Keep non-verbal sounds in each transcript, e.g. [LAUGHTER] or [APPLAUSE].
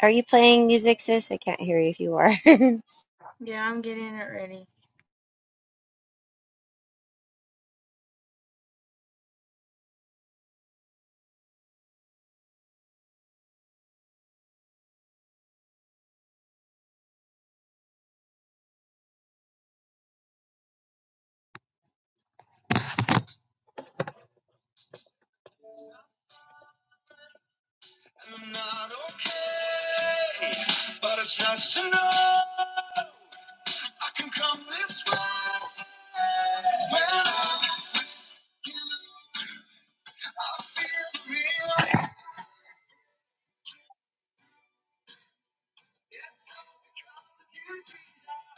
Are you playing music, sis? I can't hear you if you are. [LAUGHS] Yeah, I'm getting it ready. I'm not okay, but it's nice to know I can come this way. When I'm really tired.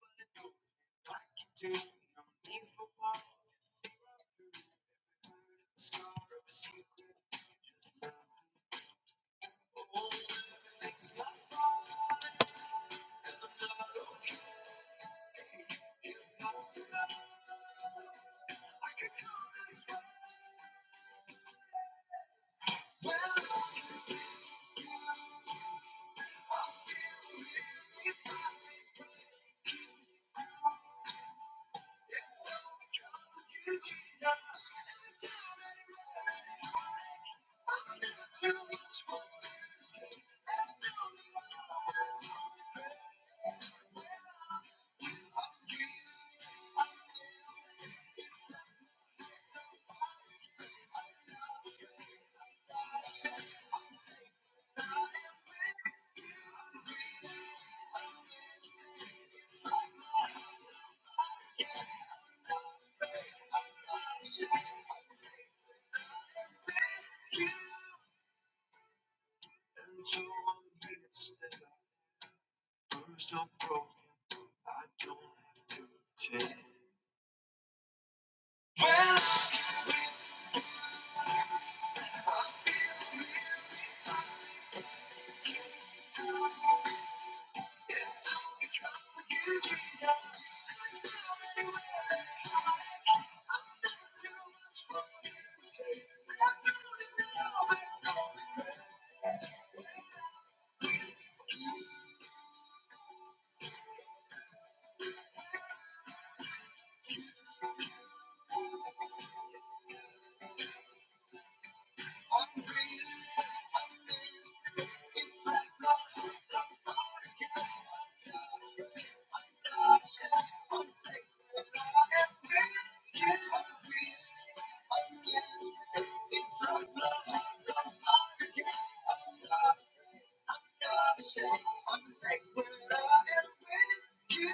But it don't like you do, no need for words, it's scar of a secret. just now. All the things I find, When I'm with you, I can't stop. It's not love, it's not heartache. I'm not afraid, I'm not ashamed. I'm safe when I am with you.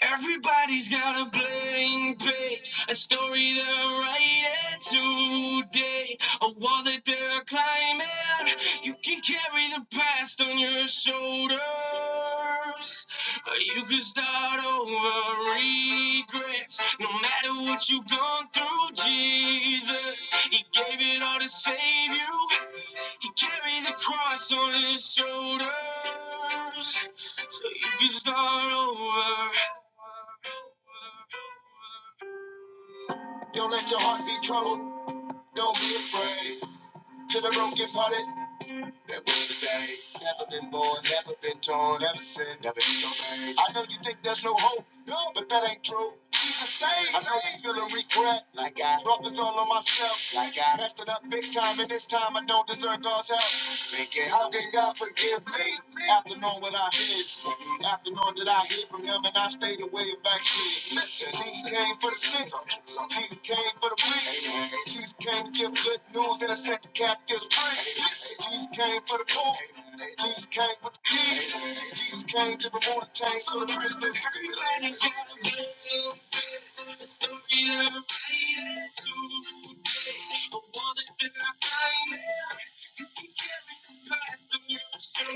Everybody's got a blank page, a story they're writing today, a wall that they're climbing. You can carry the past on your shoulders. or You can start over regrets. No matter what you've gone through, Jesus, He gave it all to save you. He carried the cross on his shoulders so you can start over. Don't let your heart be troubled. Don't be afraid. To the broken hearted, there was a day. Never been born, never been torn, never sinned, never disobeyed. I know you think there's no hope, no, but that ain't true. Jesus saved. I know you feel a regret, like I brought this all on myself, like I messed it up big time, and this time I don't deserve God's help. Thinking, how can God forgive me after knowing what I did? After knowing that I hid from Him and I stayed away and backslid. Listen, Jesus came for the sick. Jesus came for the weak. Jesus came to give good news and to set the captives free. Listen, Jesus came for the poor. Jesus came with the keys. Jesus came to remove the chains so the prisoners free. the story that that's I'm writing today. the one that I find, he gave it all to save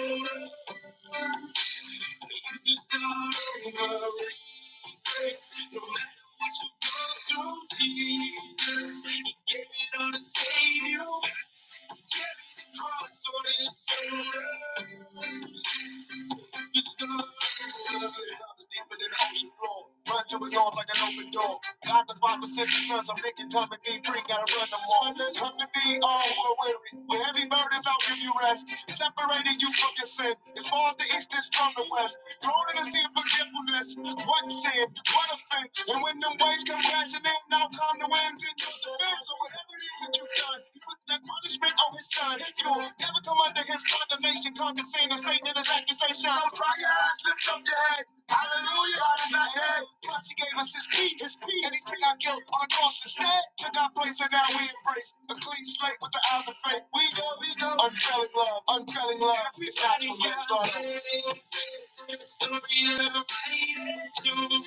you. Everything promised on his shoulder. Innocent love is deeper than the ocean floor. Run to his arms like an open door. God the Father sent the Son, so they can come and be free. Gotta run them all. let come to be all who are weary. With heavy burdens, I'll give you rest. Separating you from your sin. As far as the east is from the west. Thrown in the sea of forgetfulness. What sin? What offense? And when them waves come crashing in, now come the winds in your defense. So whatever it is that you've done, you the punishment on his son is you. Never come under his condemnation. Conquer sin and Satan and his accusation. So try your eyes, lift up your head. Hallelujah, God is not dead. Plus, he gave us his peace. His peace. And he took our guilt on the cross instead. Took our place and now we embrace a clean slate with the eyes of faith. We know, we know. Unfailing love, unfailing love. Everybody's It's not too late, God. Everybody's got a story of a fight and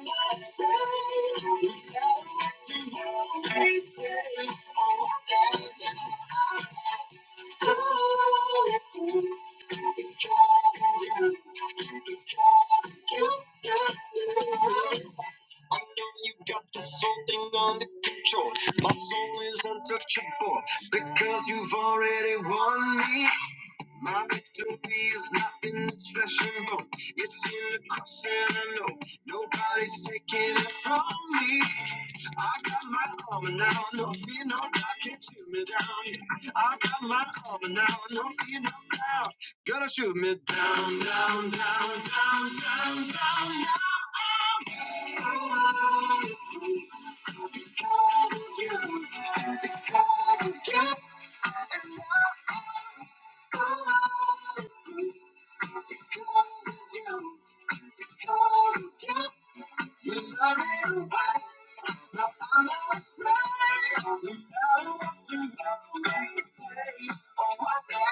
Taking it from me, I got my armor now, no fear, no doubt can shoot me down. I got my armor now, no fear, no doubt, gonna shoot me down, down, the down. I'm afraid of the power of the love they say. Oh, I got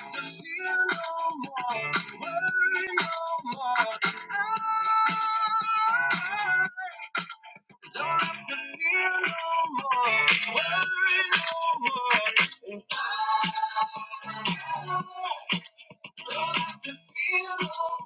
to feel no more, feel no more, got to feel no more, worry no more. Dig out,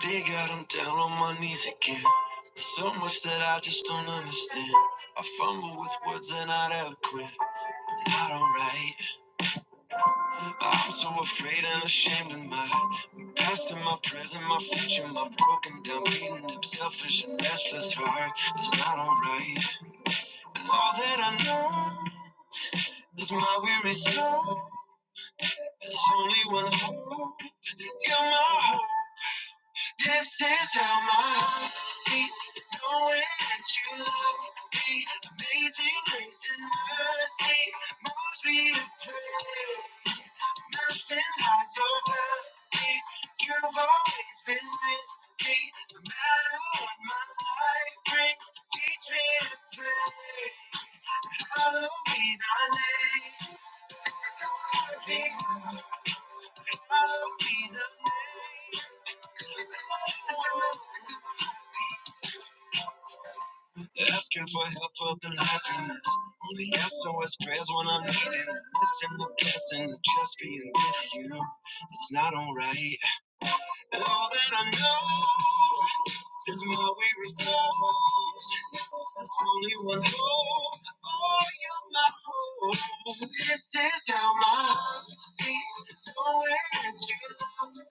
I'm down on my knees again. There's So much that I just don't understand. I fumble with words and I not eloquent. Not alright. I'm so afraid and ashamed of mine. my past and my present, my future, my broken down, beaten up, selfish and restless heart. It's not alright. And all that I know is my weary soul. There's only one hope You're my hope. This is how my heart beats, knowing that you love me. Amazing grace and mercy moves me to pray. Mountain highs over valleys You've always been with me, no matter what my life brings. Teach me to pray. Follow me, thy name. This is how my heart beats. Follow me, thy name. This is how my heart beats. I'm getting this and the best and just being with you. It's not alright. And all that I know is my weary soul. There's only one hope. Oh, you're my hope. This is how my faith knowing you.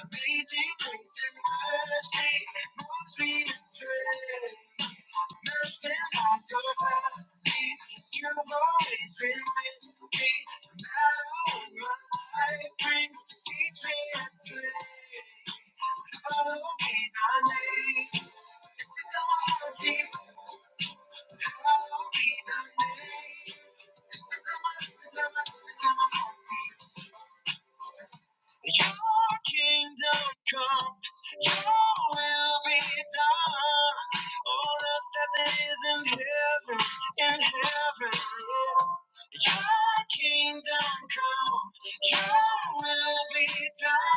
Amazing grace and mercy moves me to pray. Melting ice, your body's—you've always been with me. Battle in my mind, brings teach me and pray. Follow me, my name. This is how I keep. Follow me, my name. This is how I. This is how I. This is how I keep. Your kingdom come, your will be done on earth as it is in heaven, in heaven. yeah. Your kingdom come, your will be done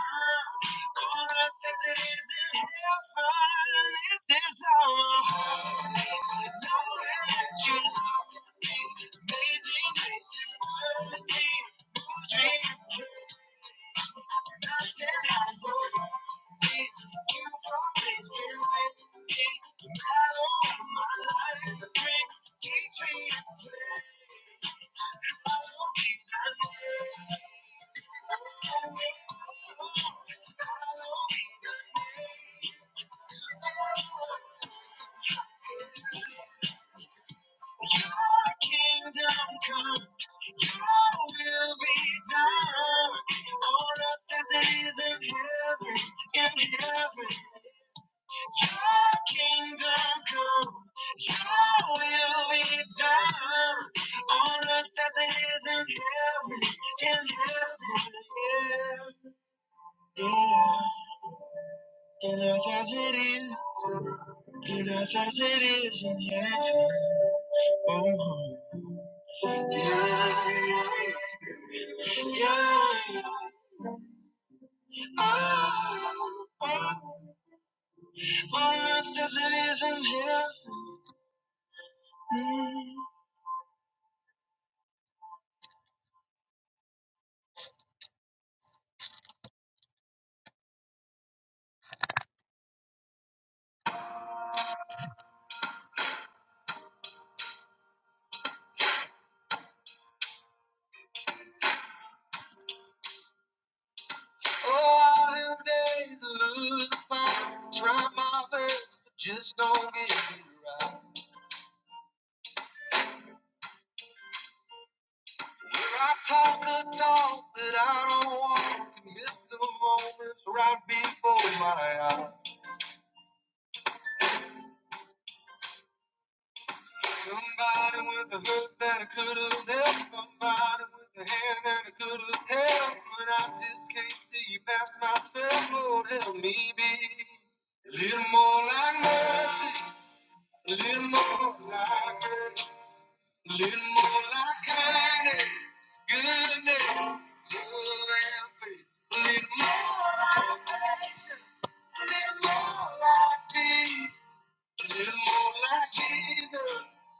on earth as it is in heaven. This is our home. Knowing that you love me, amazing grace and mercy moves me. Mountain high, so high. Teach you've always been with me. The battle of my life and the bricks teach me a way. Follow me, my way. This is our kingdom come. You will be there. All of this is in heaven. In heaven. Your kingdom come, your will be done on earth as it is in heaven, in heaven, yeah, yeah, in earth as it is. In earth. Oh, I have days to lose the fight, try my best, but just don't get it right. Where I talk the talk that I don't walk, miss the moments right before my eyes. Somebody with a hood that I could have helped. Somebody with a hand that I could have held. But I just can't see past myself. Lord, help me be a little more like mercy, a little more like grace, a little more like kindness, goodness, love, and faith. A little more like patience, a little more like peace, a little more like Jesus,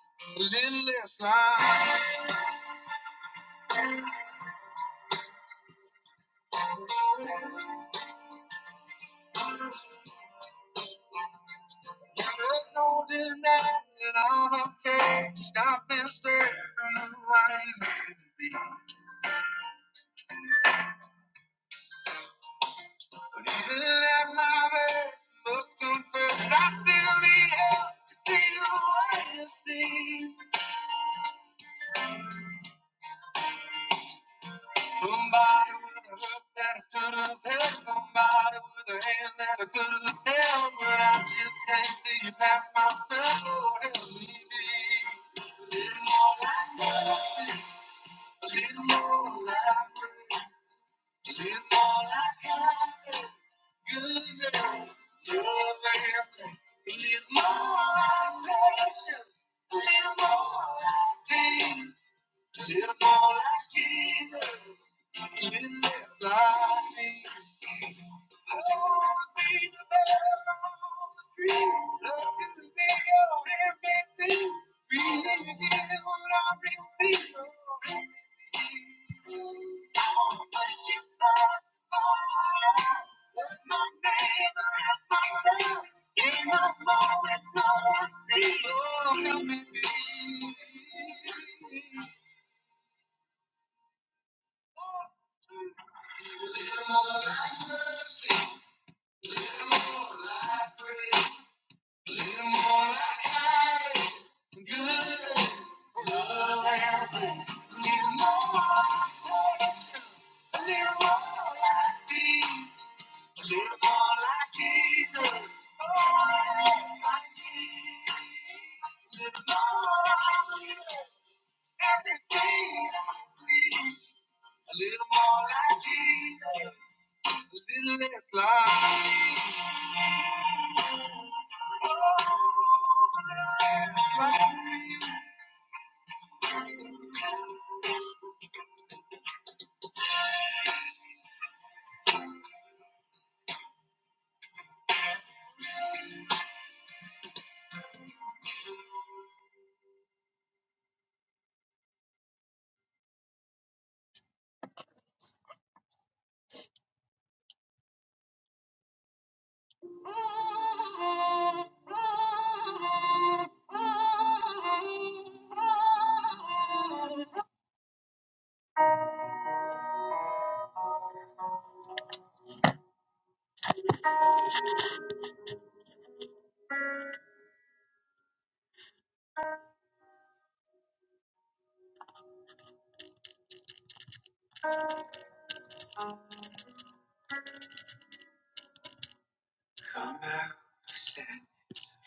a little less like. There's no denying I've changed. I've been searching for who I need to be. But even at my best, must confess I still need help to see the way you see. Somebody with a hook that I could have held. Somebody with a hand that I could have held. But I just can't see you past myself. Oh, help me be. A little more like mercy. A little more like grace. all I got is good news. You're my answer. Live my passion. Live more like Jesus. Live more like Jesus. Live less like me. Little more I see, little more I breathe.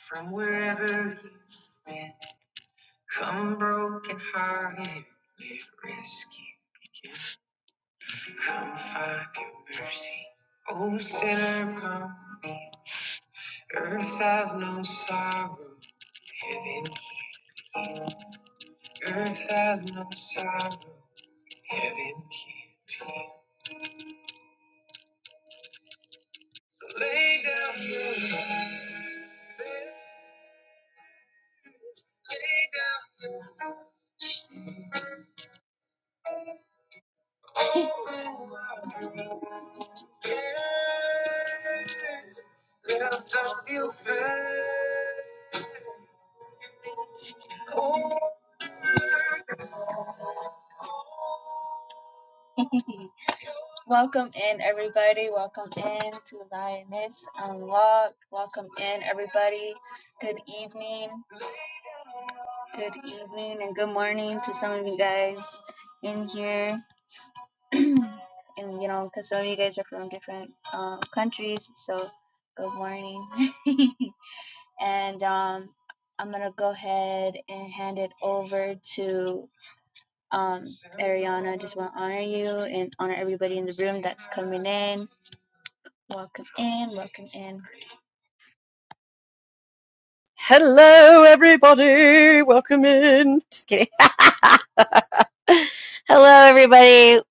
From wherever he went, come broken hearted, live rescue. Come, fucking mercy. Oh, sinner, come. Earth has no sorrow, heaven. Earth has no sorrow, heaven. Lay down your [LAUGHS] Welcome in, everybody. Welcome in to Lioness Unlocked. Welcome in, everybody. Good evening. Good evening and good morning to some of you guys in here. [CLEARS THROAT] and you know, because some of you guys are from different um, countries, so good morning. [LAUGHS] and um, I'm gonna go ahead and hand it over to um, Ariana. Just want to honor you and honor everybody in the room that's coming in. Welcome in, welcome in. Hello, everybody. Welcome in. Just kidding. [LAUGHS] Hello, everybody.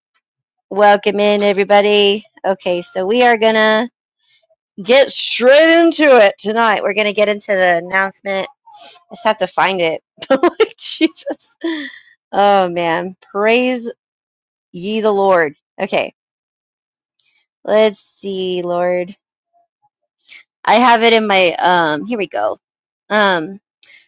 Welcome in, everybody. Okay, so we are gonna Get straight into it tonight. we're gonna get into the announcement. I just have to find it. [LAUGHS] Like, Jesus. Oh man. Praise ye the Lord. Okay, let's see, Lord. I have it in my um. Here we go. Um.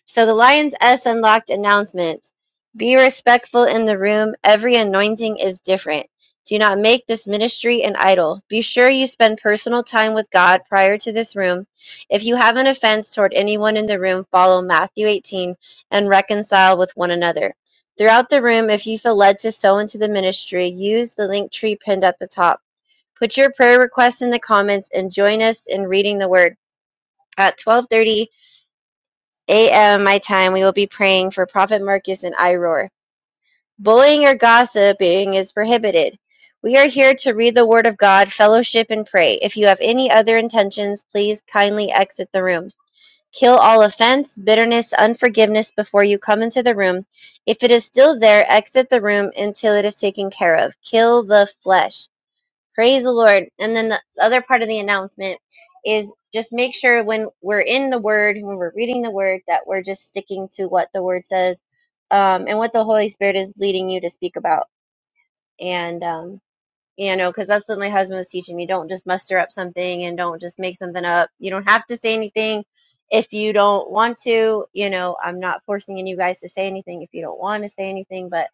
So the Lion's S Unlocked announcements. Be respectful in the room. Every anointing is different. Do not make this ministry an idol. Be sure you spend personal time with God prior to this room. If you have an offense toward anyone in the room, follow Matthew 18 and reconcile with one another. Throughout the room, if you feel led to sow into the ministry, use the link tree pinned at the top. Put your prayer requests in the comments and join us in reading the word. At 12:30 8 a.m. my time, we will be praying for Prophet Marcus and Iroar. Bullying or gossiping is prohibited. We are here to read the Word of God, fellowship, and pray. If you have any other intentions, please kindly exit the room. Kill all offense, bitterness, unforgiveness before you come into the room. If it is still there, exit the room until it is taken care of. Kill the flesh. Praise the Lord. And then the other part of the announcement is just make sure when we're in the Word, when we're reading the Word, that we're just sticking to what the Word says um, and what the Holy Spirit is leading you to speak about. And, um, you know, because that's what my husband was teaching me. Don't just muster up something and don't just make something up. You don't have to say anything if you don't want to. You know, I'm not forcing any of you guys to say anything if you don't want to say anything, but.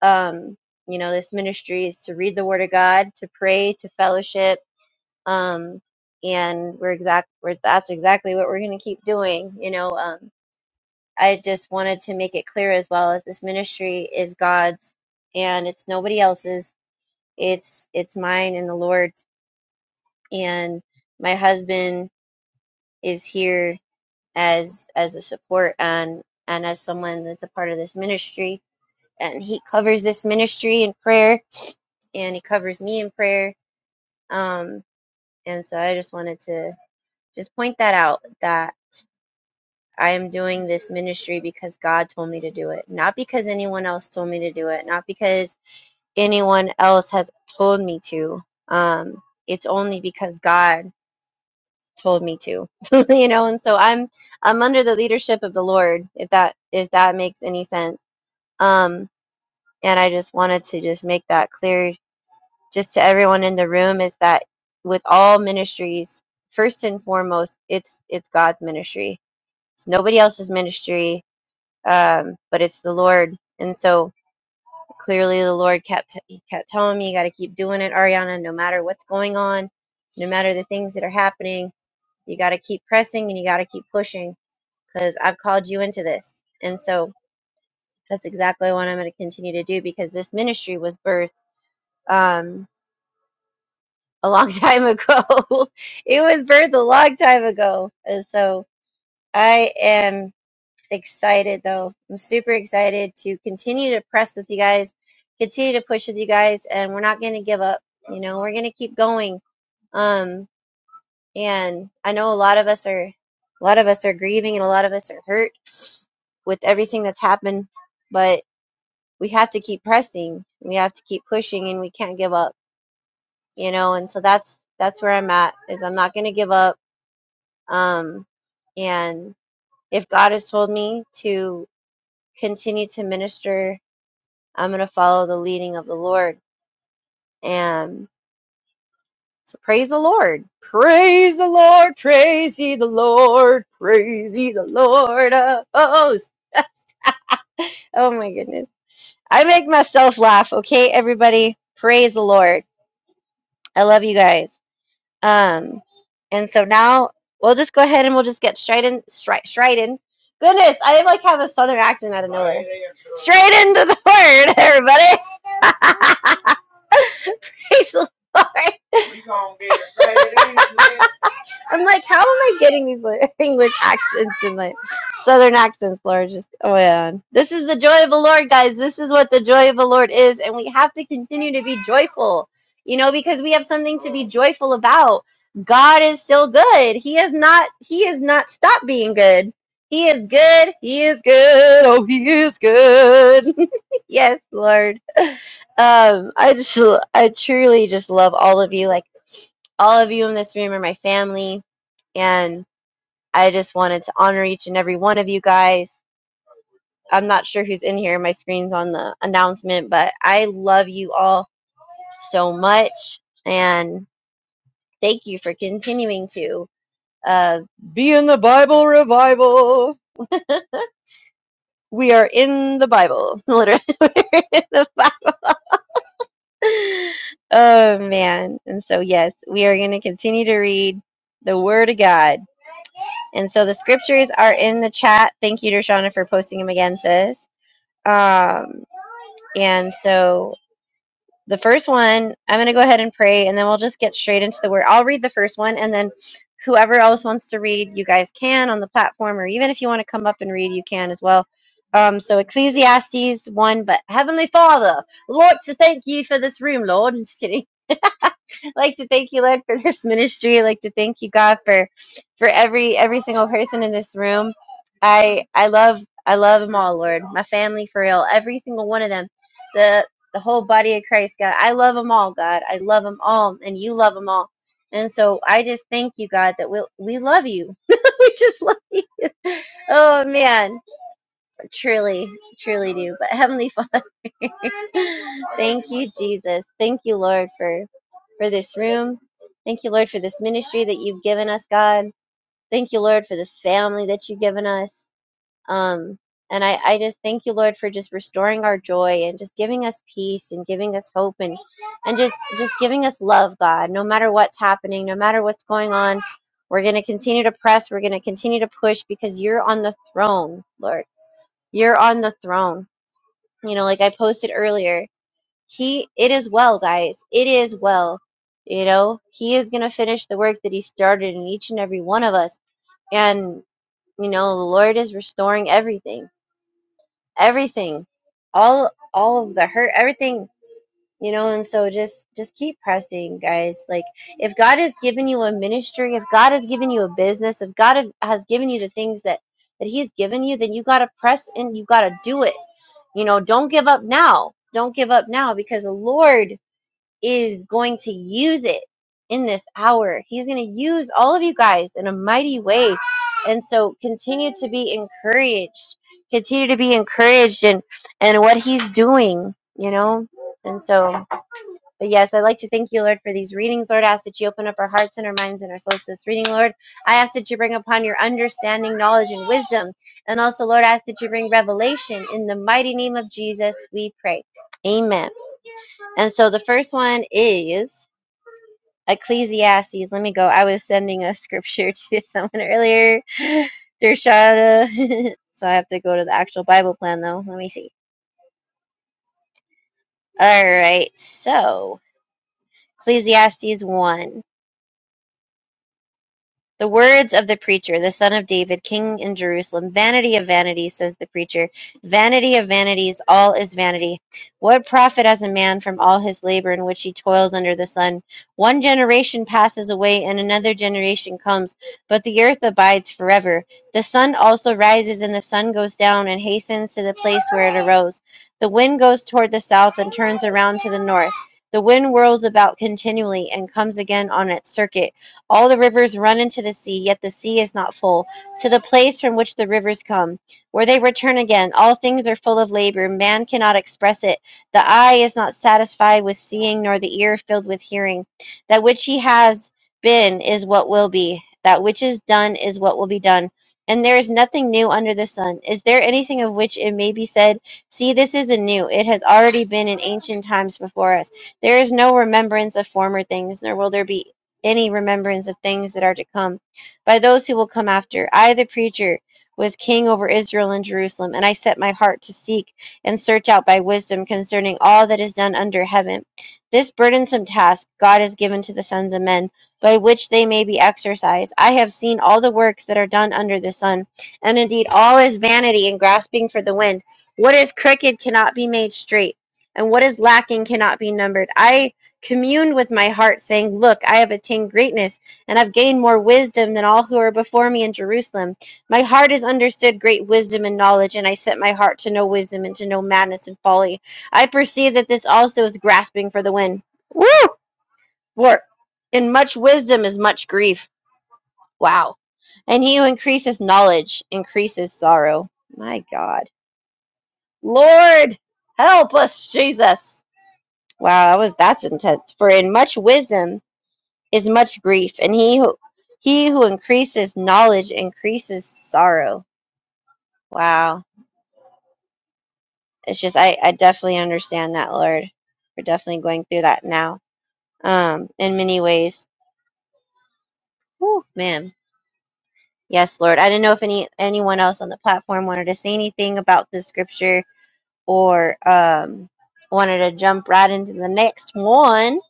Um, you know, this ministry is to read the Word of God, to pray, to fellowship, um, and we're exact we're, that's exactly what we're going to keep doing you know um, i just wanted to make it clear as well as this ministry is god's and it's nobody else's it's it's mine and the lord's and my husband is here as as a support and and as someone that's a part of this ministry and he covers this ministry in prayer and he covers me in prayer um and so i just wanted to just point that out that. I am doing this ministry because God told me to do it, not because anyone else told me to do it, not because anyone else has told me to. Um, it's only because God told me to, [LAUGHS] you know. And so I'm I'm under the leadership of the Lord, if that if that makes any sense. Um, and I just wanted to just make that clear, just to everyone in the room, is that with all ministries, first and foremost, it's it's God's ministry. It's nobody else's ministry um, but it's the Lord. And so clearly, the Lord kept he kept telling me, "You got to keep doing it, Ariana. No matter what's going on, no matter the things that are happening, you got to keep pressing and you got to keep pushing because I've called you into this." And so that's exactly what I'm going to continue to do because this ministry was birthed um, a long [LAUGHS] time ago. [LAUGHS] it was birthed a long time ago, and so I am. excited though. I'm super excited to continue to press with you guys, continue to push with you guys, and we're not going to give up. You know, we're going to keep going. Um, and I know a lot of us are, a lot of us are grieving, and a lot of us are hurt with everything that's happened. But we have to keep pressing. We have to keep pushing, and we can't give up. You know, and so that's that's where I'm at. Is I'm not going to give up. Um, and if God has told me to continue to minister I'm going to follow the leading of the Lord. And so praise the Lord. Praise the Lord. Praise ye the Lord. Praise ye the Lord of hosts. [LAUGHS] Oh my goodness. I make myself laugh. Okay, everybody. Praise the Lord. I love you guys. Um, and so now we'll just go ahead and we'll just get straight in, straight, straight in. Goodness, I like have a southern accent out of nowhere. Straight into the word, everybody. [LAUGHS] Praise the Lord. [LAUGHS] We gonna get it. straight English. I'm like, how am I getting these like, English accents and like Southern accents, Lord? Just oh man, this is the joy of the Lord, guys. This is what the joy of the Lord is, and we have to continue to be joyful, you know, because we have something to be joyful about. God is still good. He has not. He has not stopped being good. He is good. He is good. Oh, he is good. [LAUGHS] yes, Lord. Um, I just, l- I truly just love all of you. Like all of you in this room are my family, and I just wanted to honor each and every one of you guys. I'm not sure who's in here. My screen's on the announcement, but I love you all so much, and thank you for continuing to uh, be in the Bible revival. We are in the Bible, [LAUGHS] literally. [LAUGHS] We're in the Bible oh man. And so yes, we are going to continue to read the word of God. And so the scriptures are in the chat. Thank you Dershana for posting them again, sis. Um and so the first one, I'm going to go ahead and pray and then we'll just get straight into the word. I'll read the first one and then whoever else wants to read, you guys can on the platform or even if you want to come up and read, you can as well. Um, so Ecclesiastes 1, but Heavenly Father, Lord, to thank you for this room, Lord. I'm just kidding. [LAUGHS] like to thank you, Lord, for this [LAUGHS] ministry. like to thank you, God, for for every every single person in this room. I I love I love them all, Lord. My family, for real, every single one of them. The the whole body of Christ, God. I love them all, God. I love them all, and you love them all. And so I just thank you, God, that we we love you. [LAUGHS] we just love. Oh man, truly, truly do. But Heavenly Father. [LAUGHS] Thank you, Jesus. Thank you, Lord, for for this room. Thank you, Lord, for this ministry that you've given us, God. Thank you, Lord, for this family that you've given us. Um, and I, I just thank you, Lord, for just restoring our joy and just giving us peace and giving us hope and and just just giving us love, God. No matter what's happening, no matter what's going on, we're going to continue to press. We're going to continue to push because you're on the throne, Lord. You're on the throne. You know, like I posted earlier he it is well guys it is well you know he is going to finish the work that he started in each and every one of us and you know the lord is restoring everything everything all all of the hurt everything you know and so just just keep pressing guys like if god has given you a ministry if god has given you a business if god have- has given you the things that that he's given you then you got to press and you got to do it you know don't give up now don't give up now because the lord is going to use it in this hour. He's going to use all of you guys in a mighty way. And so continue to be encouraged. Continue to be encouraged in and what he's doing, you know? And so, but yes, I'd like to thank you, Lord, for these readings. Lord, I ask that you open up our hearts and our minds and our souls to this reading, Lord. I ask that you bring upon your understanding, knowledge, and wisdom. And also, Lord, I ask that you bring revelation. In the mighty name of Jesus, we pray. Amen. And so the first one is Ecclesiastes. Let me go. I was sending a scripture [LAUGHS] to someone earlier, Dershada. [LAUGHS] so I have to go to the actual Bible plan though. Let me see. All right. So Ecclesiastes 1. The words of the preacher, the son of David, king in Jerusalem Vanity of vanities, says the preacher, vanity of vanities, all is vanity. What profit has a man from all his labor in which he toils under the sun? One generation passes away, and another generation comes, but the earth abides forever. The sun also rises, and the sun goes down, and hastens to the place where it arose. The wind goes toward the south and turns around to the north. The wind whirls about continually and comes again on its circuit. All the rivers run into the sea, yet the sea is not full. To the place from which the rivers come, where they return again. All things are full of labor. Man cannot express it. The eye is not satisfied with seeing, nor the ear filled with hearing. That which he has been is what will be. That which is done is what will be done. And there is nothing new under the sun. Is there anything of which it may be said, See, this isn't new. It has already been in ancient times before us. There is no remembrance of former things, nor will there be any remembrance of things that are to come by those who will come after. I, the preacher, was king over Israel and Jerusalem, and I set my heart to seek and search out by wisdom concerning all that is done under heaven. This burdensome task God has given to the sons of men, by which they may be exercised. I have seen all the works that are done under the sun, and indeed all is vanity and grasping for the wind. What is crooked cannot be made straight, and what is lacking cannot be numbered. I communed with my heart, saying, Look, I have attained greatness, and I've gained more wisdom than all who are before me in Jerusalem. My heart has understood great wisdom and knowledge, and I set my heart to know wisdom and to know madness and folly. I perceive that this also is grasping for the wind. Woo! For in much wisdom is much grief. Wow. And he who increases knowledge increases sorrow. My God. Lord, help us, Jesus. Wow, that was that's intense. For in much wisdom is much grief, and he who, he who increases knowledge increases sorrow. Wow, it's just I I definitely understand that, Lord. We're definitely going through that now, um, in many ways. Whew, man, yes, Lord. I didn't know if any anyone else on the platform wanted to say anything about this scripture or um wanted to jump right into the next one.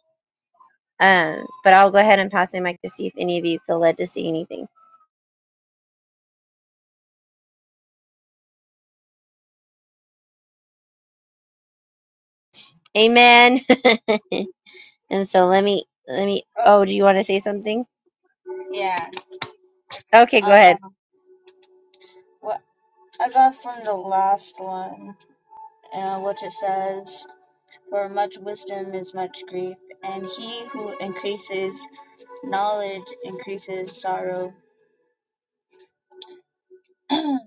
Um, but I'll go ahead and pass the mic to see if any of you feel led to say anything. Amen. [LAUGHS] And so let me let me Oh, oh, do you want to say something? yeah. Okay, go Um, ahead. what I got from the last one, uh, which it says For much wisdom is much grief, and he who increases knowledge increases sorrow.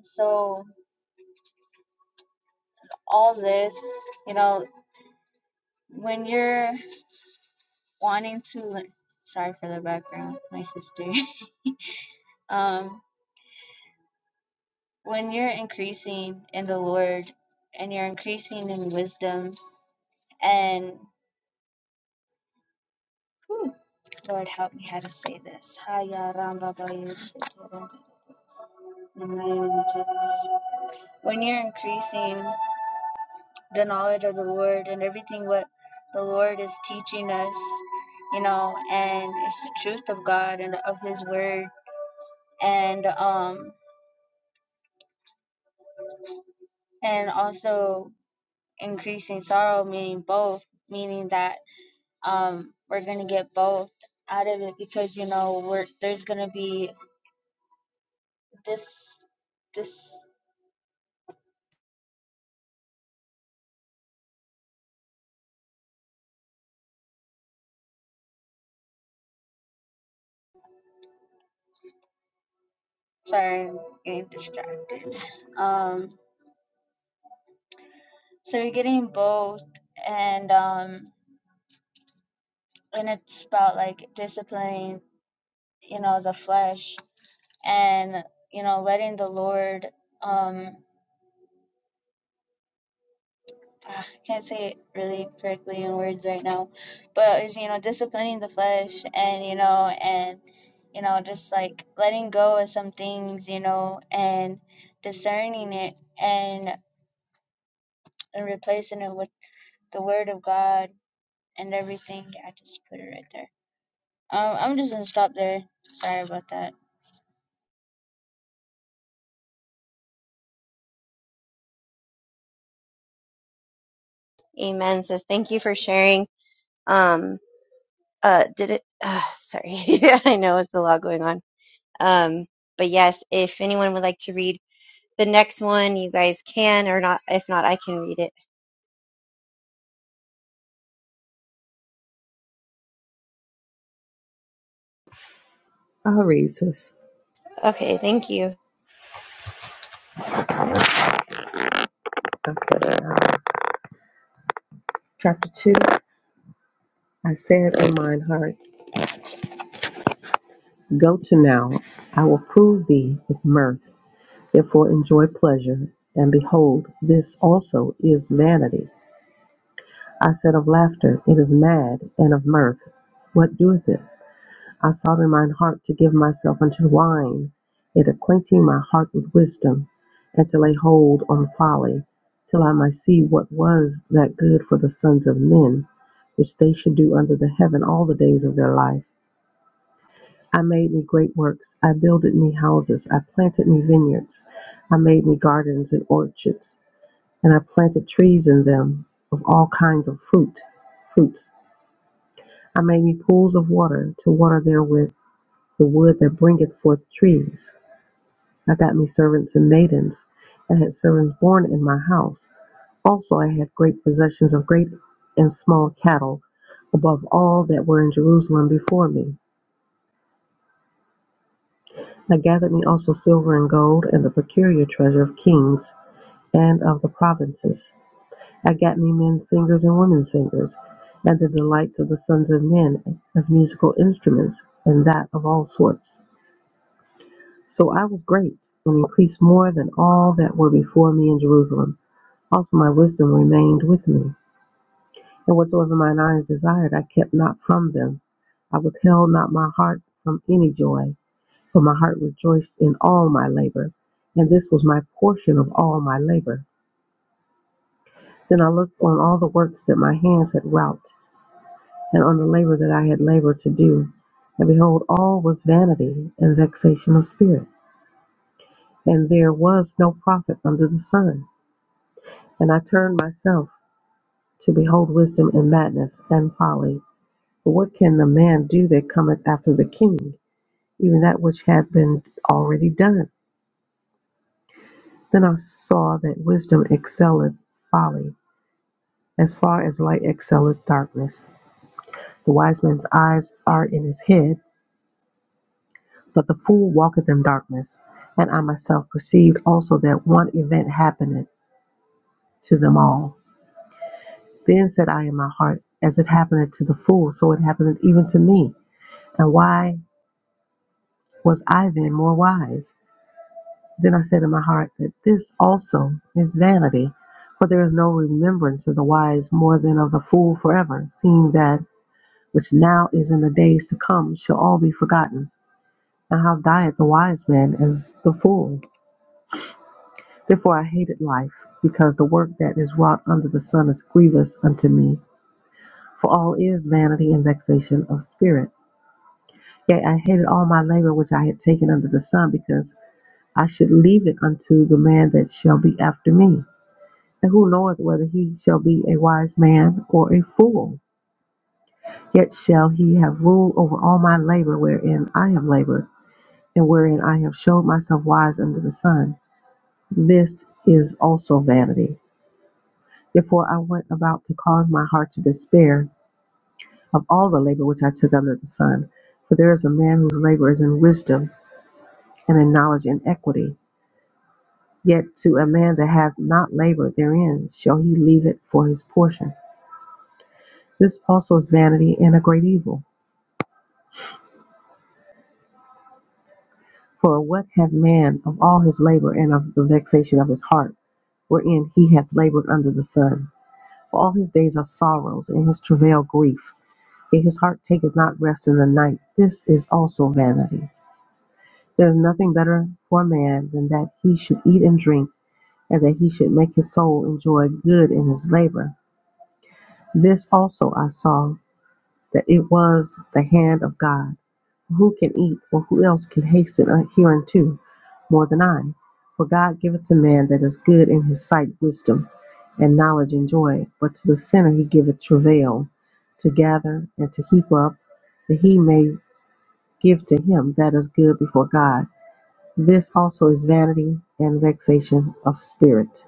So, all this, you know, when you're wanting to, sorry for the background, my sister. [LAUGHS] Um, when you're increasing in the Lord and you're increasing in wisdom, and Lord, help me how to say this. When you're increasing the knowledge of the Lord and everything what the Lord is teaching us, you know, and it's the truth of God and of His Word, and um, and also increasing sorrow, meaning both, meaning that um, we're gonna get both out of it because you know we're there's gonna be this this sorry I'm getting distracted um so you're getting both and um and it's about like disciplining you know the flesh and you know letting the lord um ah, i can't say it really correctly in words right now but it's you know disciplining the flesh and you know and you know just like letting go of some things you know and discerning it and, and replacing it with the word of god and everything i just put it right there um i'm just gonna stop there sorry about that Amen. Says thank you for sharing. Um uh did it [SIGHS] uh sorry. [LAUGHS] I know it's a lot going on. Um but yes, if anyone would like to read the next one, you guys can or not if not I can read it. I'll read this. Okay, thank you. Okay. Chapter 2 I said in mine heart, Go to now, I will prove thee with mirth, therefore enjoy pleasure. And behold, this also is vanity. I said of laughter, It is mad, and of mirth, What doeth it? I sought in mine heart to give myself unto wine, yet acquainting my heart with wisdom, and to lay hold on folly, till I might see what was that good for the sons of men, which they should do under the heaven all the days of their life. I made me great works, I builded me houses, I planted me vineyards, I made me gardens and orchards, and I planted trees in them of all kinds of fruit, fruits. I made me pools of water to water therewith the wood that bringeth forth trees. I got me servants and maidens, and had servants born in my house. Also I had great possessions of great and small cattle, above all that were in Jerusalem before me. I gathered me also silver and gold, and the peculiar treasure of kings and of the provinces. I got me men singers and women singers, and the delights of the sons of men as musical instruments, and that of all sorts. So I was great and increased more than all that were before me in Jerusalem. Also my wisdom remained with me, and whatsoever mine eyes desired, I kept not from them. I withheld not my heart from any joy, for my heart rejoiced in all my labor, and this was my portion of all my labor. Then I looked on all the works that my hands had wrought, and on the labor that I had labored to do, and behold, all was vanity and vexation of spirit, and there was no profit under the sun. And I turned myself to behold wisdom and madness and folly. For what can the man do that cometh after the king? Even that which hath been already done. Then I saw that wisdom excelleth folly, as far as light excelleth darkness. The wise man's eyes are in his head, but the fool walketh in darkness. And I myself perceived also that one event happeneth to them all. Then said I in my heart, As it happeneth to the fool, so it happeneth even to me. And why? Was I then more wise? Then I said in my heart that this also is vanity, for there is no remembrance of the wise more than of the fool forever, seeing that which now is in the days to come shall all be forgotten. And how dieth the wise man as the fool? Therefore I hated life, because the work that is wrought under the sun is grievous unto me, for all is vanity and vexation of spirit. Yea, I hated all my labor which I had taken under the sun, because. I should leave it unto the man that shall be after me. And who knoweth whether he shall be a wise man or a fool? Yet shall he have rule over all my labor wherein I have labored, and wherein I have showed myself wise under the sun. This is also vanity. Therefore I went about to cause my heart to despair of all the labor which I took under the sun. For there is a man whose labor is in wisdom, and in knowledge and equity. Yet to a man that hath not labored therein shall he leave it for his portion. This also is vanity and a great evil. For what hath man of all his labor and of the vexation of his heart, wherein he hath labored under the sun? For all his days are sorrows, and his travail grief. Yet his heart taketh not rest in the night. This is also vanity. There is nothing better for a man than that he should eat and drink, and that he should make his soul enjoy good in his labor. This also I saw. that it was the hand of God. Who can eat, or who else can hasten hereunto more than I? For God giveth to man that is good in his sight wisdom, and knowledge and joy. But to the sinner he giveth travail to gather and to heap up, that he may give to him that is good before God. This also is vanity and vexation of spirit.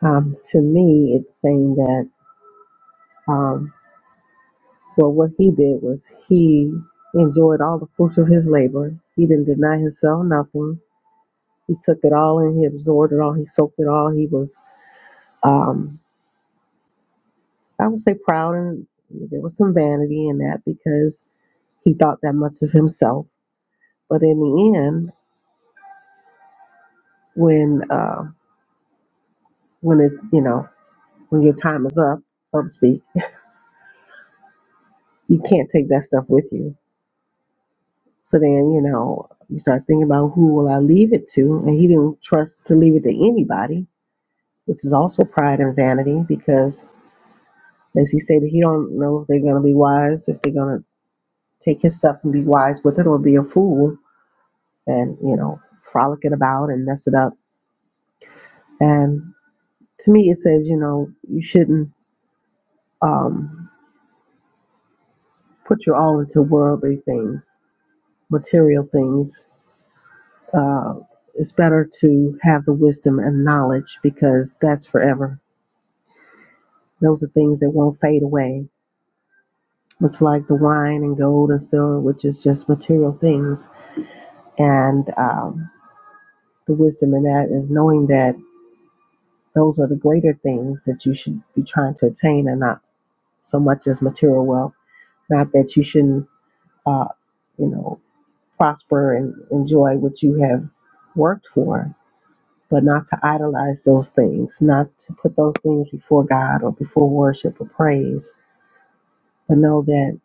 Um, to me, it's saying that. um, Well, what he did was he enjoyed all the fruits of his labor. He didn't deny himself nothing. He took it all in. He absorbed it all. He soaked it all. He was, um, I would say, proud, and there was some vanity in that because he thought that much of himself. But in the end, when uh, when it you know when your time is up, so to speak, you can't take that stuff with you. So then you know you start thinking about who will I leave it to, and he didn't trust to leave it to anybody which is also pride and vanity because as he stated he don't know if they're going to be wise if they're going to take his stuff and be wise with it or be a fool and you know frolic it about and mess it up and to me it says you know you shouldn't um, put your all into worldly things material things uh, it's better to have the wisdom and knowledge because that's forever those are things that won't fade away much like the wine and gold and silver which is just material things And um, the wisdom in that is knowing that those are the greater things that you should be trying to attain and not so much as material wealth. Not that you shouldn't, uh, you know, prosper and enjoy what you have worked for, but not to idolize those things, not to put those things before God or before worship or praise, but know that,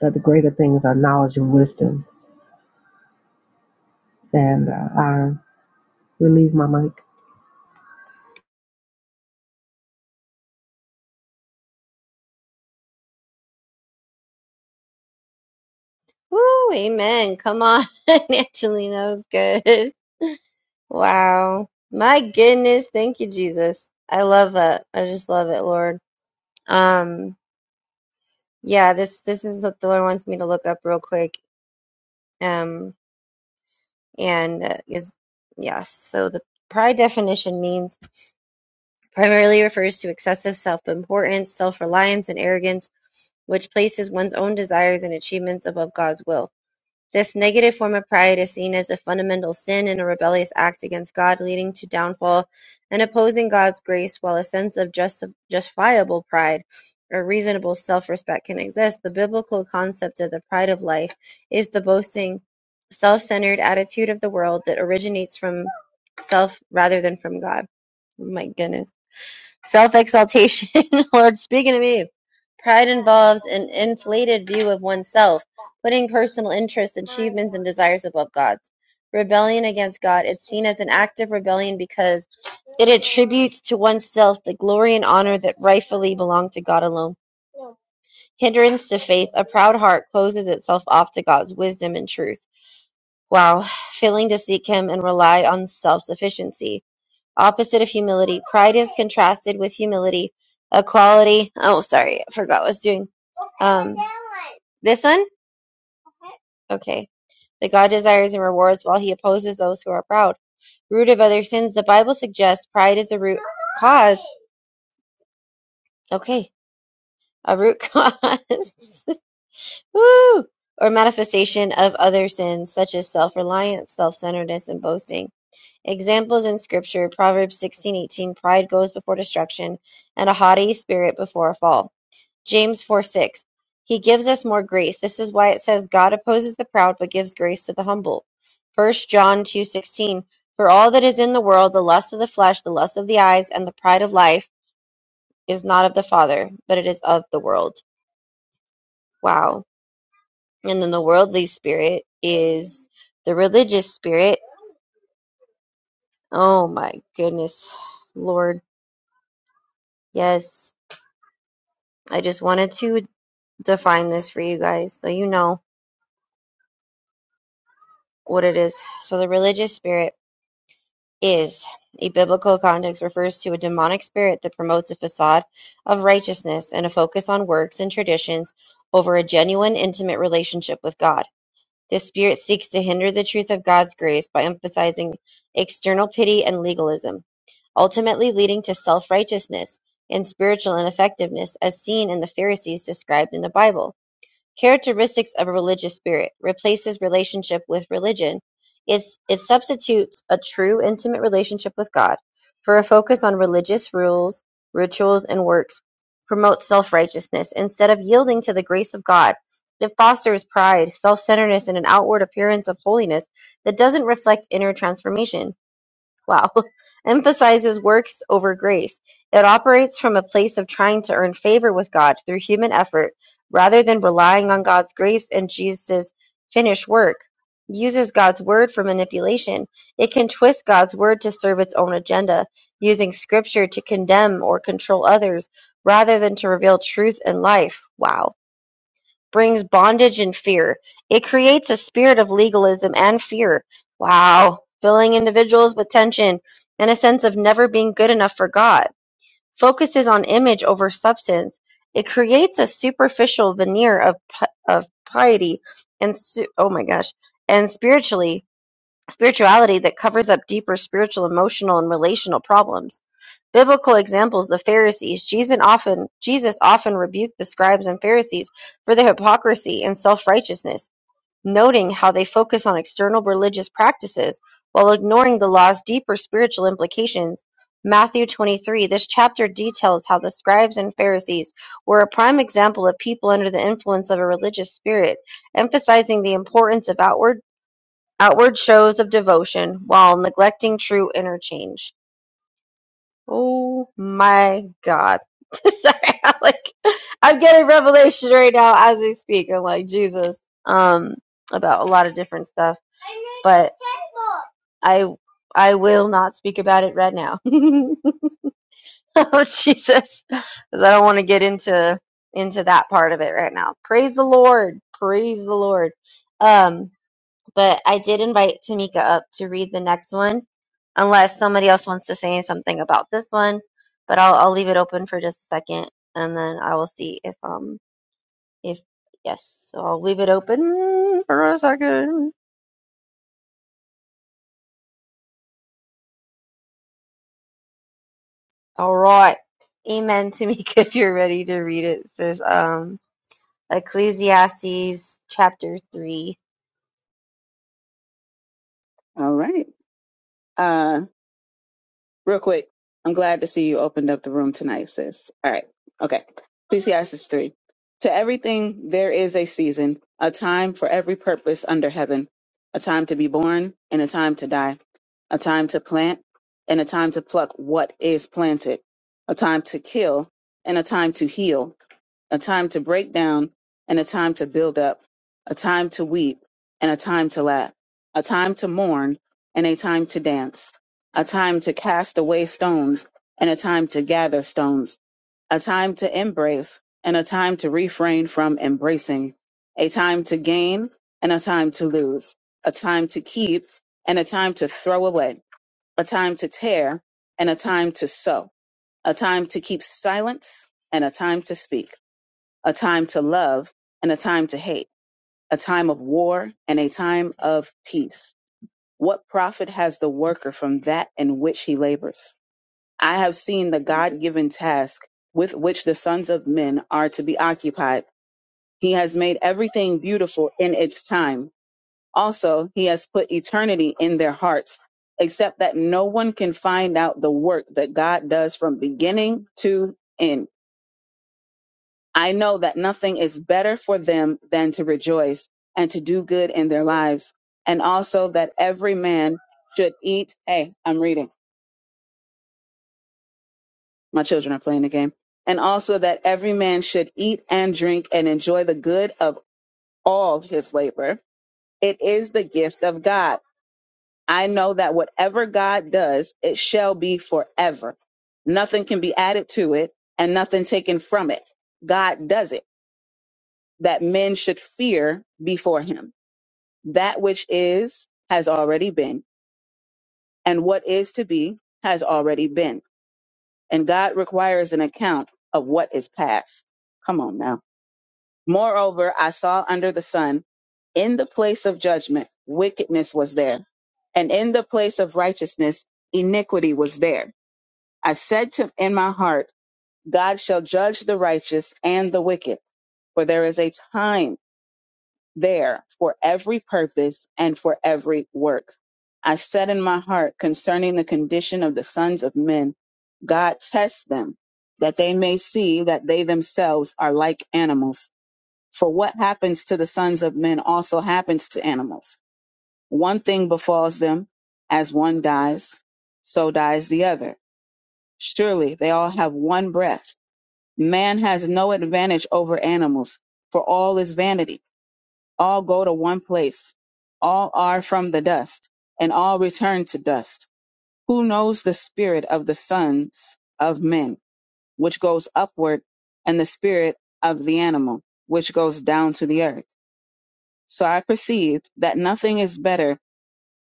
that the greater things are knowledge and wisdom. And uh, I relieve my mic. Woo, amen. Come on, [LAUGHS] Angelina, that was good. Wow. My goodness, thank you, Jesus. I love that. I just love it, Lord. Um Yeah, this this is what the Lord wants me to look up real quick. Um, and uh, is yes. So the pride definition means primarily refers to excessive self-importance, self-reliance, and arrogance, which places one's own desires and achievements above God's will. This negative form of pride is seen as a fundamental sin and a rebellious act against God, leading to downfall and opposing God's grace. While a sense of just, justifiable pride or reasonable self respect can exist, the biblical concept of the pride of life is the boasting, self centered attitude of the world that originates from self rather than from God. Oh My goodness. Self exaltation, [LAUGHS] Lord, speaking to me. Pride involves an inflated view of oneself, putting personal interests, achievements, and desires above God's. Rebellion against God. It's seen as an act of rebellion because it attributes to oneself the glory and honor that rightfully belong to God alone. Hindrance to faith. A proud heart closes itself off to God's wisdom and truth. while Failing to seek Him and rely on self sufficiency Opposite of humility. Pride is contrasted with humility. A quality. Oh, sorry. I forgot what I was doing. Um, this one? Okay. That God desires and rewards while he opposes those who are proud. Root of other sins. The Bible suggests pride is a root cause. Okay. A root cause. [LAUGHS] Woo! Or manifestation of other sins such as self reliance, self centeredness, and boasting. Examples in Scripture, Proverbs sixteen eighteen, pride goes before destruction, and a haughty spirit before a fall. James 4 6. He gives us more grace. This is why it says, God opposes the proud, but gives grace to the humble. First John two sixteen, For all that is in the world, the lust of the flesh, the lust of the eyes, and the pride of life, is not of the Father, but it is of the world. Wow. And then the worldly spirit is the religious spirit. Oh my goodness, Lord. Yes. I just wanted to define this for you guys so you know what it is. So, the religious spirit is a biblical context refers to a demonic spirit that promotes a facade of righteousness and a focus on works and traditions over a genuine, intimate relationship with God. This spirit seeks to hinder the truth of God's grace by emphasizing external pity and legalism, ultimately leading to self righteousness and spiritual ineffectiveness as seen in the Pharisees described in the Bible. Characteristics of a religious spirit: replaces relationship with religion. It's, it substitutes a true, intimate relationship with God for a focus on religious rules, rituals, and works. Promotes self righteousness. Instead of yielding to the grace of God, it fosters pride, self centeredness, and an outward appearance of holiness that doesn't reflect inner transformation wow, [LAUGHS] emphasizes works over grace. It operates from a place of trying to earn favor with God through human effort rather than relying on God's grace and Jesus' finished work. Uses God's word for manipulation. It can twist God's word to serve its own agenda, using scripture to condemn or control others rather than to reveal truth and life. Wow brings bondage and fear. It creates a spirit of legalism and fear. Wow. Filling individuals with tension and a sense of never being good enough for God. Focuses on image over substance. It creates a superficial veneer of, pi- of piety and, su- oh my gosh, and spiritually spirituality that covers up deeper spiritual, emotional, and relational problems. Biblical examples: the Pharisees. Jesus often Jesus often rebuked the scribes and Pharisees for their hypocrisy and self-righteousness, noting how they focus on external religious practices while ignoring the law's deeper spiritual implications. Matthew 23. This chapter details how the scribes and Pharisees were a prime example of people under the influence of a religious spirit, emphasizing the importance of outward Outward shows of devotion while neglecting true interchange. Oh my God. [LAUGHS] Sorry, I'm like I'm getting revelation right now as we speak. I'm like Jesus. Um about a lot of different stuff. But I I will not speak about it right now. [LAUGHS] oh Jesus, because I don't want to get into into that part of it right now. Praise the Lord, praise the Lord. Um, but I did invite Tamika up to read the next one, unless somebody else wants to say something about this one. But I'll I'll leave it open for just a second, and then I will see if um if yes. So I'll leave it open for a second. All right, Amen, Tamika. [LAUGHS] If you're ready to read it, it says um Ecclesiastes chapter three. All right. Uh, real quick, I'm glad to see you opened up the room tonight, sis. All right. Okay. Ecclesiastes 3. To everything there is a season, a time for every purpose under heaven, a time to be born and a time to die, a time to plant and a time to pluck what is planted, a time to kill and a time to heal, a time to break down and a time to build up, a time to weep and a time to laugh, a time to mourn and a time to dance, a time to cast away stones and a time to gather stones, a time to embrace and a time to refrain from embracing, a time to gain and a time to lose, a time to keep and a time to throw away, a time to tear and a time to sow, a time to keep silence and a time to speak a time to love and a time to hate, a time of war and a time of peace. What profit has the worker from that in which he labors? I have seen the God given task with which the sons of men are to be occupied. He has made everything beautiful in its time. Also, he has put eternity in their hearts, except that no one can find out the work that God does from beginning to end. I know that nothing is better for them than to rejoice and to do good in their lives, and also that every man should eat. Hey, I'm reading. My children are playing the game. And also that every man should eat and drink and enjoy the good of all his labor. It is the gift of God. I know that whatever God does, it shall be forever. Nothing can be added to it and nothing taken from it. God does it that men should fear before him. that which is has already been, and what is to be has already been. And God requires an account of what is past. Come on now. Moreover, I saw under the sun, in the place of judgment, wickedness was there, and in the place of righteousness, iniquity was there. I said to in my heart, God shall judge the righteous and the wicked, for there is a time there for every purpose and for every work. I said in my heart concerning the condition of the sons of men, God tests them, that they may see that they themselves are like animals. For what happens to the sons of men also happens to animals. One thing befalls them, as one dies, so dies the other. Surely they all have one breath. Man has no advantage over animals, for all is vanity all go to one place. All are from the dust, and all return to dust. Who knows the spirit of the sons of men, which goes upward, and the spirit of the animal, which goes down to the earth? So I perceived that nothing is better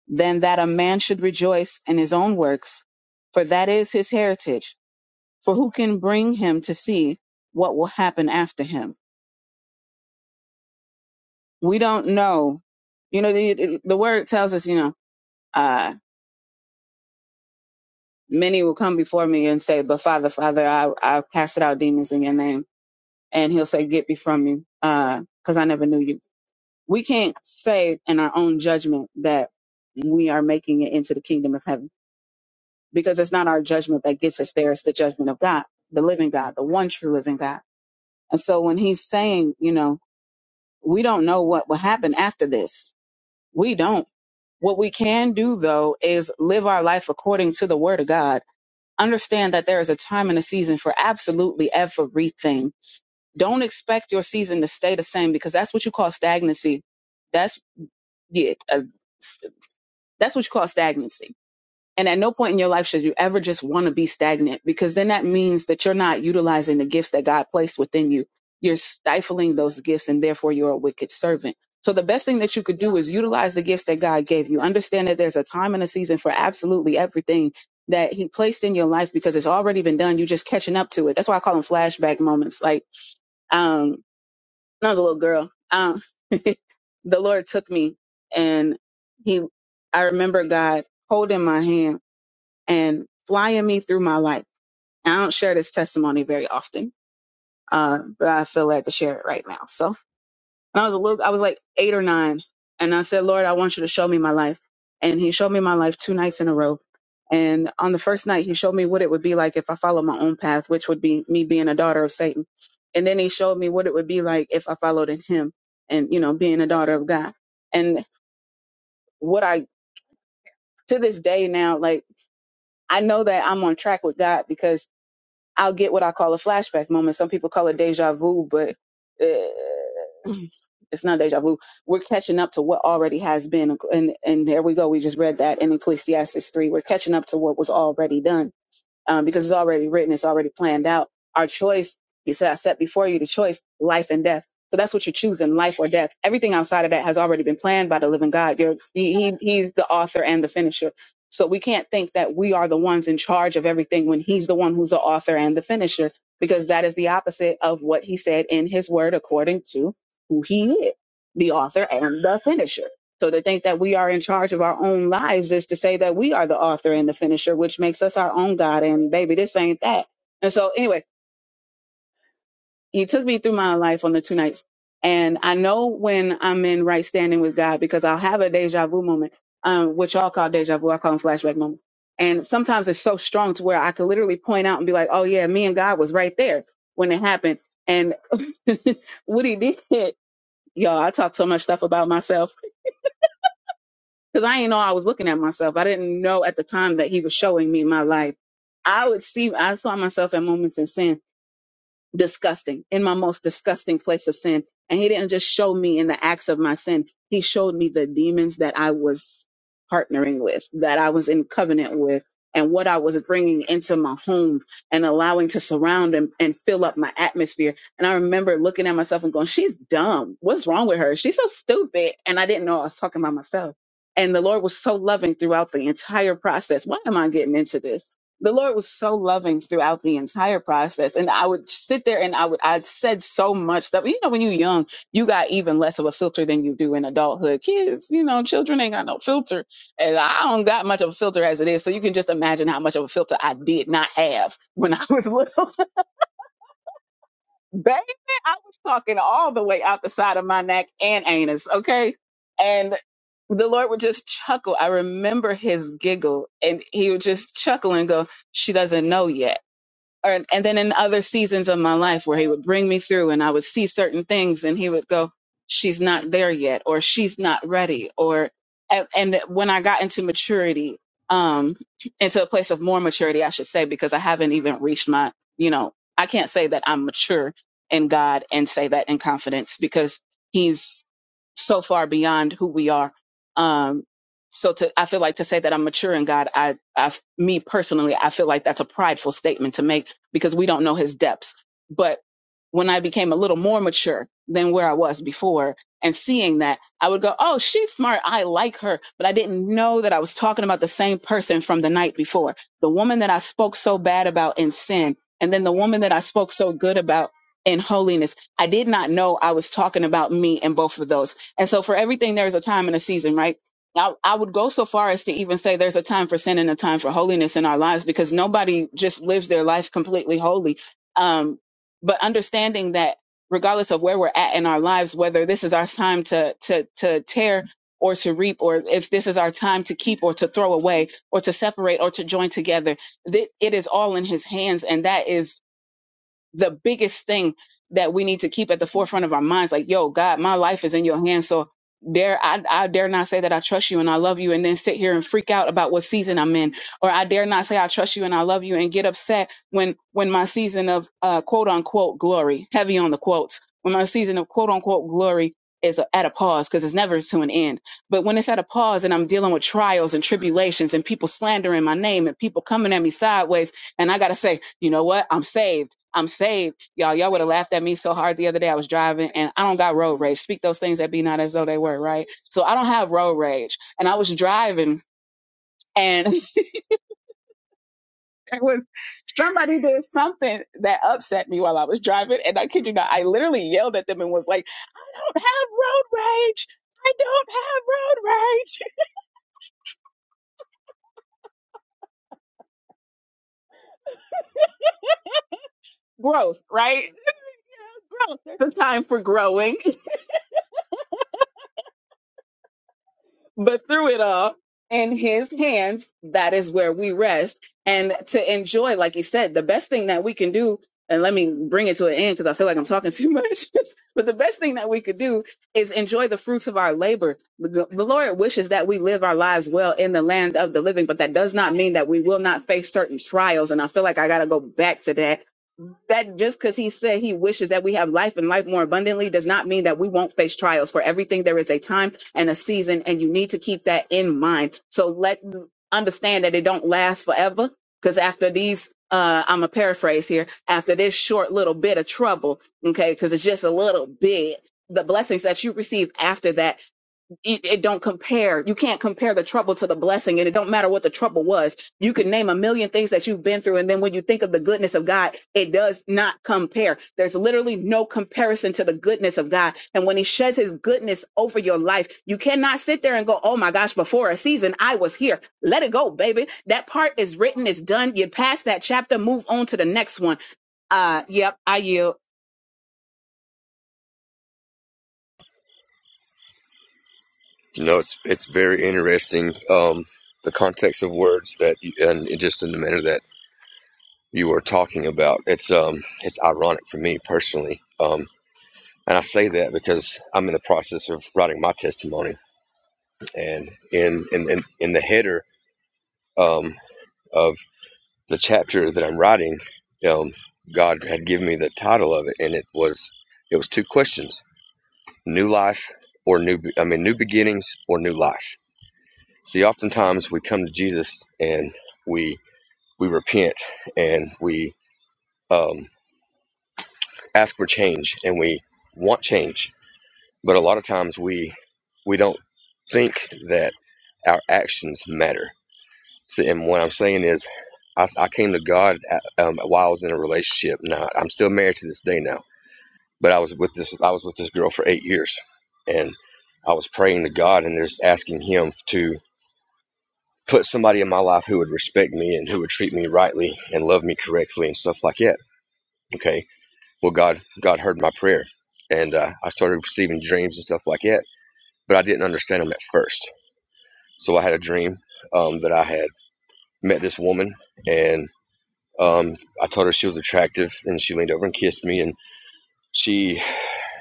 than that a man should rejoice in his own works, for that is his heritage. For who can bring him to see what will happen after him? We don't know. You know, the, the word tells us, you know, uh, many will come before me and say, But Father, Father, I, I casted out demons in your name. And he'll say, Get thee from me, because I never knew you. We can't say in our own judgment that we are making it into the kingdom of heaven because it's not our judgment that gets us there. It's the judgment of God, the living God, the one true living God. And so when he's saying, you know, we don't know what will happen after this, we don't. What we can do though is live our life according to the word of God understand that there is a time and a season for absolutely everything. Don't expect your season to stay the same because that's what you call stagnancy. That's yeah, uh, s- that's what you call stagnancy and at no point in your life should you ever just want to be stagnant because then that means that you're not utilizing the gifts that God placed within you. You're stifling those gifts and therefore you're a wicked servant. So the best thing that you could do is utilize the gifts that God gave you. Understand that there's a time and a season for absolutely everything that he placed in your life because it's already been done. You're just catching up to it. That's why I call them flashback moments. Like, um, when I was a little girl, um, [LAUGHS] the Lord took me and he, I remember God holding my hand and flying me through my life. And I don't share this testimony very often, uh, but I feel led to share it right now. So when I was a little, I was like eight or nine, and I said, Lord, I want you to show me my life. And He showed me my life two nights in a row. And on the first night, He showed me what it would be like if I followed my own path, which would be me being a daughter of Satan. And then He showed me what it would be like if I followed in Him and, you know, being a daughter of God. And what I, to this day now, like, I know that I'm on track with God because I'll get what I call a flashback moment. Some people call it deja vu, but uh, [CLEARS THROAT] it's not deja vu. We're catching up to what already has been, and and there we go. We just read that in Ecclesiastes three. We're catching up to what was already done um, because it's already written, it's already planned out. Our choice, he said, I set before you the choice, life and death. So that's what you're choosing, life or death. Everything outside of that has already been planned by the living God. You're, he, he, he's the author and the finisher. So we can't think that we are the ones in charge of everything when he's the one who's the author and the finisher, because that is the opposite of what he said in his word, according to who he is, the author and the finisher. So to think that we are in charge of our own lives is to say that we are the author and the finisher, which makes us our own God. And baby, this ain't that. And so anyway, he took me through my life on the two nights. And I know when I'm in right standing with God because I'll have a deja vu moment, um, which y'all call deja vu. I call them flashback moments. And sometimes it's so strong to where I could literally point out and be like, oh yeah, me and God was right there when it happened. And [LAUGHS] what he did, y'all, I talk so much stuff about myself because I didn't know I was looking at myself. I didn't know at the time that he was showing me my life. I would see, I saw myself at moments in sin disgusting, in my most disgusting place of sin. And he didn't just show me in the acts of my sin, he showed me the demons that I was partnering with, that I was in covenant with, and what I was bringing into my home and allowing to surround and, and fill up my atmosphere. And I remember looking at myself and going, She's dumb. What's wrong with her? She's so stupid. And I didn't know I was talking about myself. And the Lord was so loving throughout the entire process. Why am I getting into this? the Lord was so loving throughout the entire process. And I would sit there and I would, I said so much stuff. You know, when you're young, you got even less of a filter than you do in adulthood. Kids, you know, children ain't got no filter. And I don't got much of a filter as it is. So you can just imagine how much of a filter I did not have when I was [LAUGHS] little. Baby, I was talking all the way out the side of my neck and anus. Okay. And the Lord would just chuckle. I remember his giggle and he would just chuckle and go, She doesn't know yet or, and then in other seasons of my life where he would bring me through and I would see certain things and he would go, she's not there yet, or she's not ready, or, and, and when I got into maturity, um, into a place of more maturity, I should say, because I haven't even reached my, you know, I can't say that I'm mature in God and say that in confidence because he's so far beyond who we are. Um, so to, I feel like to say that I'm mature in God, I, I, me personally, I feel like that's a prideful statement to make because we don't know his depths. But when I became a little more mature than where I was before and seeing that, I would go, Oh, she's smart. I like her. But I didn't know that I was talking about the same person from the night before. The woman that I spoke so bad about in sin, and then the woman that I spoke so good about in holiness. I did not know I was talking about me in both of those. And so for everything, there's a time and a season, right? I, I would go so far as to even say there's a time for sin and a time for holiness in our lives because nobody just lives their life completely holy. Um, but understanding that regardless of where we're at in our lives, whether this is our time to to to tear or to reap, or if this is our time to keep or to throw away or to separate or to join together, that it is all in His hands, and that is the biggest thing that we need to keep at the forefront of our minds like yo god my life is in your hands so dare I, I dare not say that i trust you and i love you and then sit here and freak out about what season i'm in or i dare not say i trust you and i love you and get upset when when my season of uh, quote unquote glory heavy on the quotes when my season of quote unquote glory is at a pause because it's never to an end but when it's at a pause and i'm dealing with trials and tribulations and people slandering my name and people coming at me sideways and i gotta say you know what i'm saved I'm saved. Y'all, y'all would have laughed at me so hard the other day. I was driving and I don't got road rage. Speak those things that be not as though they were, right? So I don't have road rage. And I was driving and [LAUGHS] it was somebody did something that upset me while I was driving. And I kid you not, I literally yelled at them and was like, I don't have road rage. I don't have road rage. [LAUGHS] Growth, right? Yeah, Growth. There's a time for growing. But through it all, in his hands, that is where we rest. And to enjoy, like you said, the best thing that we can do, and let me bring it to an end because I feel like I'm talking too much. [LAUGHS] but the best thing that we could do is enjoy the fruits of our labor. The, the Lord wishes that we live our lives well in the land of the living, but that does not mean that we will not face certain trials. And I feel like I got to go back to that that just because he said he wishes that we have life and life more abundantly does not mean that we won't face trials. For everything, there is a time and a season, and you need to keep that in mind. So let understand that it don't last forever. Because after these, uh, I'm a paraphrase here. After this short little bit of trouble, okay, because it's just a little bit. The blessings that you receive after that it, it don't compare. You can't compare the trouble to the blessing, and it don't matter what the trouble was. You can name a million things that you've been through, and then when you think of the goodness of God, it does not compare. There's literally no comparison to the goodness of God. And when He sheds His goodness over your life, you cannot sit there and go, "Oh my gosh, before a season, I was here." Let it go, baby. That part is written, it's done. You pass that chapter, move on to the next one. Uh, yep, I yield. You know, it's it's very interesting um, the context of words that you, and just in the manner that you were talking about. It's um it's ironic for me personally, um, and I say that because I'm in the process of writing my testimony, and in in in, in the header um, of the chapter that I'm writing, um, God had given me the title of it, and it was it was two questions: new life or new I mean new beginnings or new life See, oftentimes we come to Jesus and we we repent and we um, ask for change and we want change, but a lot of times we we don't think that our actions matter. So, and what I'm saying is, I I came to God uh, um, while I was in a relationship. Now I'm still married to this day now, but I was with this I was with this girl for eight years, and I was praying to God and just asking Him to put somebody in my life who would respect me and who would treat me rightly and love me correctly and stuff like that. Okay. Well, God, God heard my prayer and uh, I started receiving dreams and stuff like that, but I didn't understand them at first. So I had a dream um, that I had met this woman and um, I told her she was attractive and she leaned over and kissed me and she,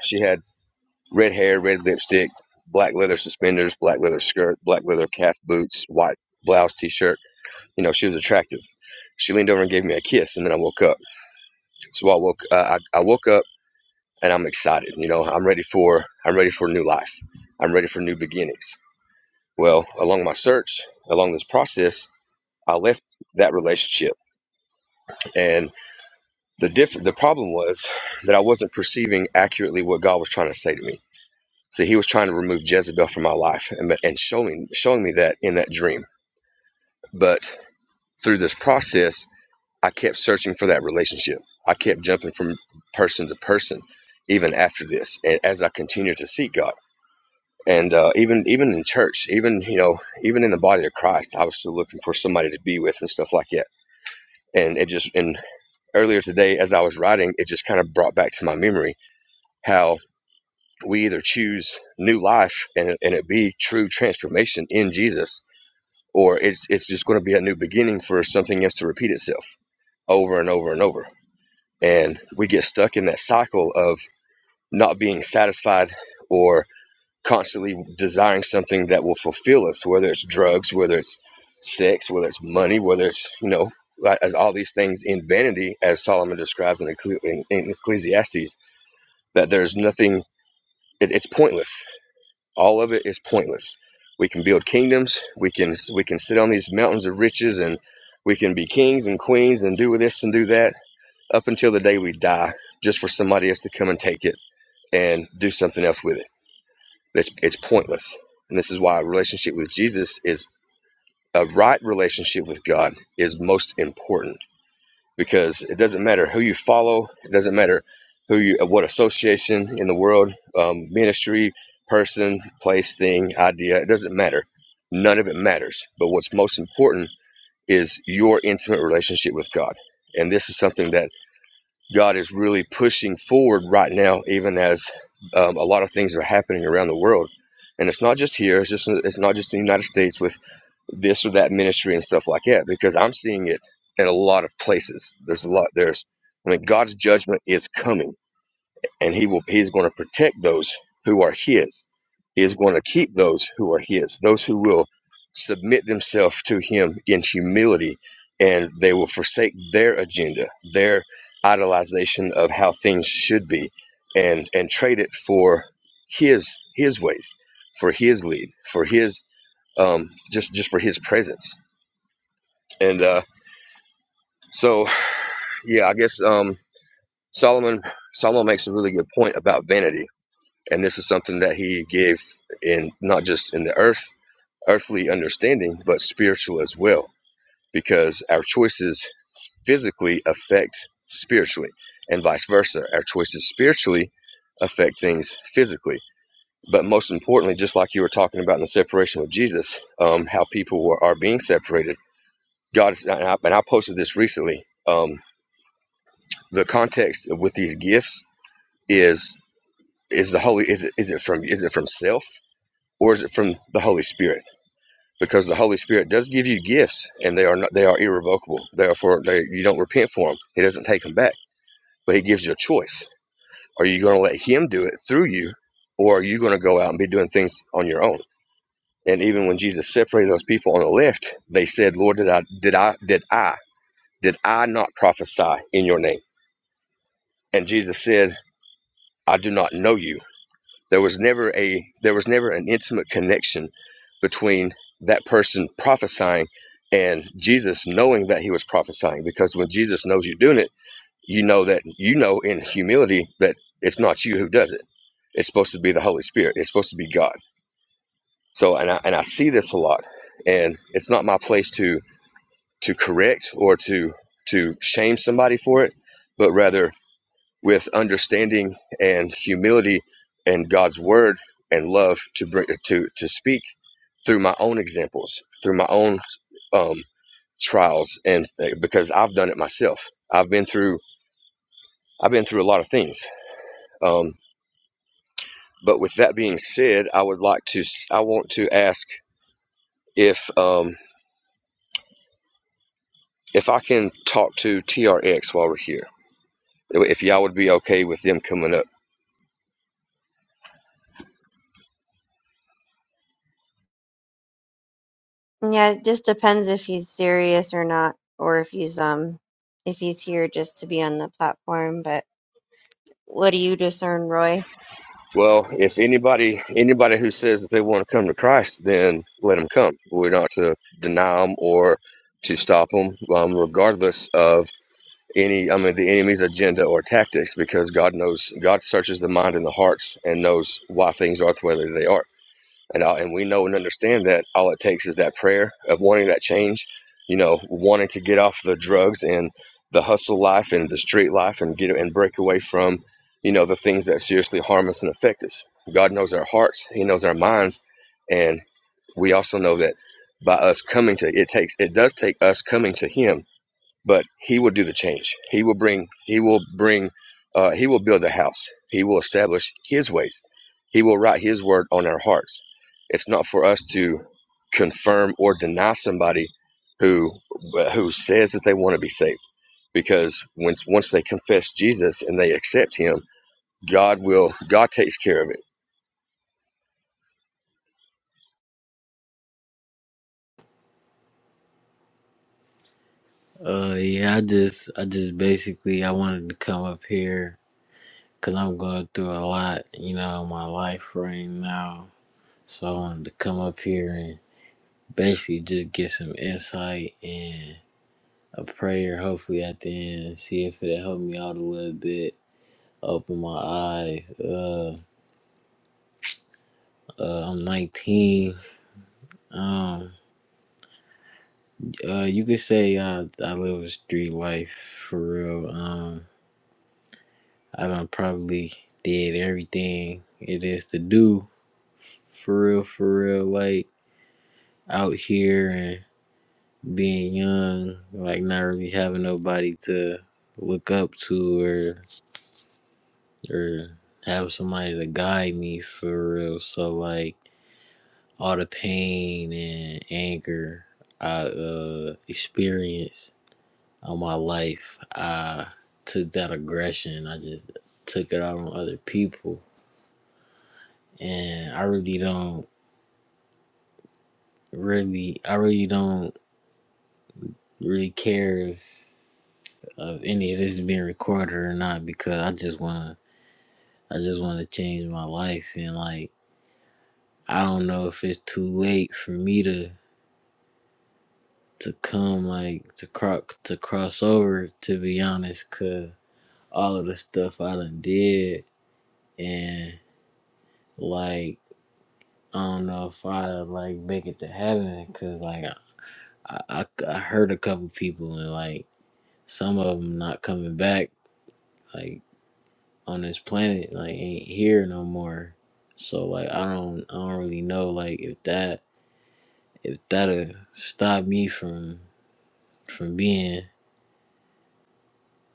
she had red hair, red lipstick, black leather suspenders, black leather skirt, black leather calf boots, white blouse, t-shirt You know, she was attractive. She leaned over and gave me a kiss, and then I woke up. So I woke, uh, I, I woke up, and I'm excited. You know, I'm ready for, I'm ready for new life. I'm ready for new beginnings. Well, along my search, along this process, I left that relationship, and the diff- the problem was that I wasn't perceiving accurately what God was trying to say to me. So He was trying to remove Jezebel from my life and, and showing showing me that in that dream. But through this process, I kept searching for that relationship. I kept jumping from person to person, even after this, and as I continued to seek God. And uh, even even in church, even you know, even in the body of Christ, I was still looking for somebody to be with and stuff like that. And it just and earlier today, as I was writing, it just kind of brought back to my memory how we either choose new life and and it be true transformation in Jesus, or it's it's just going to be a new beginning for something else to repeat itself over and over and over and we get stuck in that cycle of not being satisfied or constantly desiring something that will fulfill us whether it's drugs whether it's sex whether it's money whether it's you know like, as all these things in vanity as solomon describes in, Ecclesi- in, in ecclesiastes that there's nothing it, it's pointless all of it is pointless we can build kingdoms we can we can sit on these mountains of riches and we can be kings and queens and do this and do that up until the day we die just for somebody else to come and take it and do something else with it. It's, it's pointless. And this is why a relationship with Jesus is a right relationship with God is most important because it doesn't matter who you follow, it doesn't matter who you, uh, what association in the world, um, ministry, person, place, thing, idea, it doesn't matter. None of it matters. But what's most important is your intimate relationship with God. And this is something that God is really pushing forward right now, even as um, a lot of things are happening around the world. And it's not just here; it's just it's not just in the United States with this or that ministry and stuff like that. Because I'm seeing it in a lot of places. There's a lot. There's, I mean, God's judgment is coming and he will he is going to protect those who are his he is going to keep those who are his those who will submit themselves to him in humility and they will forsake their agenda their idolization of how things should be and and trade it for his his ways for his lead for his um just just for his presence and uh so yeah i guess um solomon solomon makes a really good point about vanity and this is something that he gave in not just in the earth earthly understanding but spiritual as well because our choices physically affect spiritually and vice versa our choices spiritually affect things physically but most importantly just like you were talking about in the separation with jesus um, how people were, are being separated god is and I, and I posted this recently um, the context with these gifts is is the holy is it, is it from is it from self or is it from the holy spirit because the Holy Spirit does give you gifts, and they are not, they are irrevocable. Therefore, they, you don't repent for them. He doesn't take them back, but He gives you a choice. Are you going to let Him do it through you, or are you going to go out and be doing things on your own? And even when Jesus separated those people on the left, they said, "Lord, did I did I did I did I not prophesy in your name?" And Jesus said, "I do not know you." There was never a there was never an intimate connection between that person prophesying and Jesus knowing that he was prophesying because when Jesus knows you're doing it, you know that you know in humility that it's not you who does it. It's supposed to be the Holy Spirit. It's supposed to be God. So and I and I see this a lot. And it's not my place to to correct or to to shame somebody for it, but rather with understanding and humility and God's word and love to bring to to speak through my own examples, through my own um, trials, and th- because I've done it myself, I've been through I've been through a lot of things. Um, but with that being said, I would like to s- I want to ask if um, if I can talk to TRX while we're here, if y'all would be okay with them coming up. Yeah, it just depends if he's serious or not, or if he's um if he's here just to be on the platform, but. What do you discern, Roy? Well, if anybody anybody who says that they want to come to Christ, then let them come. We're not to deny them or to stop them, um, regardless of any I mean the enemy's agenda or tactics, because God knows God searches the mind and the hearts and knows why things are the way that they are. and all, and we know and understand that all it takes is that prayer of wanting that change, you know, wanting to get off the drugs and the hustle life and the street life and get and break away from, you know, the things that seriously harm us and affect us. God knows our hearts, He knows our minds, and we also know that by us coming to it takes it does take us coming to Him but he will do the change he will bring he will bring uh, he will build a house he will establish his ways he will write his word on our hearts it's not for us to confirm or deny somebody who who says that they want to be saved because once once they confess jesus and they accept him god will god takes care of it Uh, yeah, I just, I just basically, I wanted to come up here because I'm going through a lot, you know, in my life right now. So I wanted to come up here and basically just get some insight and a prayer, hopefully at the end, and see if it'll help me out a little bit, open my eyes. Uh, uh I'm 19. Um, uh, you could say I, I live a street life for real. Um, I done probably did everything it is to do for real, for real, like out here and being young, like not really having nobody to look up to or or have somebody to guide me for real. So like all the pain and anger I uh experienced on my life, I took that aggression, I just took it out on other people. And I really don't really I really don't really care if of any of this being recorded or not because I just wanna I just wanna change my life and like I don't know if it's too late for me to to come like to cro- to cross over to be honest cause all of the stuff I done did and like I don't know if I like make it to heaven cause like I I, I I heard a couple people and like some of them not coming back. Like on this planet like ain't here no more. So like I don't I don't really know like if that if that'll stop me from from being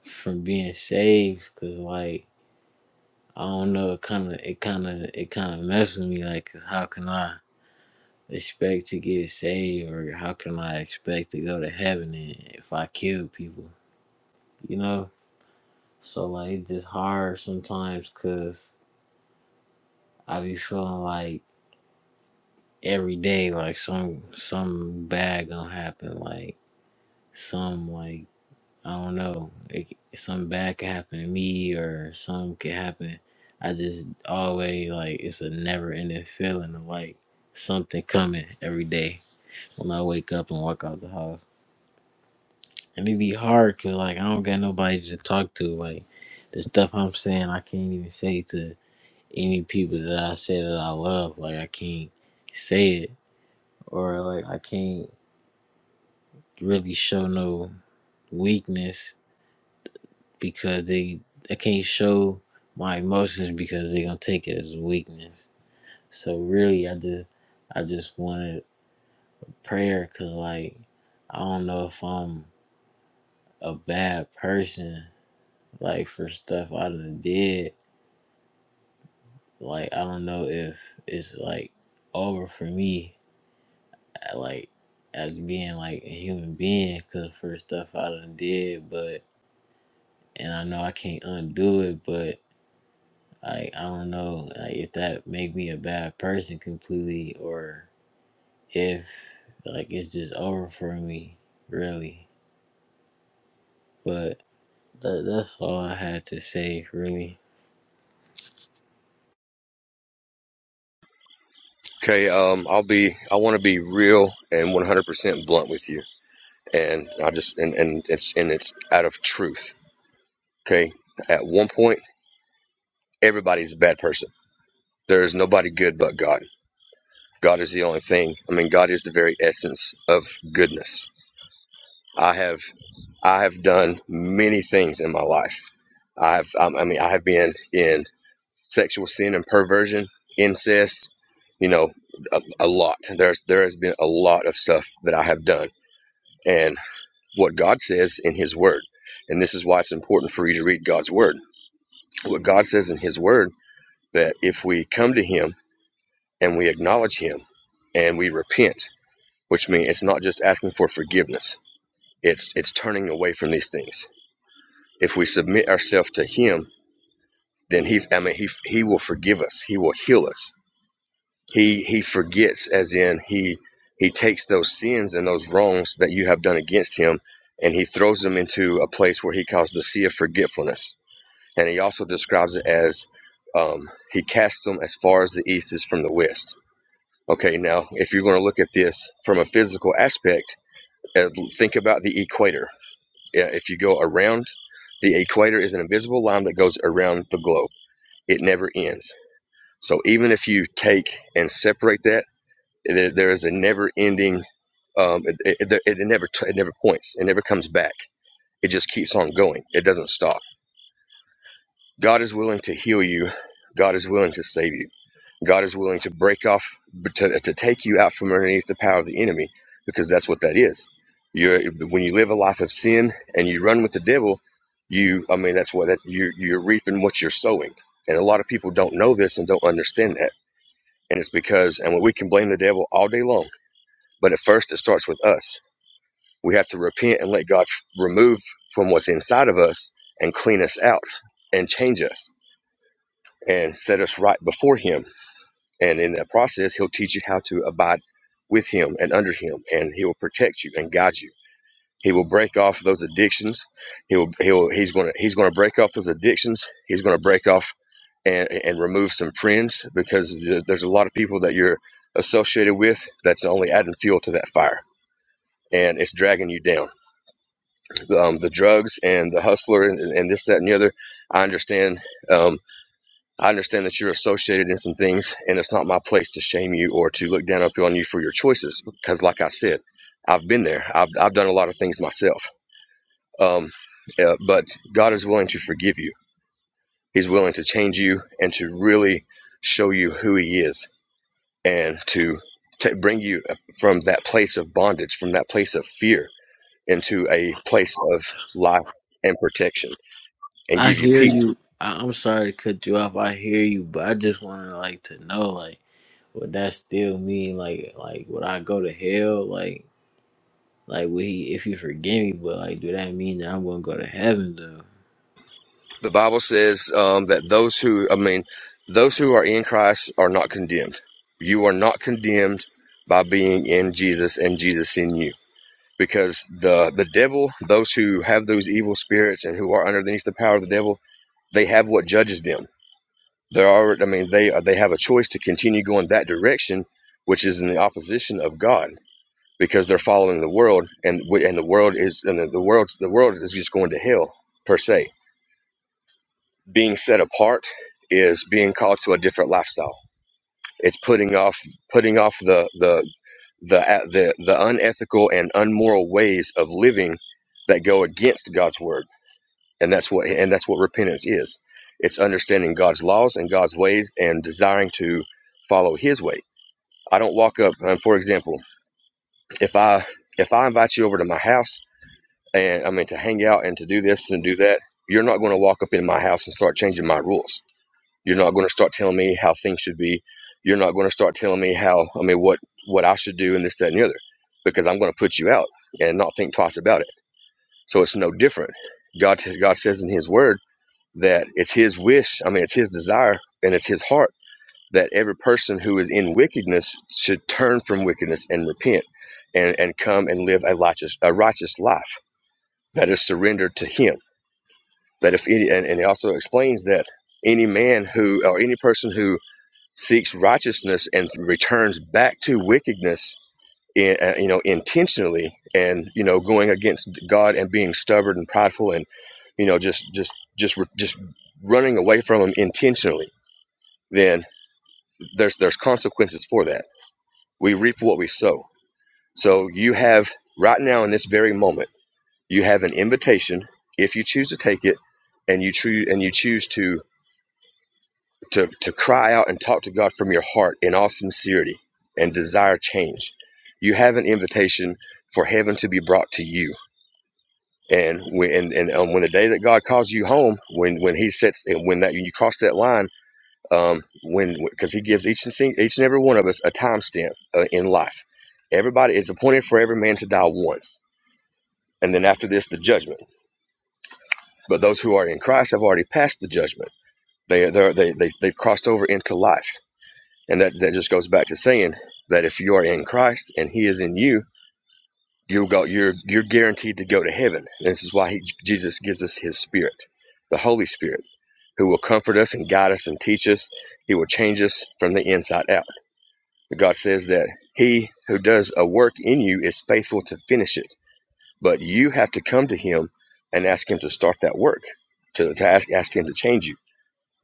from being saved because like I don't know it kind of it kind of it kind of mess with me like, cause how can I expect to get saved or how can I expect to go to heaven and if I kill people you know so like it's just hard sometimes because I be feeling like every day like some some bad gonna happen like some like i don't know it, something bad could happen to me or some could happen i just always like it's a never ending feeling of like something coming every day when i wake up and walk out the house and it be hard because like i don't got nobody to talk to like the stuff i'm saying i can't even say to any people that i say that i love like i can't say it or like i can't really show no weakness because they I can't show my emotions because they're gonna take it as weakness. So really, I just I just wanted prayer because like I don't know if I'm a bad person like for stuff I done did. Like I don't know if it's like over for me uh, like as being like a human being because for stuff I done did, but and I know I can't undo it, but. Like I don't know like, if that make me a bad person completely or if like it's just over for me really. But that, that's all I had to say really. okay um i'll be i want to be real and 100% blunt with you and i just and and it's and it's out of truth Okay. At one point, everybody's a bad person. There is nobody good but God. God is the only thing. I mean, God is the very essence of goodness. I have I have done many things in my life. I have um, I mean I have been in sexual sin and perversion, incest, you know, a, a lot. There's there has been a lot of stuff that I have done, and what God says in His Word, and this is why it's important for you to read God's Word. What God says in His Word that if we come to Him and we acknowledge him and we repent, which means it's not just asking for forgiveness. It's it's turning away from these things. If we submit ourselves to him, then he I mean he he will forgive us. He will heal us. He he forgets as in he he takes those sins and those wrongs that you have done against him and he throws them into a place where he calls the sea of forgetfulness. And he also describes it as um, he casts them as far as the east is from the west Okay, now if you're going to look at this from a physical aspect, uh, think about the equator. Yeah, If you go around, the equator is an invisible line that goes around the globe. It never ends. So even if you take and separate that, there, there is a never-ending. Um, it, it, it never it never points. It never comes back. It just keeps on going. It doesn't stop. God is willing to heal you. God is willing to save you. God is willing to break off, to, to take you out from underneath the power of the enemy, because that's what that is. You're, when you live a life of sin and you run with the devil, you, I mean, that's what that you, you're reaping what you're sowing. And a lot of people don't know this and don't understand that. And it's because, and we can blame the devil all day long, but at first it starts with us. We have to repent and let God f- remove from what's inside of us and clean us out and change us and set us right before Him And in that process, he'll teach you how to abide with him and under him, and he will protect you and guide you. He will break off those addictions. He will, he will, he's going to, he's going to break off those addictions. He's going to break off and, and remove some friends because there's a lot of people that you're associated with that's only adding fuel to that fire and it's dragging you down. Um, the drugs and the hustler and, and this, that, and the other, I understand. Um, I understand that you're associated in some things, and it's not my place to shame you or to look down upon you for your choices. Because, like I said, I've been there. I've I've done a lot of things myself. Um, uh, but God is willing to forgive you. He's willing to change you and to really show you who He is, and to ta bring you from that place of bondage, from that place of fear, into a place of life and protection, and I give you hear peace you. I, I'm sorry to cut you off. I hear you, but I just want to like to know like would that still mean like like would I go to hell like like would he if he forgive me? But like do that mean that I'm gonna go to heaven though? The Bible says um, that those who, I mean, those who are in Christ are not condemned. You are not condemned by being in Jesus and Jesus in you. Because the, the devil, those who have those evil spirits and who are underneath the power of the devil, they have what judges them. There are I mean, they are, they have a choice to continue going that direction, which is in the opposition of God. because they're following the world and and the world is and the, the world the world is just going to hell per se being set apart is being called to a different lifestyle it's putting off putting off the the the the, the unethical and unmoral ways of living that go against God's word and that's what and that's what repentance is it's understanding God's laws and God's ways and desiring to follow his way i don't walk up um, for example if i if i invite you over to my house and I mean to hang out and to do this and do that, you're not going to walk up in my house and start changing my rules. You're not going to start telling me how things should be. You're not going to start telling me how I mean what what I should do and this that and the other, because I'm going to put you out and not think twice about it. So it's no different. God God says in His Word that it's His wish. I mean it's His desire and it's His heart that every person who is in wickedness should turn from wickedness and repent and, and come and live a righteous a righteous life that is surrendered to him that if any and, and it also explains that any man who or any person who seeks righteousness and returns back to wickedness in, uh, you know intentionally and you know going against god and being stubborn and prideful and you know just just just just running away from him intentionally then there's there's consequences for that we reap what we sow so you have right now in this very moment you have an invitation if you choose to take it and you choose and you choose to to, to cry out and talk to God from your heart in all sincerity and desire change. You have an invitation for heaven to be brought to you. And when and, and um, when the day that God calls you home, when when He sets and when that when you cross that line, um, when because He gives each and each and every one of us a time stamp uh, in life. Everybody is appointed for every man to die once, and then after this, the judgment. But those who are in Christ have already passed the judgment. They they they they they've crossed over into life And that, that just goes back to saying that if you are in Christ and He is in you, you will go. You're you're guaranteed to go to heaven. And this is why he, Jesus gives us His Spirit, the Holy Spirit, who will comfort us and guide us and teach us. He will change us from the inside out. But God says that He who does a work in you is faithful to finish it. But you have to come to Him and ask Him to start that work, to, to ask, ask Him to change you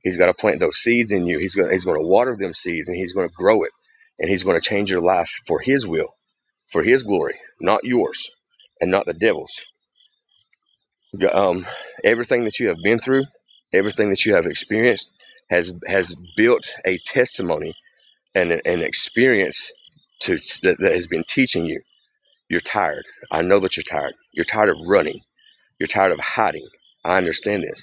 He's got to plant those seeds in you. He's going to, he's going to water them seeds and he's going to grow it and he's going to change your life for his will, for his glory, not yours and not the devil's. Um, everything that you have been through, everything that you have experienced has has built a testimony and an experience to that, that has been teaching you. You're tired. I know that you're tired. You're tired of running. You're tired of hiding. I understand this.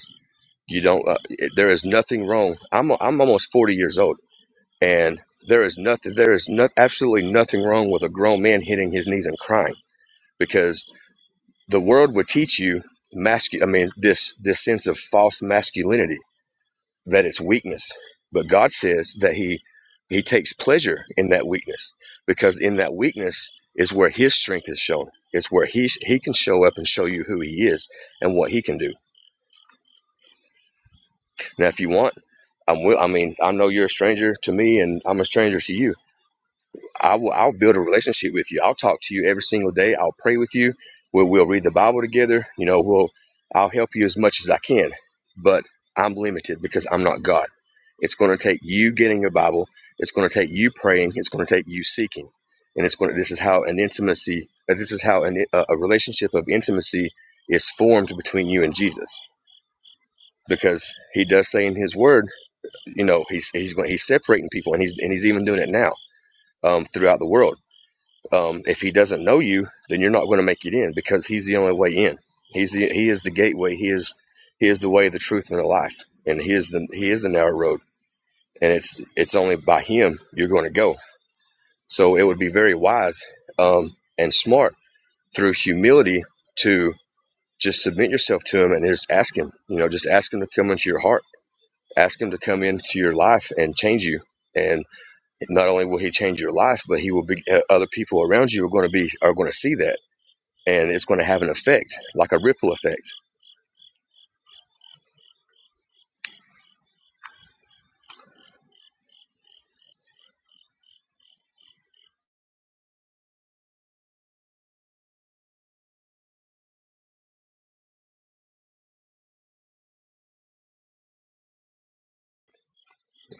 You don't. Uh, there is nothing wrong. I'm I'm almost 40 years old. And there is nothing, there is no, absolutely nothing wrong with a grown man hitting his knees and crying because the world would teach you mascu- I mean, this, this sense of false masculinity, that it's weakness. But God says that he, he takes pleasure in that weakness because in that weakness is where his strength is shown. It's where he, he can show up and show you who he is and what he can do. Now, if you want, I'm will. I mean, I know you're a stranger to me, and I'm a stranger to you. I will I'll build a relationship with you. I'll talk to you every single day. I'll pray with you. We'll we'll read the Bible together. You know, we'll I'll help you as much as I can. But I'm limited because I'm not God. It's going to take you getting your Bible. It's going to take you praying. It's going to take you seeking. And it's going to this is how an intimacy uh, this is how an, a, a relationship of intimacy is formed between you and Jesus. Because he does say in his word, you know, he's he's going he's separating people and he's and he's even doing it now um, throughout the world um, if he doesn't know you, then you're not going to make it in because he's the only way in. He's the he is the gateway. He is he is the way, the truth, and the life. And he is the he is the narrow road. And it's it's only by him you're going to go. So it would be very wise um, and smart through humility to just submit yourself to him and just ask him. You know, just ask him to come into your heart. Ask him to come into your life and change you. And not only will he change your life, but he will be uh, other people around you are going to be are going to see that and it's going to have an effect, like a ripple effect.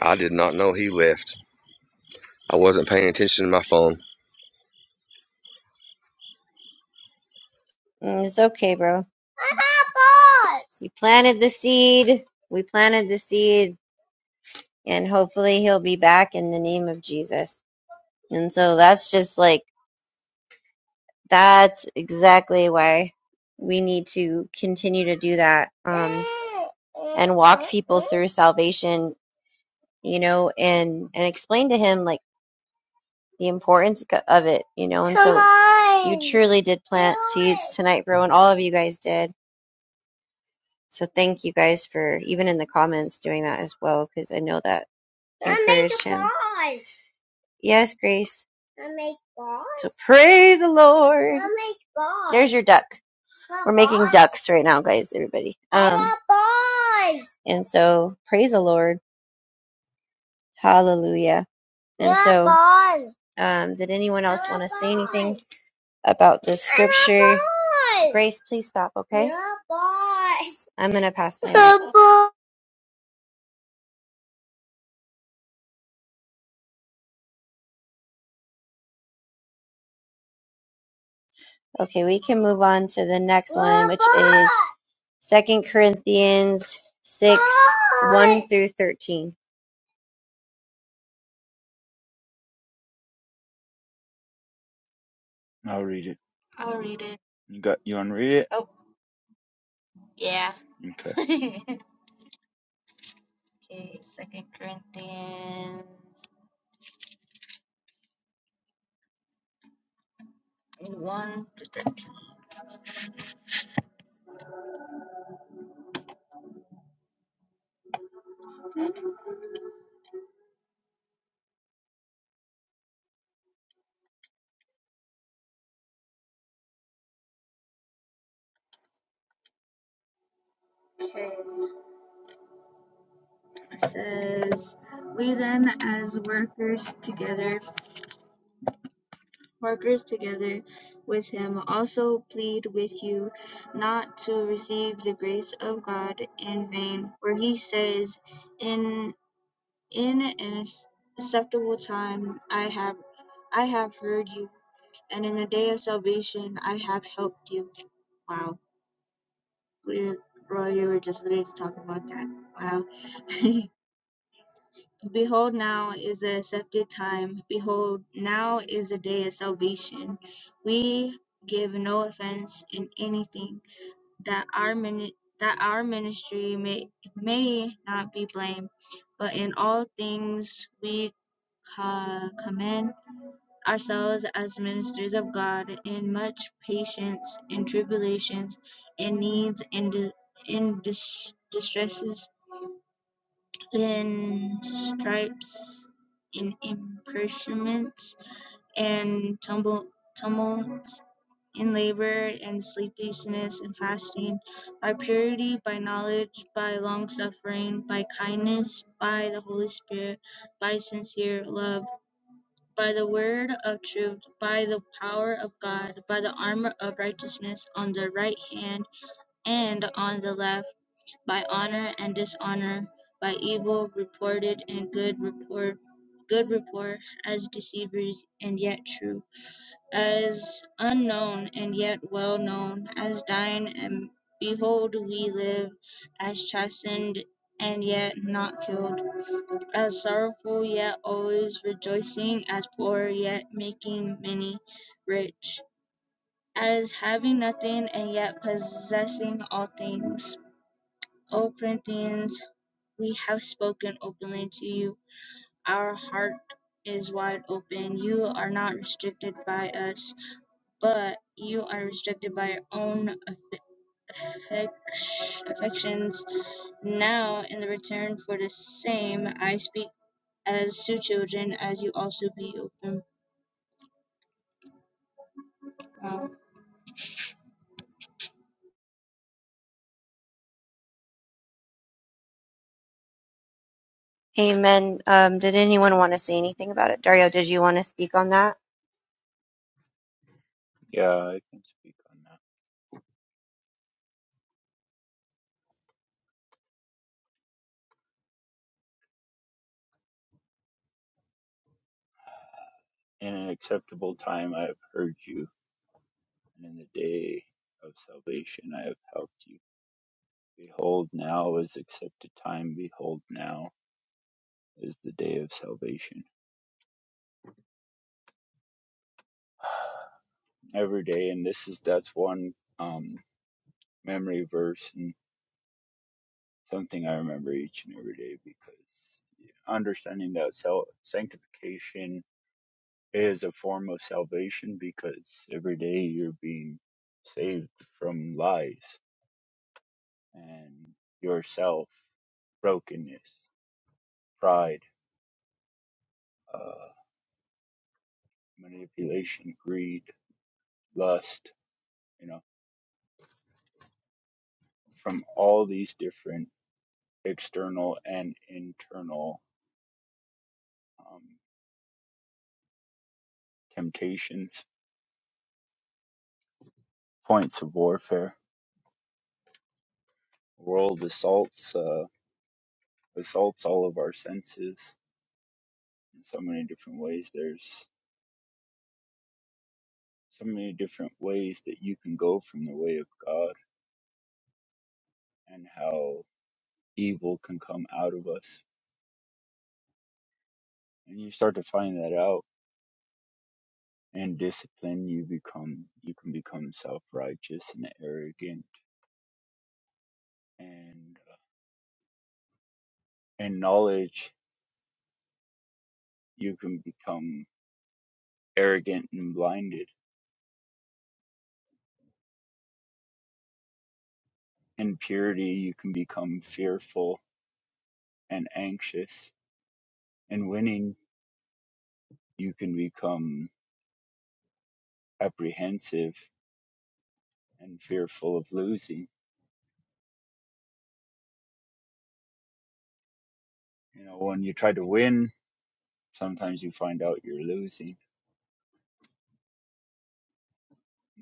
I did not know he left. I wasn't paying attention to my phone. Mm, it's okay, bro. You planted the seed. We planted the seed, and hopefully he'll be back in the name of Jesus. And so that's just like that's exactly why we need to continue to do that um, and walk people through salvation, you know, and and explain to him like the importance of it, you know. And so you truly did plant seeds tonight, bro, and all of you guys did. So thank you guys for even in the comments doing that as well because I know that Mom, make a encouraged him. Yes, Grace. I make balls. So praise the Lord. I make balls. There's your duck. We're making ducks right now, guys. Everybody. I Um, balls. And so praise the Lord. Hallelujah. And so, um, did anyone else want to say anything about this I want scripture? balls. Grace, please stop. Okay. I want balls. I'm gonna pass my. mic. Okay, we can move on to the next one, which is Second Corinthians six one through thirteen. I'll read it. i'll read it You got you want to read it? oh yeah Okay. [LAUGHS] Okay, Second Corinthians one to it says, "We then, as workers together, workers together with him, also plead with you not to receive the grace of God in vain. For he says, in in an acceptable time I have I have heard you, and in the day of salvation I have helped you." Wow, we, Roy, you were just literally talking about that. Wow. [LAUGHS] Behold, now is the accepted time. Behold, now is the day of salvation. We give no offense in anything, that our mini- that our ministry may may not be blamed, but in all things we co- commend ourselves as ministers of God in much patience, in tribulations, in needs, in di- in dis- distresses, in stripes, in imperishments, and tumble, tumults, in labor, and sleeplessness, and fasting, by purity, by knowledge, by long suffering, by kindness, by the Holy Spirit, by sincere love, by the word of truth, by the power of God, by the armor of righteousness on the right hand and on the left by honor and dishonor, by evil reported and good report, good report, as deceivers and yet true, as unknown and yet well known, as dying and behold we live, as chastened and yet not killed, as sorrowful yet always rejoicing, as poor yet making many rich, as having nothing and yet possessing all things. O Corinthians we have spoken openly to you. Our heart is wide open. You are not restricted by us, but you are restricted by your own affec- affections. Now, in the return for the same, I speak as to children, as you also be open. Wow. Amen. Um, did anyone want to say anything about it? Dario, did you want to speak on that? Yeah, I can speak on that. In an acceptable time I have heard you, and in the day of salvation I have helped you. Behold, now is accepted time. Behold, now is the day of salvation. [SIGHS] Every day, and this is that's one um, memory verse and something I remember each and every day because yeah, understanding that self sanctification is a form of salvation because every day you're being saved from lies and yourself, brokenness, pride, uh, manipulation, greed, lust, you know, from all these different external and internal um, temptations, points of warfare. World assaults, uh, assaults all of our senses in so many different ways. There's so many different ways that you can go from the way of God and how evil can come out of us. And you start to find that out and discipline you become you can become self-righteous and arrogant and in knowledge you can become arrogant and blinded. In purity you can become fearful and anxious. In winning you can become apprehensive and fearful of losing. You know, when you try to win Sometimes you find out you're losing.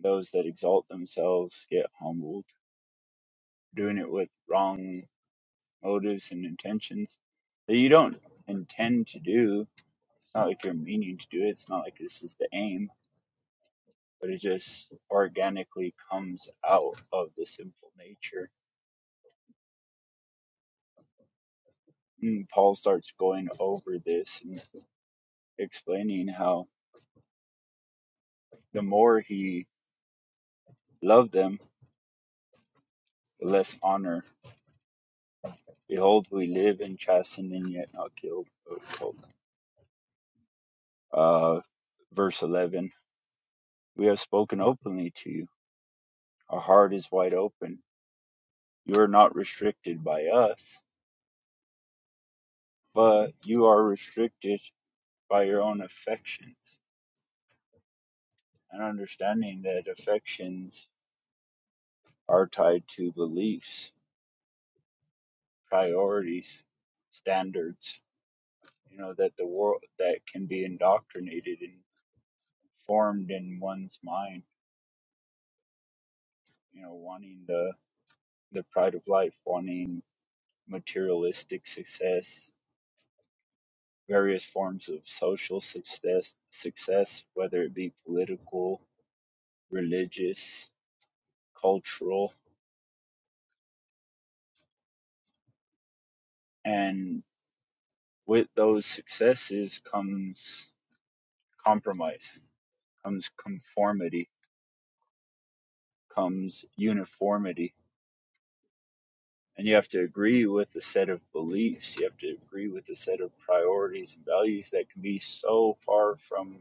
Those that exalt themselves get humbled, doing it with wrong motives and intentions that you don't intend to do. It's not like you're meaning to do it. It's not like this is the aim, but it just organically comes out of the sinful nature. And Paul starts going over this and explaining how the more he loved them, the less honor. Behold, we live in chasten and yet not killed. Uh, verse 11 We have spoken openly to you, our heart is wide open. You are not restricted by us, but you are restricted by your own affections and understanding that affections are tied to beliefs, priorities, standards. You know, that the world that can be indoctrinated and formed in one's mind, you know, wanting the, the pride of life, wanting materialistic success, various forms of social success, success, whether it be political, religious, cultural, and with those successes comes compromise, comes conformity, comes uniformity. And you have to agree with a set of beliefs, you have to agree with a set of priorities and values that can be so far from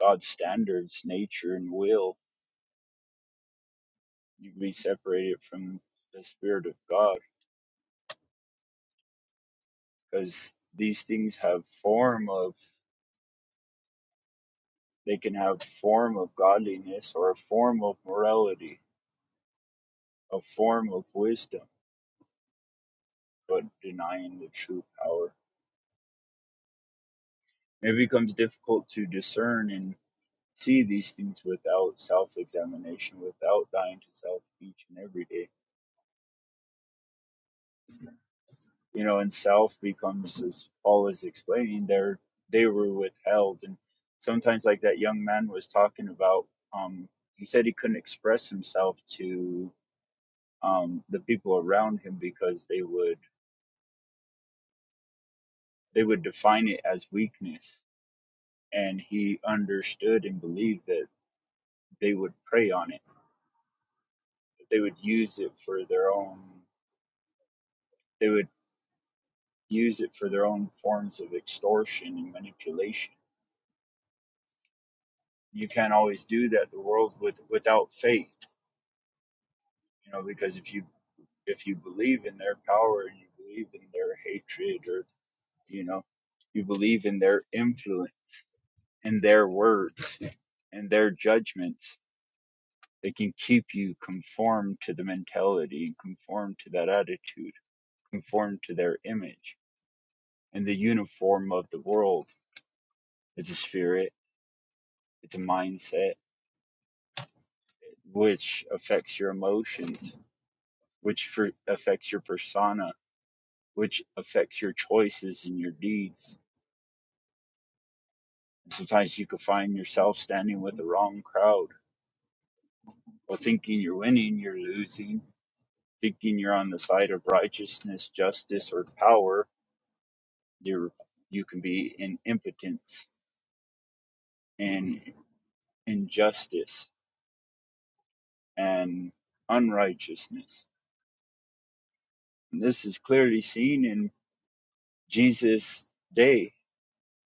God's standards, nature, and will. You can be separated from the Spirit of God because these things have form of they can have form of godliness or a form of morality a form of wisdom but denying the true power it becomes difficult to discern and see these things without self-examination without dying to self each and every day you know and self becomes as paul is explaining there they were withheld and sometimes like that young man was talking about um he said he couldn't express himself to um, the people around him because they would they would define it as weakness, and he understood and believed that they would prey on it. They would use it for their own. They would use it for their own forms of extortion and manipulation. You can't always do that. The world with without faith, you know, because if you if you believe in their power and you believe in their hatred or you know you believe in their influence and their words and their judgment. They can keep you conformed to the mentality and conform to that attitude, conform to their image. And the uniform of the world is a spirit, it's a mindset, which affects your emotions, which for, affects your persona, which affects your choices and your deeds. And sometimes you can find yourself standing with the wrong crowd or thinking you're winning, you're losing, thinking you're on the side of righteousness, justice, or power There you can be in impotence and injustice and unrighteousness. And this is clearly seen in Jesus' day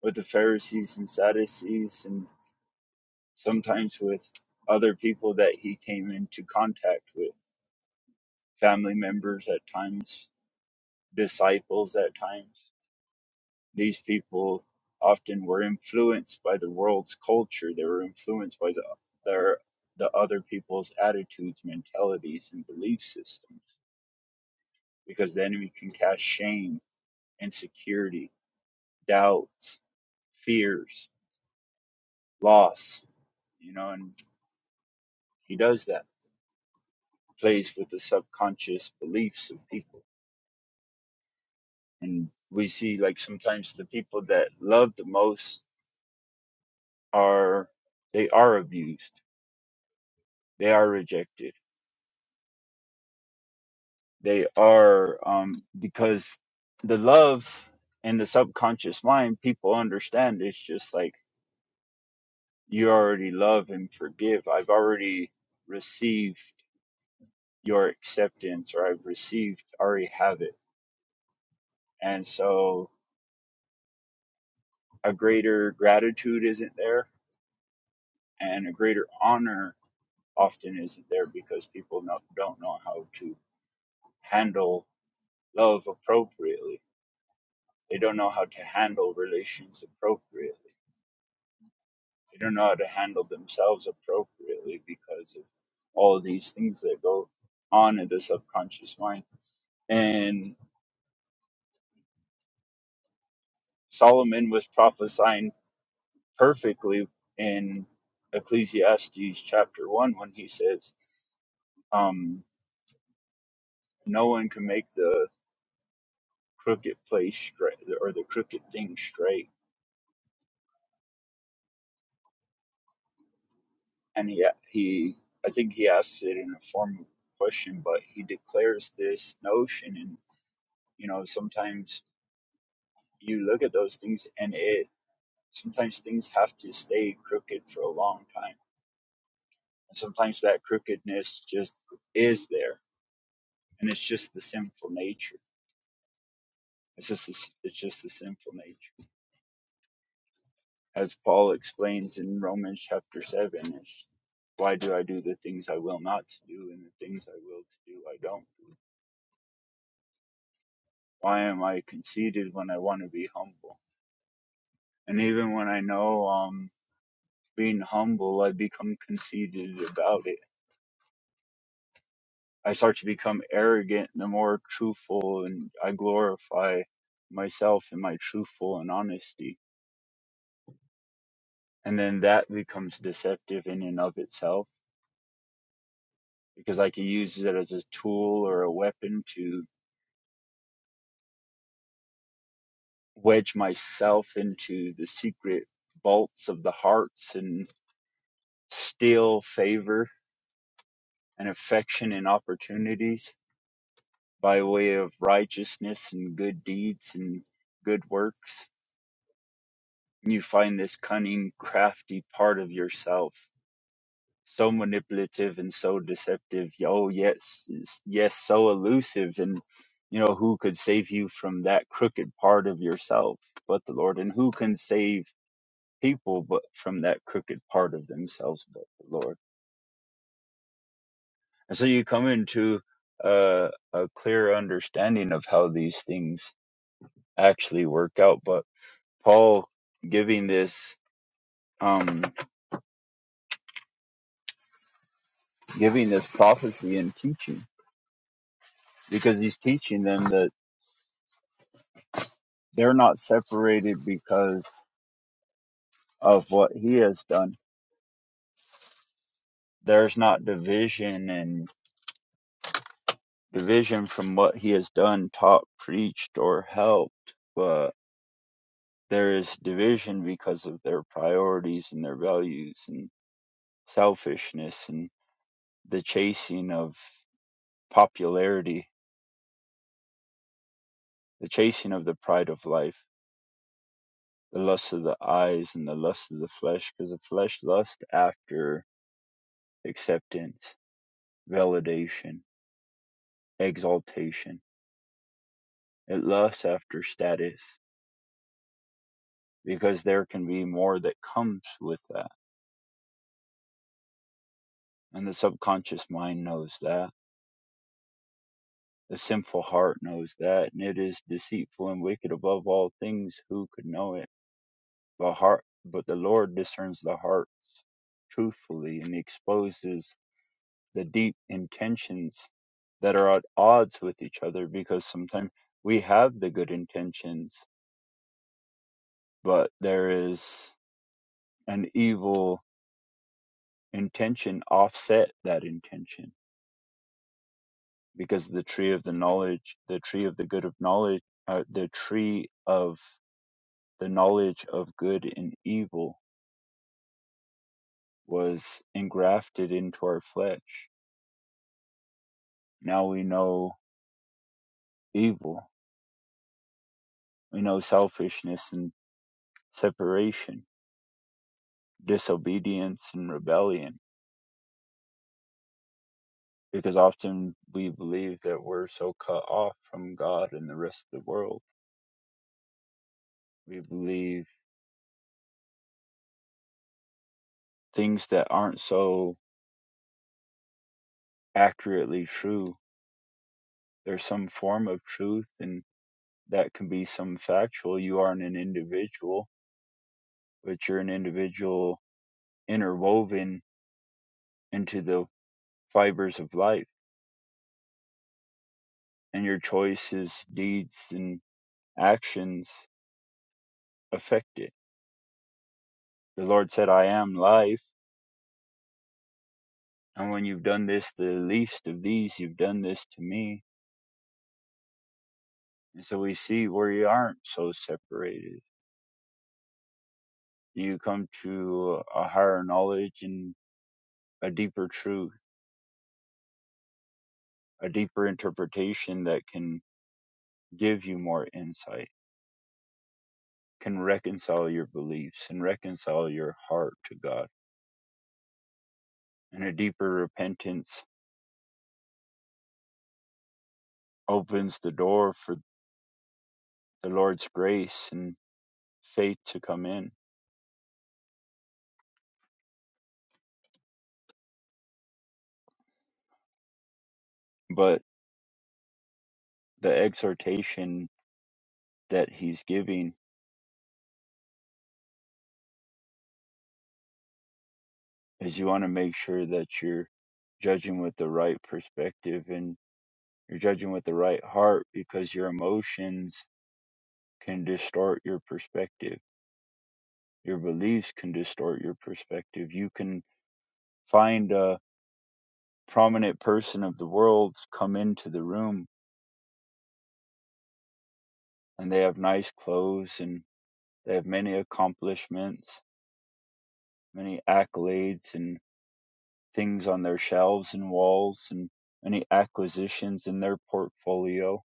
with the Pharisees and Sadducees and sometimes with other people that he came into contact with, family members at times, disciples at times. These people often were influenced by the world's culture. They were influenced by the, their, the other people's attitudes, mentalities, and belief systems because the enemy can cast shame, insecurity, doubts, fears, loss, you know, and he does that, plays with the subconscious beliefs of people. And we see like sometimes the people that love the most are they are abused, they are rejected They are um, because the love in the subconscious mind, people understand it's just like you already love and forgive. I've already received your acceptance, or I've received, already have it. And so a greater gratitude isn't there, and a greater honor often isn't there because people no- don't know how to handle love appropriately. They don't know how to handle relations appropriately. They don't know how to handle themselves appropriately because of all of these things that go on in the subconscious mind. And Solomon was prophesying perfectly in Ecclesiastes chapter 1 when he says, um, no one can make the crooked place straight or the crooked thing straight. And he, he, I think he asks it in a form of question, but he declares this notion. And, you know, sometimes you look at those things and it sometimes things have to stay crooked for a long time and sometimes that crookedness just is there and it's just the sinful nature it's just the it's just the sinful nature as paul explains in romans chapter 7 it's, why do i do the things i will not to do and the things i will to do i don't do why am i conceited when i want to be humble and even when i know um being humble i become conceited about it I start to become arrogant, the more truthful and I glorify myself and my truthful and honesty. And then that becomes deceptive in and of itself because I can use it as a tool or a weapon to wedge myself into the secret vaults of the hearts and steal favor and affection and opportunities by way of righteousness and good deeds and good works You find this cunning, crafty part of yourself, so manipulative and so deceptive. Oh, yes, yes, so elusive. And, you know, who could save you from that crooked part of yourself but the Lord? And who can save people but from that crooked part of themselves but the Lord? And so you come into uh, a clear understanding of how these things actually work out. But Paul giving this um, giving this prophecy and teaching. because he's teaching them that they're not separated because of what he has done. There's not division and division from what he has done, taught, preached, or helped, but there is division because of their priorities and their values and selfishness and the chasing of popularity, the chasing of the pride of life, the lust of the eyes and the lust of the flesh, because the flesh lusts after acceptance, validation exaltation. It lusts after status because there can be more that comes with that. And the subconscious mind knows that. The sinful heart knows that, and it is deceitful and wicked above all things. Who could know it? But heart, but the Lord discerns the hearts truthfully and exposes the deep intentions that are at odds with each other. Because sometimes we have the good intentions, but there is an evil intention offset that intention because the tree of the knowledge the tree of the good of knowledge uh, the tree of the knowledge of good and evil was engrafted into our flesh now we know evil we know selfishness and separation disobedience and rebellion because often we believe that we're so cut off from god and the rest of the world we believe things that aren't so accurately true there's some form of truth and that can be some factual you aren't an individual but you're an individual interwoven into the fibers of life and your choices deeds and actions affect it the lord said i am life and when you've done this the least of these you've done this to me and so we see where you aren't so separated you come to a higher knowledge and a deeper truth a deeper interpretation that can give you more insight, can reconcile your beliefs and reconcile your heart to God. And a deeper repentance opens the door for the Lord's grace and faith to come in. But the exhortation that he's giving is you want to make sure that you're judging with the right perspective and you're judging with the right heart because your emotions can distort your perspective. Your beliefs can distort your perspective. You can find a prominent person of the world come into the room and they have nice clothes and they have many accomplishments, many accolades and things on their shelves and walls and many acquisitions in their portfolio.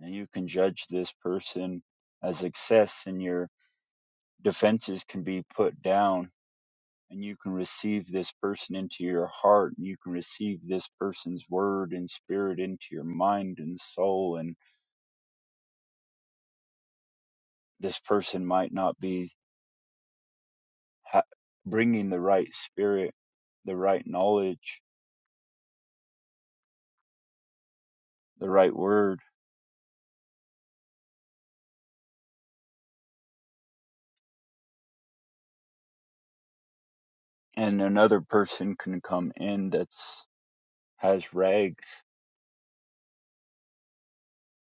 And you can judge this person as success and your defenses can be put down and you can receive this person into your heart and you can receive this person's word and spirit into your mind and soul and this person might not be ha- bringing the right spirit, the right knowledge, the right word, and another person can come in that's has rags,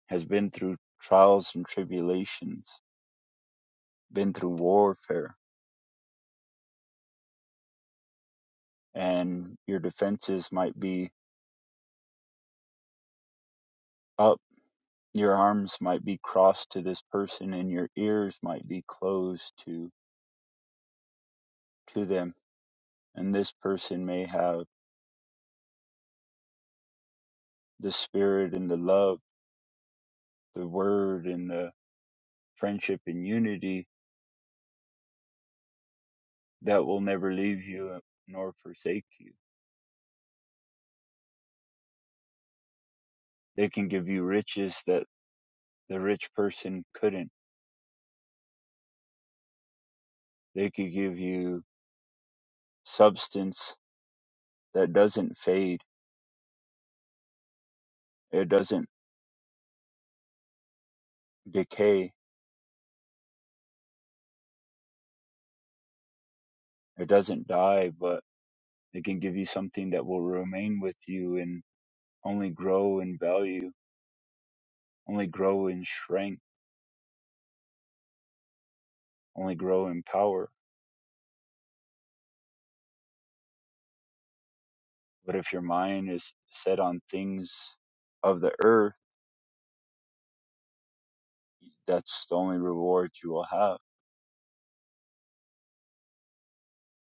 has been through trials and tribulations, been through warfare, and your defenses might be up, your arms might be crossed to this person, and your ears might be closed to to them, and this person may have the spirit and the love, the word and the friendship and unity that will never leave you uh, nor forsake you. They can give you riches that the rich person couldn't. They could give you substance that doesn't fade, it doesn't decay, it doesn't die, but they can give you something that will remain with you and only grow in value, only grow in strength, only grow in power. But if your mind is set on things of the earth, that's the only reward you will have.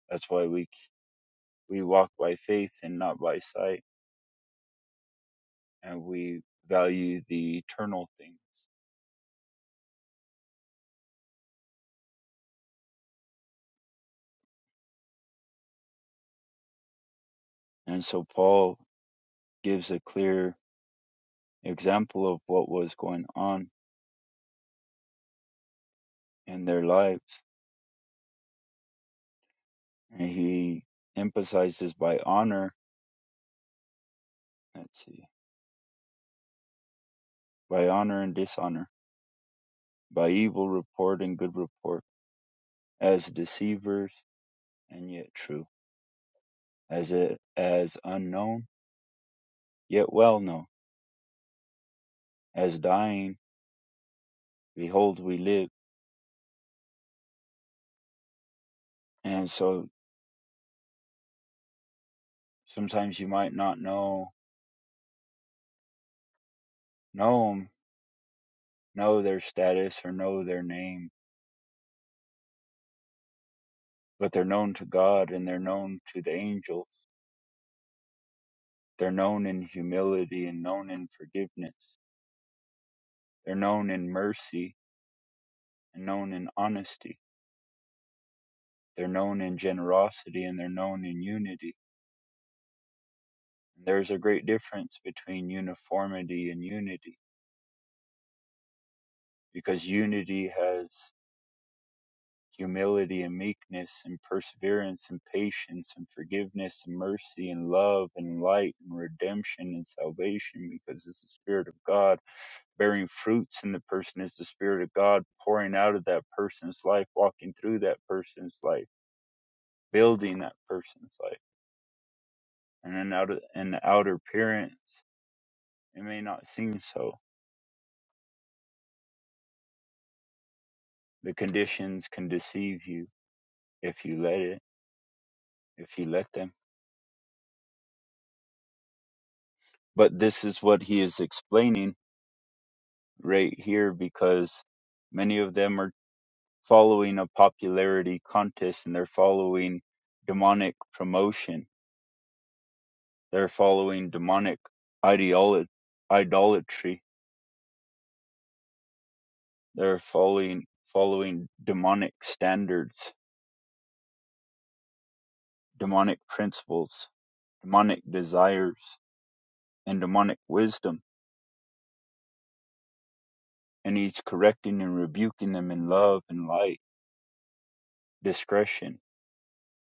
That's why we We walk by faith and not by sight, and we value the eternal thing. And so Paul gives a clear example of what was going on in their lives. And he emphasizes by honor, let's see, by honor and dishonor, by evil report and good report, as deceivers and yet true, as it, as unknown yet well known, as dying, behold we live. And so sometimes you might not know Know them, know their status or know their name, but they're known to God and they're known to the angels. They're known in humility and known in forgiveness. They're known in mercy and known in honesty. They're known in generosity and they're known in unity. There's a great difference between uniformity and unity because unity has humility and meekness and perseverance and patience and forgiveness and mercy and love and light and redemption and salvation because it's the Spirit of God bearing fruits in the person is the Spirit of God pouring out of that person's life, walking through that person's life, building that person's life. And then out of, in the outer appearance, it may not seem so. The conditions can deceive you if you let it, if you let them. But this is what he is explaining right here because many of them are following a popularity contest and they're following demonic promotion. They're following demonic ideolo- idolatry. They're following following demonic standards, demonic principles, demonic desires, and demonic wisdom. And he's correcting and rebuking them in love and light, discretion.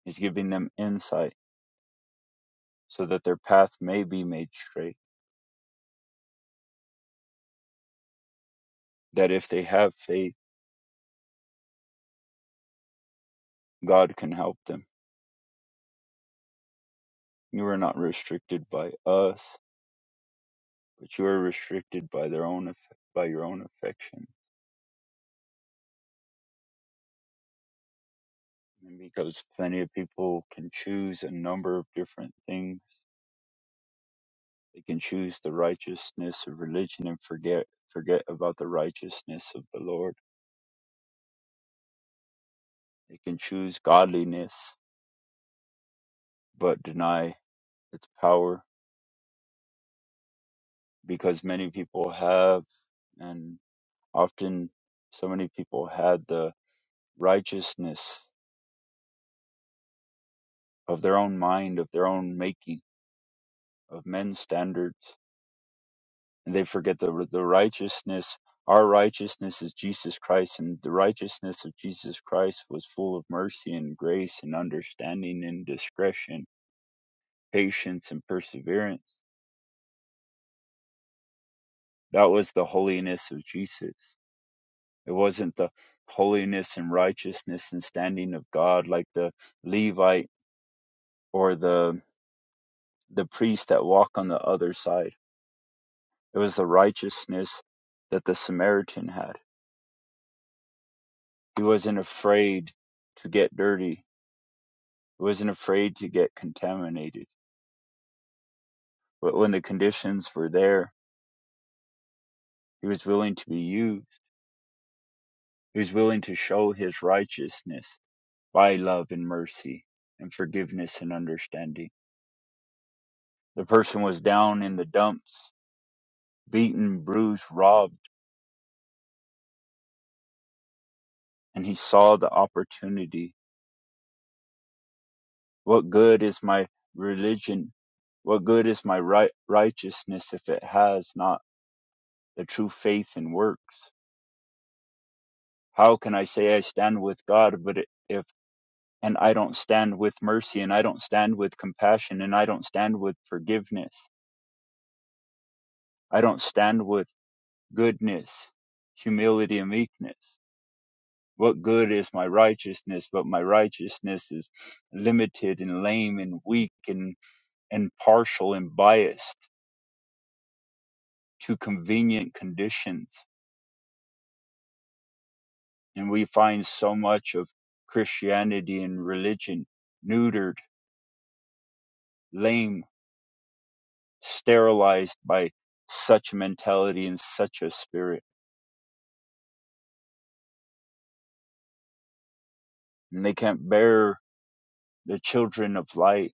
He's giving them insight so that their path may be made straight that if they have faith, God can help them. You are not restricted by us, but you are restricted by their own aff- by your own affection. And because plenty of people can choose a number of different things, they can choose the righteousness of religion and forget forget about the righteousness of the Lord. They can choose godliness but deny its power because many people have and often so many people had the righteousness of their own mind, of their own making, of men's standards. And they forget the, the righteousness, our righteousness is Jesus Christ, and the righteousness of Jesus Christ was full of mercy and grace and understanding and discretion, patience and perseverance. That was the holiness of Jesus. It wasn't the holiness and righteousness and standing of God like the Levite or the the priest that walk on the other side It was the righteousness that the Samaritan had. He wasn't afraid to get dirty. He wasn't afraid to get contaminated. But when the conditions were there, he was willing to be used. He was willing to show his righteousness by love and mercy and forgiveness and understanding. The person was down in the dumps, beaten, bruised, robbed, and he saw the opportunity What good is my religion? What good is my right- righteousness if it has not the true faith and works? How can I say I stand with God, but if and I don't stand with mercy, and I don't stand with compassion, and I don't stand with forgiveness, I don't stand with goodness, humility, and meekness? What good is my righteousness, but my righteousness is [SNIFFS] limited and lame and weak and, and partial and biased? to convenient conditions. And we find so much of Christianity and religion neutered, lame, sterilized by such mentality and such a spirit. And they can't bear the children of light,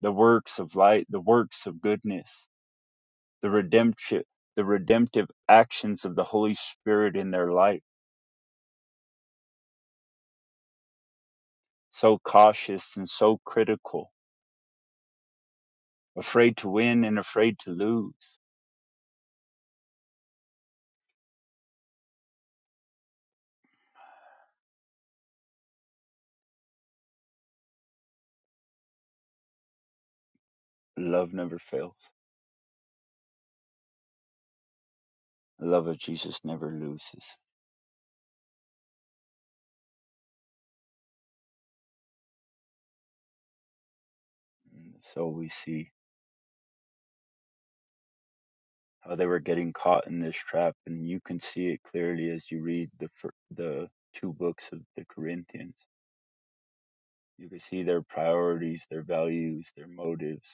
the works of light, the works of goodness, the redemption, the redemptive actions of the Holy Spirit in their life. So cautious and so critical, afraid to win and afraid to lose. Love never fails. The love of Jesus never loses. And so we see how they were getting caught in this trap, and you can see it clearly as you read the fir- the two books of the Corinthians. You can see their priorities, their values, their motives,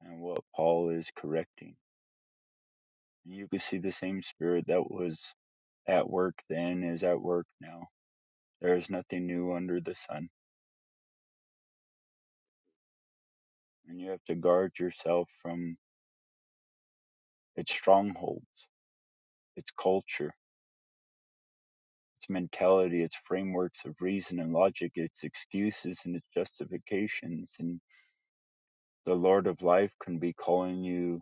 and what Paul is correcting. And you can see the same spirit that was at work then is at work now. There is nothing new under the sun, and you have to guard yourself from its strongholds, its culture its mentality, its frameworks of reason and logic, its excuses and its justifications. And the Lord of life can be calling you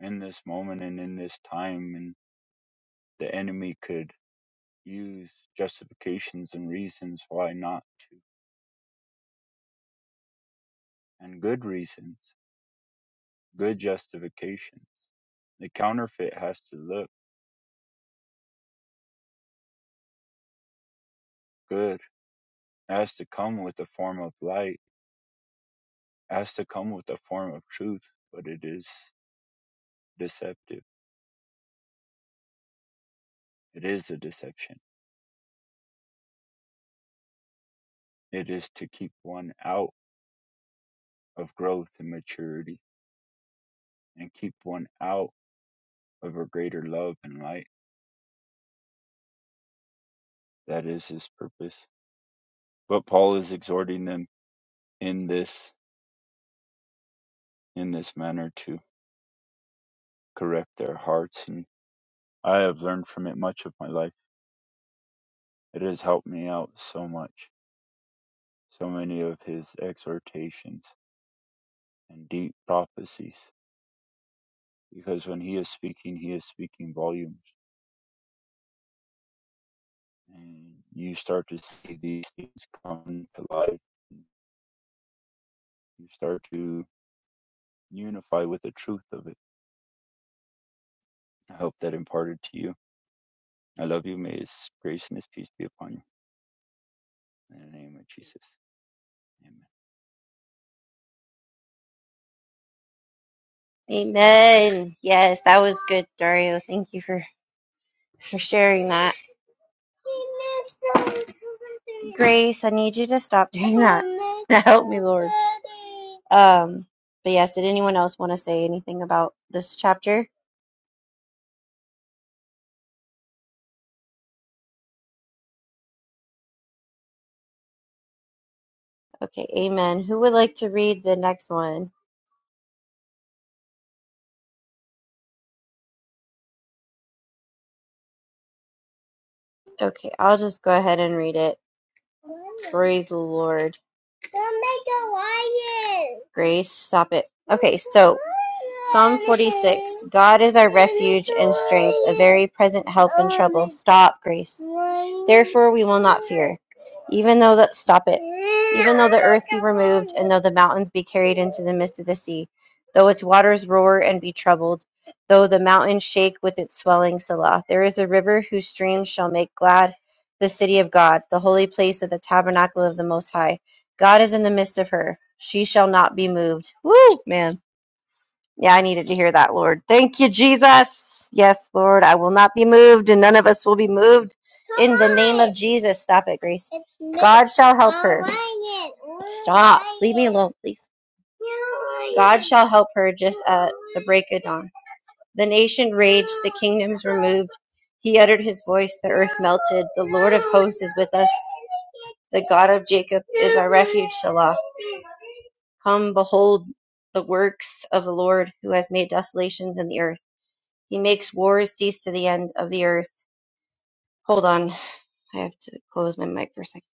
in this moment and in this time. And the enemy could use justifications and reasons why not to, and good reasons, good justifications. The counterfeit has to look good, it has to come with a form of light, it has to come with a form of truth, but it is deceptive. It is a deception It is to keep one out of growth and maturity, and keep one out of a greater love and light. That is his purpose. But Paul is exhorting them in this in this manner to correct their hearts, and I have learned from it much of my life. It has helped me out so much. So many of his exhortations and deep prophecies, because when he is speaking, he is speaking volumes, and you start to see these things come to life you start to unify with the truth of it. I hope that imparted to you. I love you. May His grace and His peace be upon you. In the name of Jesus. Amen. Amen. Yes, that was good, Dario. Thank you for for sharing that. Grace, I need you to stop doing that. [LAUGHS] Help me, Lord. Um, but yes, did anyone else want to say anything about this chapter? Okay, amen. Who would like to read the next one? Okay, I'll just go ahead and read it. Praise the Lord. Don't make a lion. Grace, stop it. Okay, so Psalm 46 God is our refuge and strength, a very present help in trouble. Stop, Grace. Therefore, we will not fear. Even though that, stop it. Even though the earth be removed, and though the mountains be carried into the midst of the sea, though its waters roar and be troubled, though the mountains shake with its swelling, Selah, there is a river whose streams shall make glad the city of God, the holy place of the tabernacle of the Most High. God is in the midst of her. She shall not be moved. Woo, man. Yeah, I needed to hear that, Lord. Thank you, Jesus. Yes, Lord, I will not be moved, and none of us will be moved. In the name of Jesus. Stop it, Grace. God shall help her. Stop. Leave me alone, please. God shall help her just at the break of dawn. The nation raged, the kingdoms were moved. He uttered his voice, the earth melted. The Lord of hosts is with us. The God of Jacob is our refuge, Selah. Come, behold the works of the Lord who has made desolations in the earth. He makes wars cease to the end of the earth. Hold on. I have to close my mic for a second.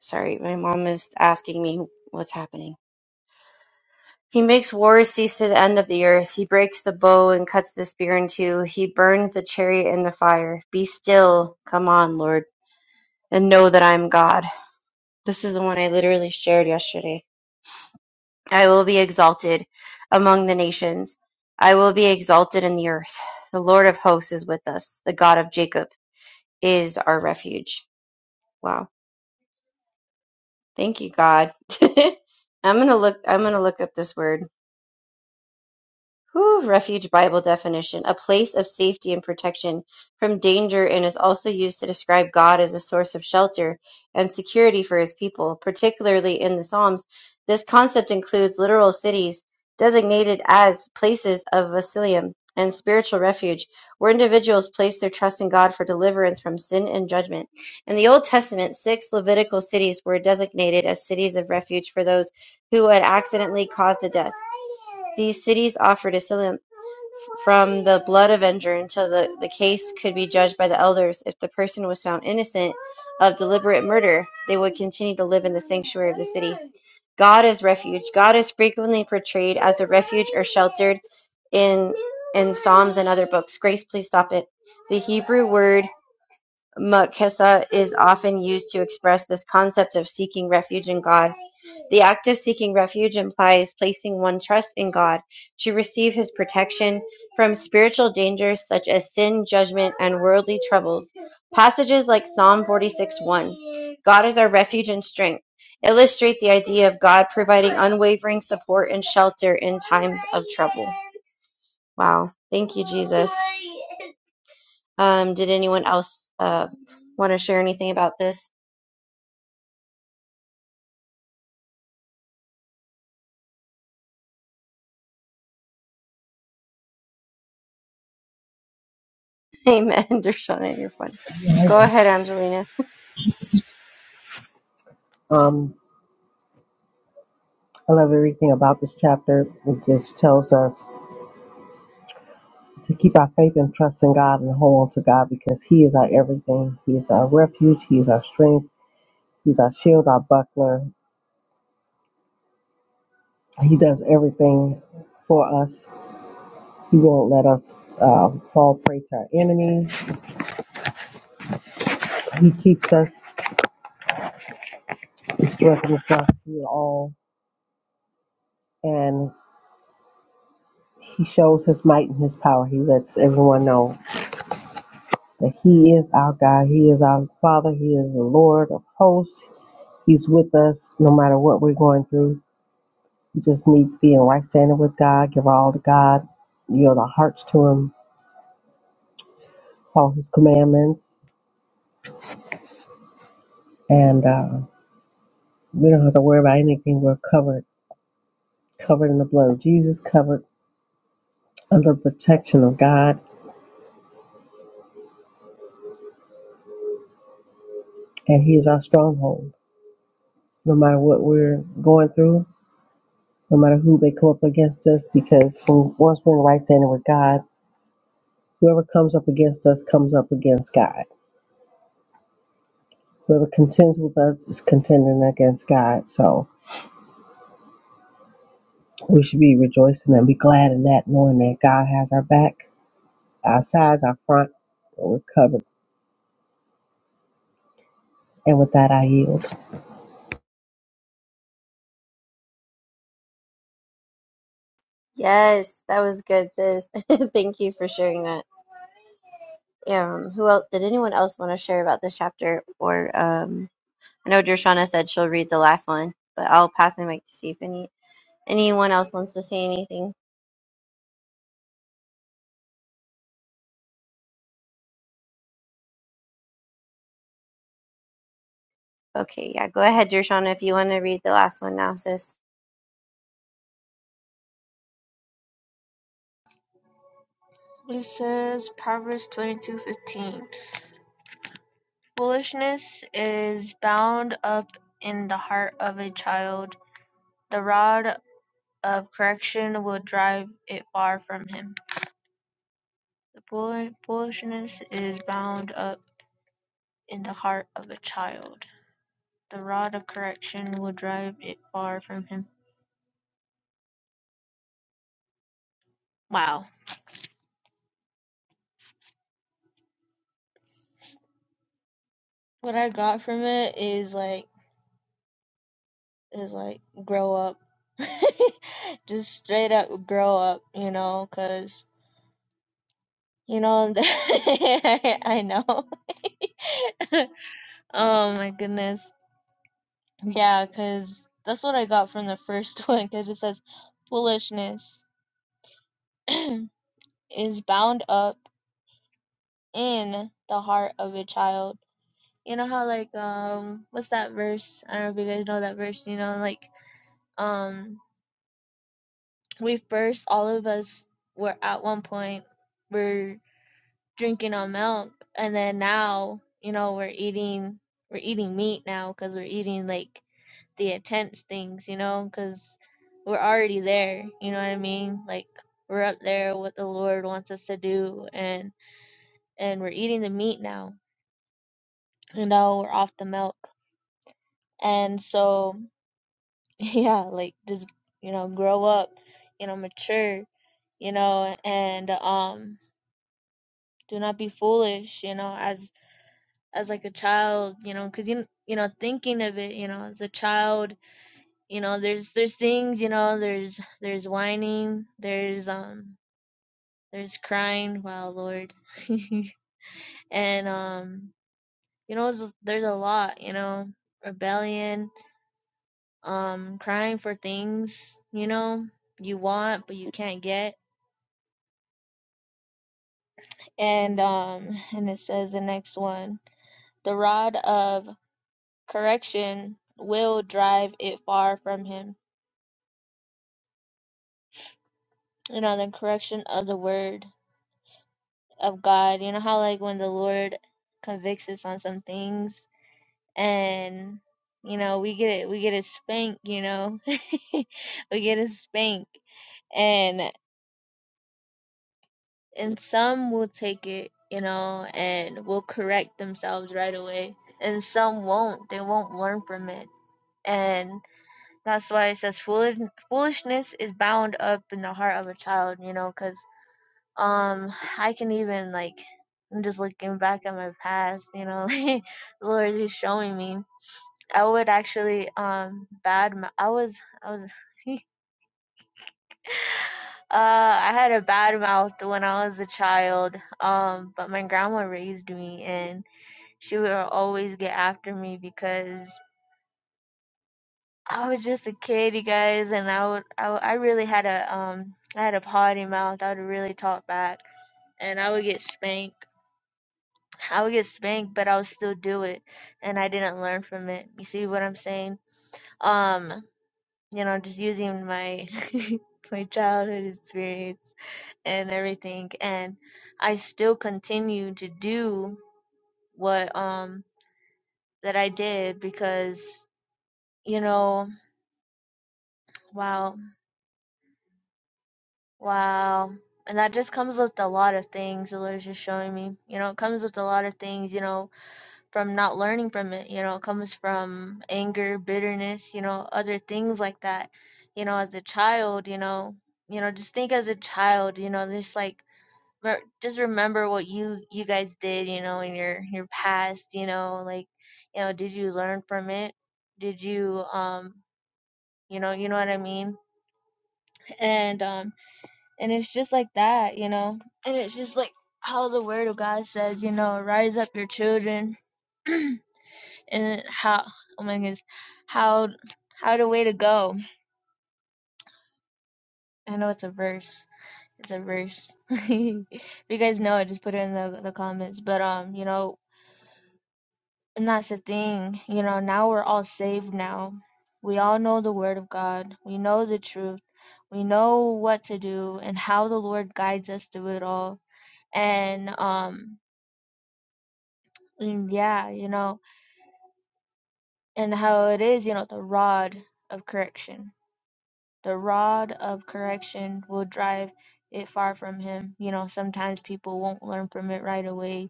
Sorry, my mom is asking me what's happening. He makes war cease to the end of the earth. He breaks the bow and cuts the spear in two. He burns the chariot in the fire. Be still, come on, Lord, and know that I am God. This is the one I literally shared yesterday. I will be exalted among the nations. I will be exalted in the earth. The Lord of hosts is with us. The God of Jacob is our refuge. Wow. Thank you, God. [LAUGHS] I'm gonna look I'm gonna look up this word. Whew, refuge Bible definition, a place of safety and protection from danger, and is also used to describe God as a source of shelter and security for his people, particularly in the Psalms. This concept includes literal cities designated as places of asylum and spiritual refuge, where individuals place their trust in God for deliverance from sin and judgment. In the Old Testament, six Levitical cities were designated as cities of refuge for those who had accidentally caused the death. These cities offered asylum from the blood avenger until the, the case could be judged by the elders. If the person was found innocent of deliberate murder, they would continue to live in the sanctuary of the city. God is refuge. God is frequently portrayed as a refuge or sheltered in in Psalms and other books. Grace, please stop it. The Hebrew word Moksha is often used to express this concept of seeking refuge in God. The act of seeking refuge implies placing one trust in God to receive his protection from spiritual dangers such as sin, judgment, and worldly troubles. Passages like Psalm forty-six, one, God is our refuge and strength, illustrate the idea of God providing unwavering support and shelter in times of trouble. Wow. Thank you, Jesus. Um, did anyone else uh, want to share anything about this? [LAUGHS] Amen, Dershana, you're fun. Go ahead, Angelina. Um, I love everything about this chapter. It just tells us to keep our faith and trust in God and hold on to God because He is our everything. He is our refuge. He is our strength. He's our shield, our buckler. He does everything for us. He won't let us uh, fall prey to our enemies. He keeps us, He strengthens us through it all. And He shows His might and His power. He lets everyone know that He is our God. He is our Father. He is the Lord of hosts. He's with us no matter what we're going through. We just need to be in right standing with God, give all to God, yield our hearts to Him, follow His commandments, and uh, we don't have to worry about anything. We're covered, covered in the blood of Jesus, covered under the protection of God, and He is our stronghold. No matter what we're going through, no matter who may come up against us, because when, once we're in right standing with God, whoever comes up against us comes up against God. Whoever contends with us is contending against God. So We should be rejoicing and be glad in that, knowing that God has our back, our sides, our front, and we're covered. And with that, I yield. Yes, that was good, sis. [LAUGHS] Thank you for sharing that. Um, who else? Did anyone else want to share about this chapter? Or um, I know Dershana said she'll read the last one, but I'll pass the mic to see if any anyone else wants to say anything. Okay, yeah, go ahead, Dershana, if you want to read the last one now, sis. Full in the the, uh, the fool- foolishness is bound up in the heart of a child. The rod of correction will drive it far from him. Wow what I got from it is like is like grow up, [LAUGHS] just straight up grow up, you know, 'cause you know [LAUGHS] I know. [LAUGHS] oh my goodness, yeah, 'cause that's what I got from the first [LAUGHS] one, 'cause it says foolishness is bound up in the heart of a child. You know how like um what's that verse? I don't know if you guys know that verse. You know like um we first all of us were at one point We're drinking on milk and then now you know we're eating we're eating meat now because we're eating like the intense things you know because we're already there you know what i mean like we're up there what the lord wants us to do and and we're eating the meat now you know we're off the milk and so [LAUGHS] yeah like just you know grow up you know mature you know and um do not be foolish you know as as like a child you know because you, you know thinking of it you know as a child you know there's there's things you know there's there's whining there's um there's crying wow lord [LAUGHS] and um you know there's, there's a lot you know rebellion um crying for things you know you want but you can't get and um and it says the next one the rod of Correction will drive it far from him. You know, the correction of the word of God. You know how like when the Lord convicts us on some things and you know, we get it we get a spank, you know. [LAUGHS] we get a spank. And and some will take it, you know, and will correct themselves right away. And some won't. They won't learn from it. and. That's why it says foolish, foolishness is bound up in the heart of a child, you know, because um I can even like I'm just looking back at my past, you know, [LAUGHS] like the Lord is showing me. I would actually um bad mou- I was I was [LAUGHS] uh I had a bad mouth when I was a child. Um but my grandma raised me and she would always get after me because I was just a kid, you guys, and I would, I, would- I really had a, um, I had a potty mouth. I would really talk back, and I would get spanked. I would get spanked, but I would still do it, and I didn't learn from it. You see what I'm saying? Um, you know, just using my, [LAUGHS] my childhood experience and everything, and I still continue to do what, um, that I did because, you know, wow Wow. And that just comes with a lot of things, the Lord's just showing me. You know, it comes with a lot of things, you know, from not learning from it. You know, it comes from anger, bitterness, you know, other things like that. You know, as a child, you know, you know, just think as a child, you know, just like re- just remember what you you guys did, you know, in your your past, you know, like, you know, did you learn from it? Did you um, you know, you know what I mean? And um and it's just like that, you know. And it's just like how the word of God says, you know, rise up your children [CLEARS THROAT] and how oh my goodness, how how the way to go. I know it's a verse. It's a verse. [LAUGHS] if you guys know it, just put it in the the comments. But um, you know, and that's the thing, you know, now we're all saved now. We all know the word of God. We know the truth. We know what to do and how the Lord guides us through it all. And um Mm, Yeah, you know, and how it is, you know, the rod of correction. The rod of correction will drive it far from him. You know, sometimes people won't learn from it right away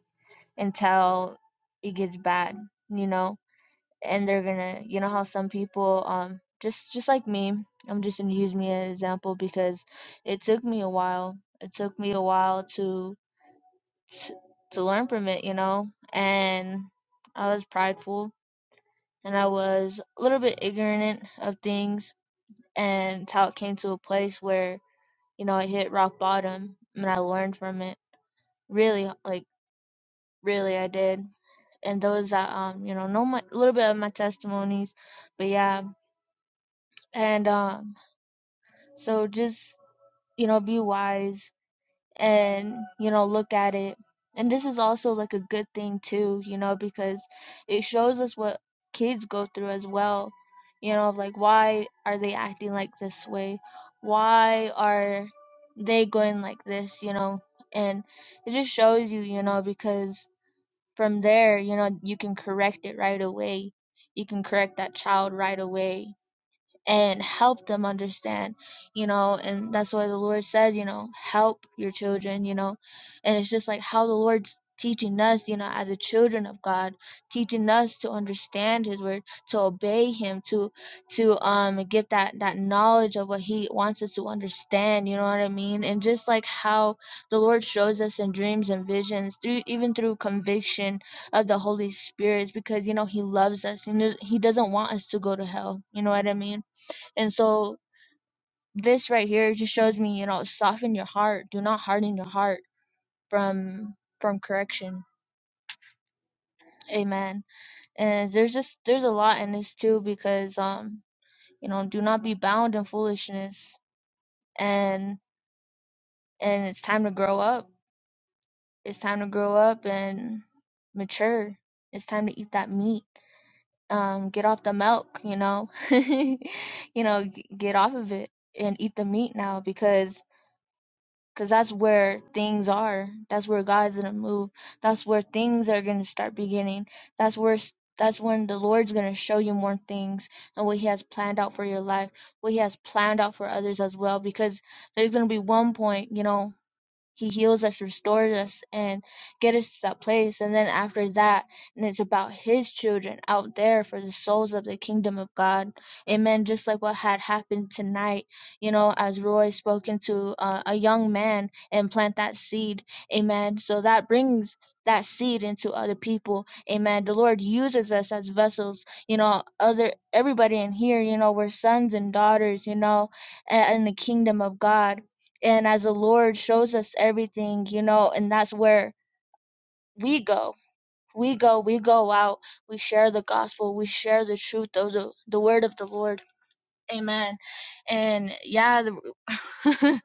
until it gets bad, you know, and they're gonna, you know, how some people, um, just just like me, I'm just gonna use me as an example because it took me a while. It took me a while to to, to learn from it, you know, and I was prideful and I was a little bit ignorant of things and how it came to a place where, you know, I hit rock bottom and I learned from it. Really, like really I did. And those that um, you know, know my a little bit of my testimonies. But yeah. And um so just, you know, be wise and you know look at it and this is also like a good thing too you know because it shows us what kids go through as well you know like why are they acting like this way why are they going like this you know and it just shows you you know because from there you know you can correct it right away you can correct that child right away and help them understand, you know, and that's why the Lord says, you know, help your children, you know, and it's just like how the Lord's teaching us, you know, as the children of God, teaching us to understand His word, to obey Him, to to um get that that knowledge of what He wants us to understand, you know what I mean, and just like how the Lord shows us in dreams and visions, through even through conviction of the Holy Spirit, because you know He loves us and He doesn't want us to go to hell, you know what I mean and so this right here just shows me, you know, soften your heart. Do not harden your heart from from correction. Amen. And there's just there's a lot in this too because um, you know, do not be bound in foolishness. And and it's time to grow up. It's time to grow up and mature. It's time to eat that meat. Um, get off the milk, you know. [LAUGHS] you know, g- get off of it and eat the meat now because. Because that's where things are. That's where God's going to move. That's where things are going to start beginning. That's where. That's when the Lord's going to show you more things and what He has planned out for your life, what He has planned out for others as well. Because there's going to be one point, you know, he heals us, restores us, and get us to that place. And then after that, and it's about His children out there for the souls of the kingdom of God. Amen. Just like what had happened tonight, you know, as Roy spoke into uh, a young man and plant that seed. Amen. So that brings that seed into other people. Amen. The Lord uses us as vessels. You know, other everybody in here, you know, we're sons and daughters. You know, a- in the kingdom of God and as the lord shows us everything you know and that's where we go we go we go out we share the gospel we share the truth of the, the word of the lord amen and yeah the,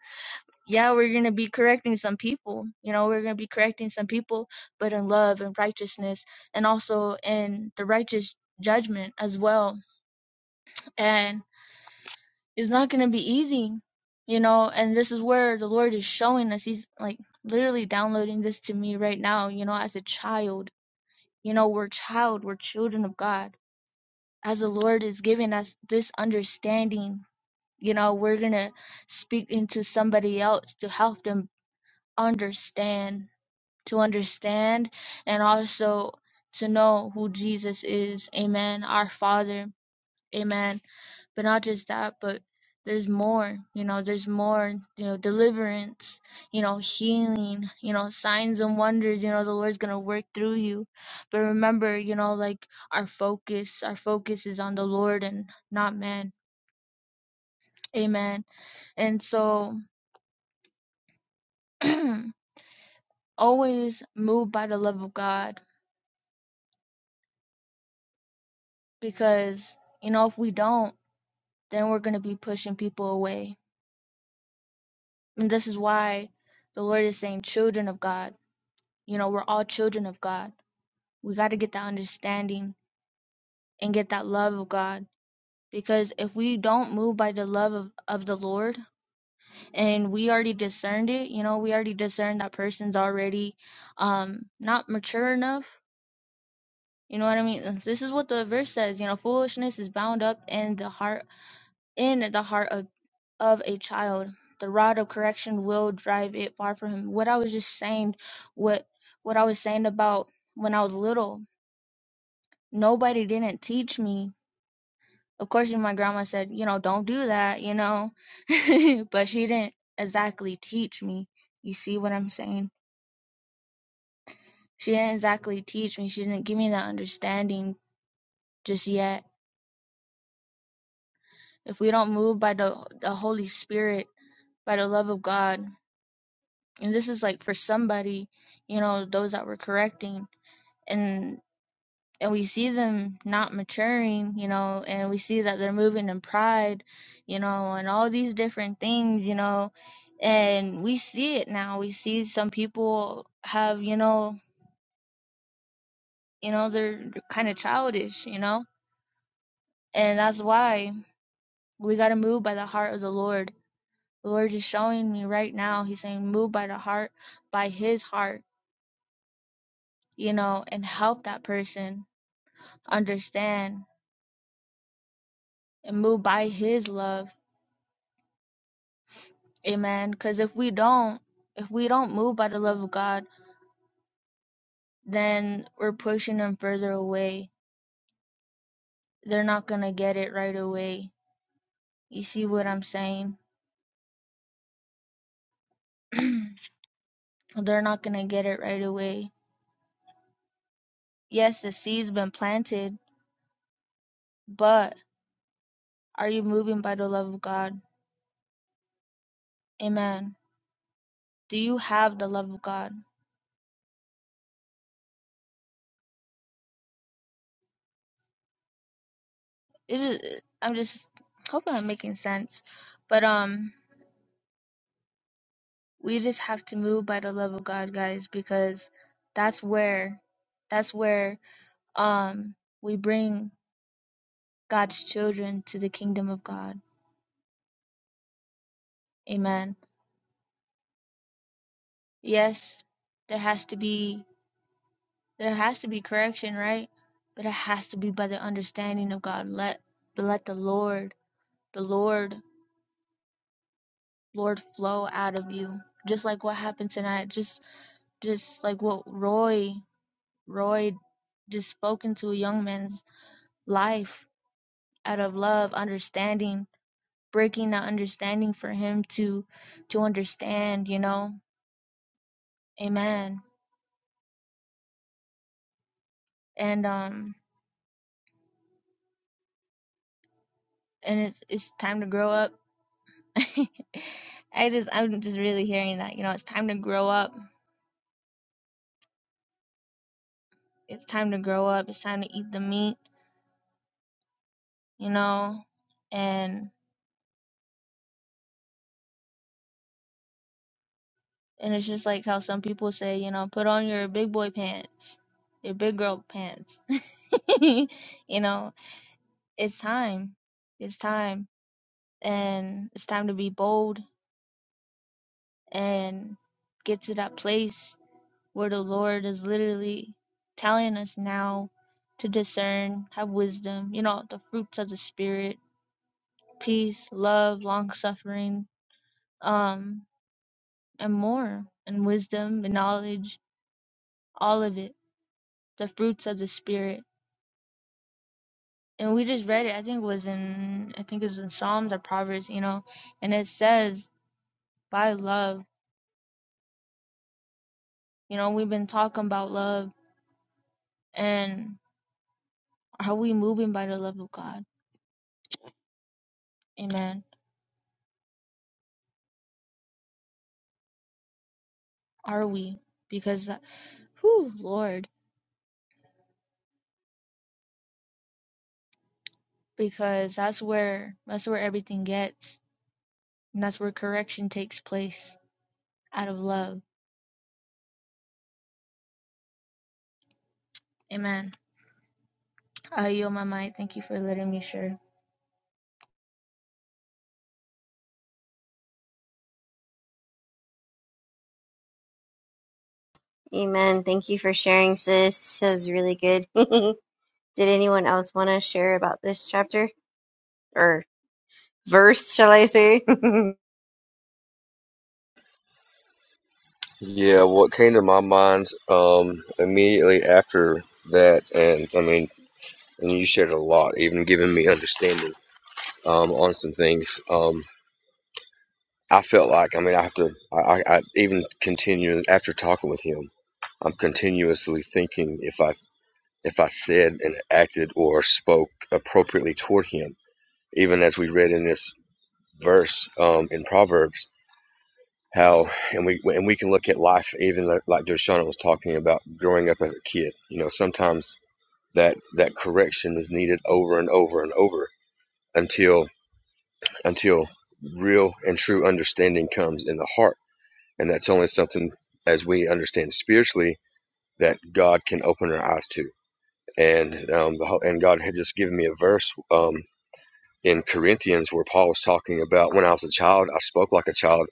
[LAUGHS] yeah we're gonna be correcting some people you know we're gonna be correcting some people but in love and righteousness and also in the righteous judgment as well And. it's not going to be easy, you know. And this is where the Lord is showing us. He's like literally downloading this to me right now, you know, as a child. You know, we're child, we're children of God. As the Lord is giving us this understanding, you know, we're going to speak into somebody else to help them understand, to understand, and also to know who Jesus is. Amen. Our Father. Amen but not just that but there's more you know there's more you know deliverance you know healing you know signs and wonders you know the lord's gonna work through you but remember you know like our focus our focus is on the lord and not man amen and so [CLEARS THROAT] always move by the love of god because you know if we don't then we're gonna be pushing people away and this is why the lord is saying children of god you know we're all children of god We got to get that understanding and get that love of God. Because if we don't move by the love of, of the Lord and we already discerned it, you know, we already discerned that person's already um not mature enough. You know what I mean? This is what the verse says, you know, foolishness is bound up in the heart in the heart of, of a child. The rod of correction will drive it far from him. What I was just saying, what what I was saying about when I was little, nobody didn't teach me Of course, my grandma said, you know, don't do that, you know, [LAUGHS] but she didn't exactly teach me. You see what I'm saying? She didn't exactly teach me. She didn't give me that understanding just yet. If we don't move by the the Holy Spirit, by the love of God, and this is like for somebody, you know, those that were correcting, and and we see them not maturing, you know, and we see that they're moving in pride, you know, and all these different things, you know, and we see it now. We see some people have, you know, you know, they're kind of childish, you know, and that's why we got to move by the heart of the Lord. The Lord is showing me right now. He's saying, move by the heart, by His heart, you know, and help that person understand and move by His love Amen. Because if we don't, if we don't move by the love of God, then we're pushing them further away. They're not going to get it right away. You see what I'm saying? [CLEARS THROAT] They're not going to get it right away. Yes, the seed's been planted, but are you moving by the love of God? Amen. Do you have the love of God? It is, I'm just hoping I'm making sense. But um we just have to move by the love of God, guys, because that's where that's where um we bring God's children to the kingdom of God. Amen. Yes, there has to be there has to be correction, right? But it has to be by the understanding of God. Let but let the Lord, the Lord, Lord flow out of you. Just like what happened tonight, just just like what Roy Roy just spoke into a young man's life out of love, understanding, breaking that understanding for him to to understand, you know Amen. And um and it's it's time to grow up. [LAUGHS] I just I'm just really hearing that, you know, it's time to grow up. It's time to grow up. It's time to eat the meat, you know. And and it's just like how some people say, you know, put on your big boy pants, your big girl pants. [LAUGHS] you know, it's time. It's time. And it's time to be bold and get to that place where the Lord is literally telling us now to discern, have wisdom, you know, the fruits of the spirit, peace, love, long suffering, um, and more, and wisdom and knowledge, all of it, the fruits of the spirit. And we just read it, I think it was in I think it was in Psalms or Proverbs, you know, and it says by love. You know, we've been talking about love and are we moving by the love of God? Amen. are we? Because, that, whew, Lord, because that's where that's where everything gets, and that's where correction takes place out of love. Amen. I yield my mic. Thank you for letting me share. Amen. Thank you for sharing, sis. That was really good. [LAUGHS] Did anyone else want to share about this chapter or verse, shall I say? [LAUGHS] Yeah, what came to my mind um, immediately after that, and I mean, and you shared a lot, even giving me understanding um, on some things. Um, I felt like, I mean, I have to, I, I, I even continue after talking with him. I'm continuously thinking if I if I said and acted or spoke appropriately toward him. Even as we read in this verse um, in Proverbs, how and we and we can look at life even like, like Dershana was talking about growing up as a kid. You know, sometimes that that correction is needed over and over and over until until real and true understanding comes in the heart, and that's only something as we understand spiritually that God can open our eyes to and um, the, and God had just given me a verse um, in Corinthians where Paul was talking about when I was a child, I spoke like a child,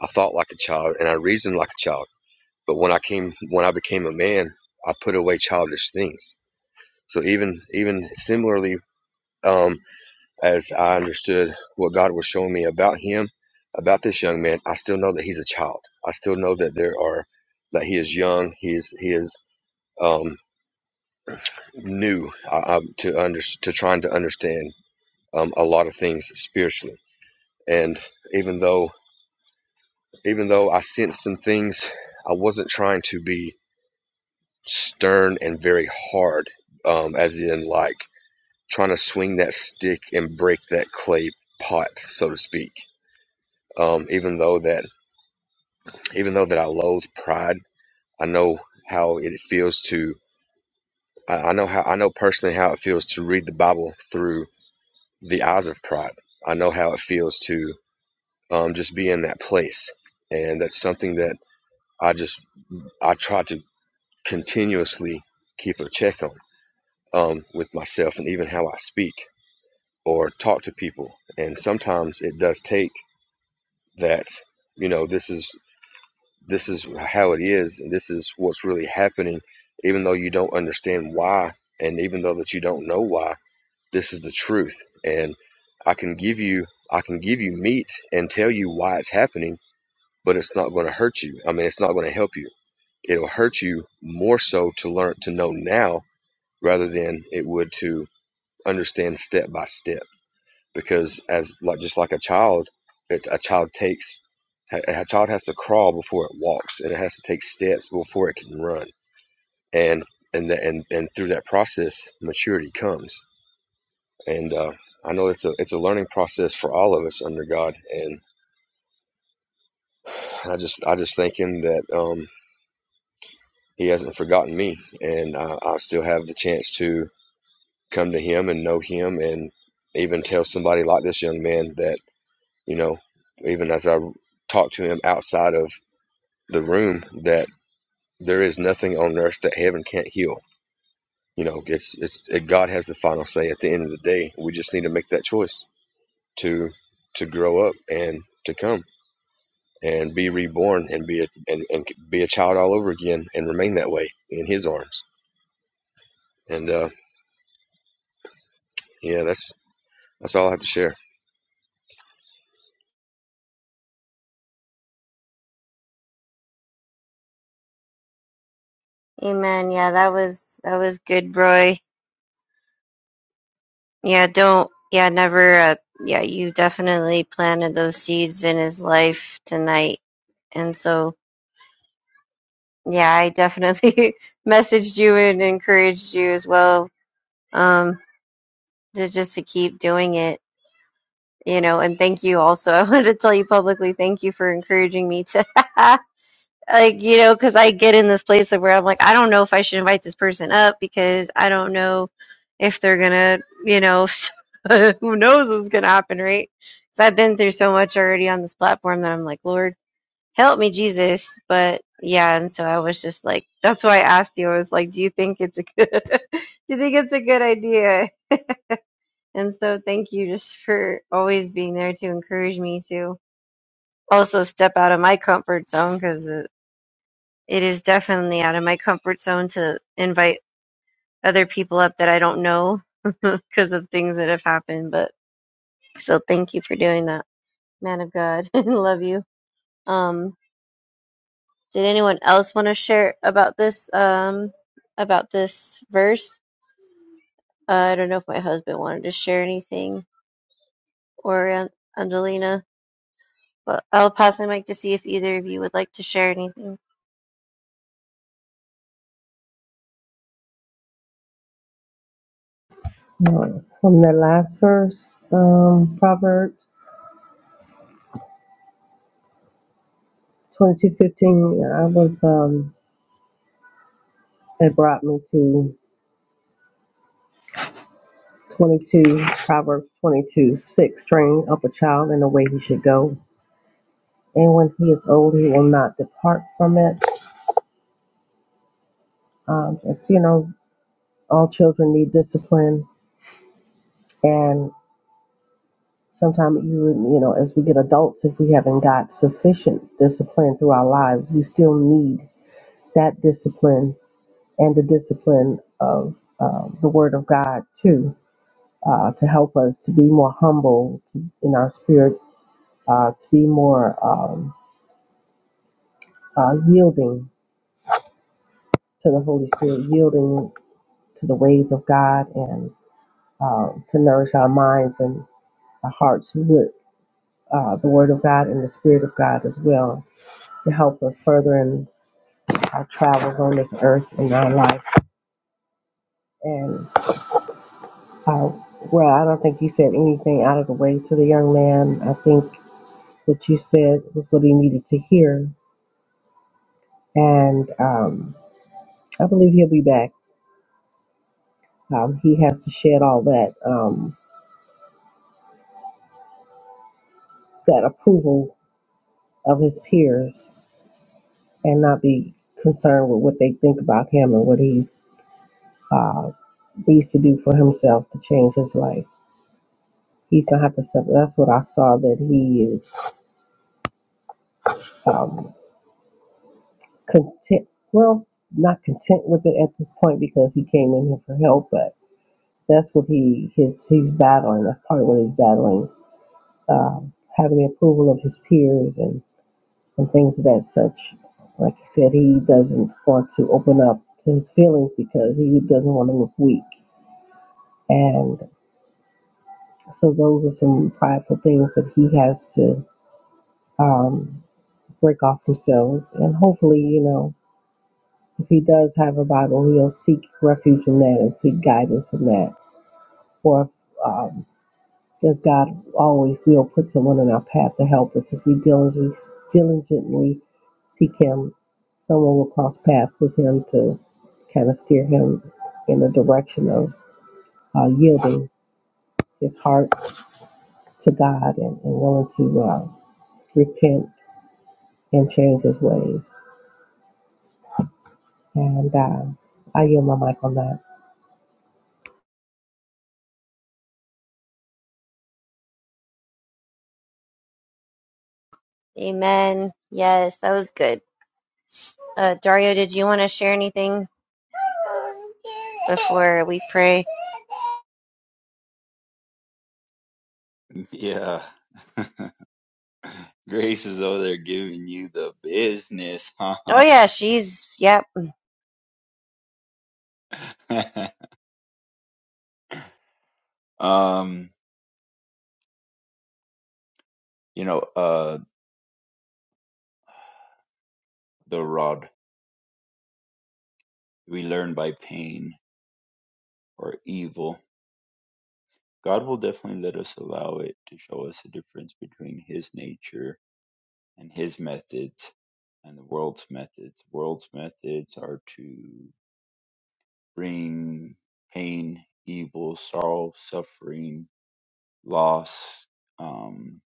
I thought like a child, and I reasoned like a child. But when I came, when I became a man, I put away childish things. So even even similarly, um, as I understood what God was showing me about him, about this young man, I still know that he's a child. I still know that there are that he is young. He is he is um, new uh, uh, to under to trying to understand um, a lot of things spiritually. And even though even though I sensed some things, I wasn't trying to be stern and very hard, um, as in like trying to swing that stick and break that clay pot, so to speak. Um, even though that even though that I loathe pride, I know how it feels to I I know how I know personally how it feels to read the Bible through the eyes of pride. I know how it feels to um, just be in that place, and that's something that I just I try to continuously keep a check on um, with myself and even how I speak or talk to people. And sometimes it does take that you know this is this is how it is and this is what's really happening, even though you don't understand why and even though that you don't know why. This is the truth, and I can give you I can give you meat and tell you why it's happening, but it's not going to hurt you. I mean, it's not going to help you it'll hurt you more so to learn to know now rather than it would to understand step by step because as like just like a child it, a child takes a child has to crawl before it walks and it has to take steps before it can run and and the, and, and through that process maturity comes and uh, i know it's a it's a learning process for all of us under god and i just i just thank him that um, he hasn't forgotten me and uh, i still have the chance to come to Him and know Him, and even tell somebody like this young man that, you know, even as I talk to him outside of the room, that there is nothing on earth that heaven can't heal. You know, it's it's it, God has the final say at the end of the day. We just need to make that choice to to grow up and to come and be reborn and be a and, and be a child all over again and remain that way in His arms. And uh, yeah, that's that's all I have to share. Amen. Yeah, that was that was good, Roy. Yeah, don't. Yeah, never. Uh, yeah, you definitely planted those seeds in his life tonight, and so yeah, I definitely [LAUGHS] messaged you and encouraged you as well. Um, to just to keep doing it, you know. And thank you also. [LAUGHS] I wanted to tell you publicly, thank you for encouraging me to. [LAUGHS] like you know because i get in this place of where i'm like i don't know if i should invite this person up because i don't know if they're gonna you know [LAUGHS] who knows what's gonna happen right because i've been through so much already on this platform that i'm like lord help me jesus but yeah and so i was just like that's why i asked you i was like do you think it's a good [LAUGHS] do you think it's a good idea and so thank you just for always being there to encourage me to also step out of my comfort zone because it is definitely out of my comfort zone to invite other people up that I don't know [LAUGHS] because of things that have happened. But so thank you for doing that, man of God. [LAUGHS] Love you. Um, did anyone else want to share about this? Um, about this verse? Uh, I don't know if my husband wanted to share anything or An- Angelina, but I'll pass the mic to see if either of you would like to share anything. Um, From the last verse, um, Proverbs twenty-two fifteen, I was, um, it brought me to 22, Proverbs 22 6, train up a child in the way he should go. And when he is old, he will not depart from it. Um, just, you know, all children need discipline. and. Sometimes you you know, as we get adults, if we haven't got sufficient discipline through our lives, we still need that discipline and the discipline of uh, the Word of God too, uh, to help us to be more humble to, in our spirit, uh, to be more um, uh, yielding to the Holy Spirit, yielding to the ways of God, and uh, to nourish our minds and our hearts with uh, the Word of God and the Spirit of God as well to help us further in. our travels on this earth in our life. And uh, well, I don't think you said anything out of the way to the young man. I think what you said was what he needed to hear, and um, I believe he'll be back. Um, he has to shed all that um, that approval of his peers and not be concerned with what they think about him and what he's uh, needs to do for himself to change his life. He's gonna have to step. That's what I saw that he is. Um, content well not content with it at this point because he came in here for help but that's what he his he's battling that's part of what he's battling um, having the approval of his peers and and things of that such like he said he doesn't want to open up to his feelings because he doesn't want to look weak and so those are some prideful things that he has to um, break off himself and hopefully you know if he does have a Bible, he'll seek refuge in that and seek guidance in that. Or um, as God always will put someone in our path to help us, if we diligently, diligently seek Him, someone will cross paths with Him to kind of steer Him in the direction of uh, yielding his heart to God and, and willing to uh, repent and change his ways. And uh, I yield my mic on that. Amen. Yes, that was good. Uh, Dario, did you want to share anything? before we pray. Yeah. [LAUGHS] grace is over there giving you the business. [LAUGHS] Oh yeah, she's yep. um, you know, uh, the rod we learn by pain or evil. God will definitely let us allow it to show us the difference between His nature and His methods and the world's methods. World's methods are to bring pain, evil, sorrow, suffering, loss, um,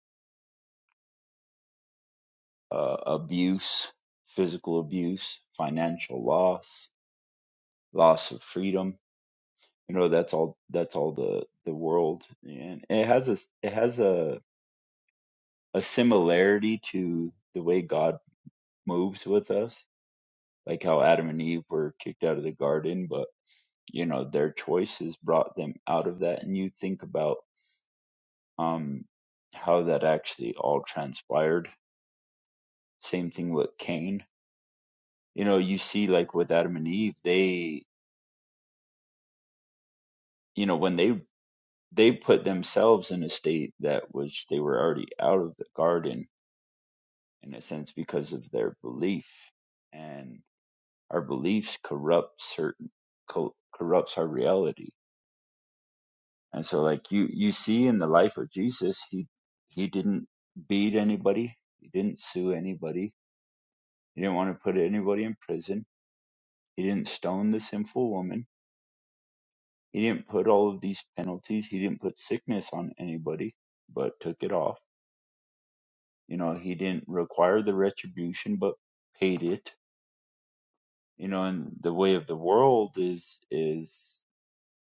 uh, abuse, physical abuse, financial loss, loss of freedom. You know, that's all. That's all the the world, and it has a it has a a similarity to the way God moves with us, like how Adam and Eve were kicked out of the garden, but you know their choices brought them out of that. And you think about um, how that actually all transpired. Same thing with Cain. You know, you see like with Adam and Eve, they, you know, when they they put themselves in a state that was they were already out of the garden in a sense because of their belief, and our beliefs corrupt certain co- corrupts our reality. And so, like you you see in the life of Jesus, he he didn't beat anybody, he didn't sue anybody, he didn't want to put anybody in prison He didn't stone the sinful woman. He didn't put all of these penalties. He didn't put sickness on anybody, but took it off. You know, he didn't require the retribution, but paid it. You know, and the way of the world is is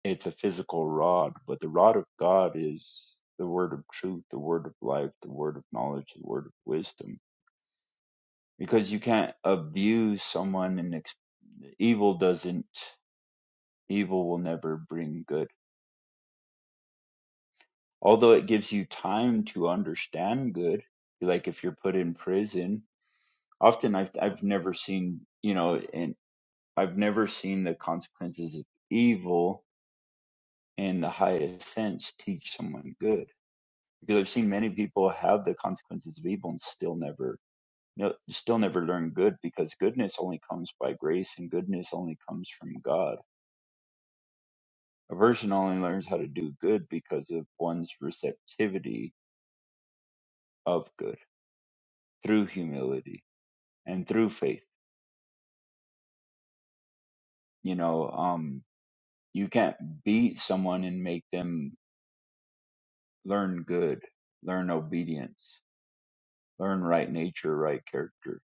it's a physical rod, but the rod of God is the word of truth, the word of life, the word of knowledge, the word of wisdom. Because you can't abuse someone and ex- evil doesn't evil will never bring good although it gives you time to understand good like if you're put in prison often i've i've never seen you know and i've never seen the consequences of evil in the highest sense teach someone good because i've seen many people have the consequences of evil and still never you know, still never learn good because goodness only comes by grace and goodness only comes from God. A person only learns how to do good because of one's receptivity of good through humility and through faith. You know, um, you can't beat someone and make them learn good, learn obedience, learn right nature, right character.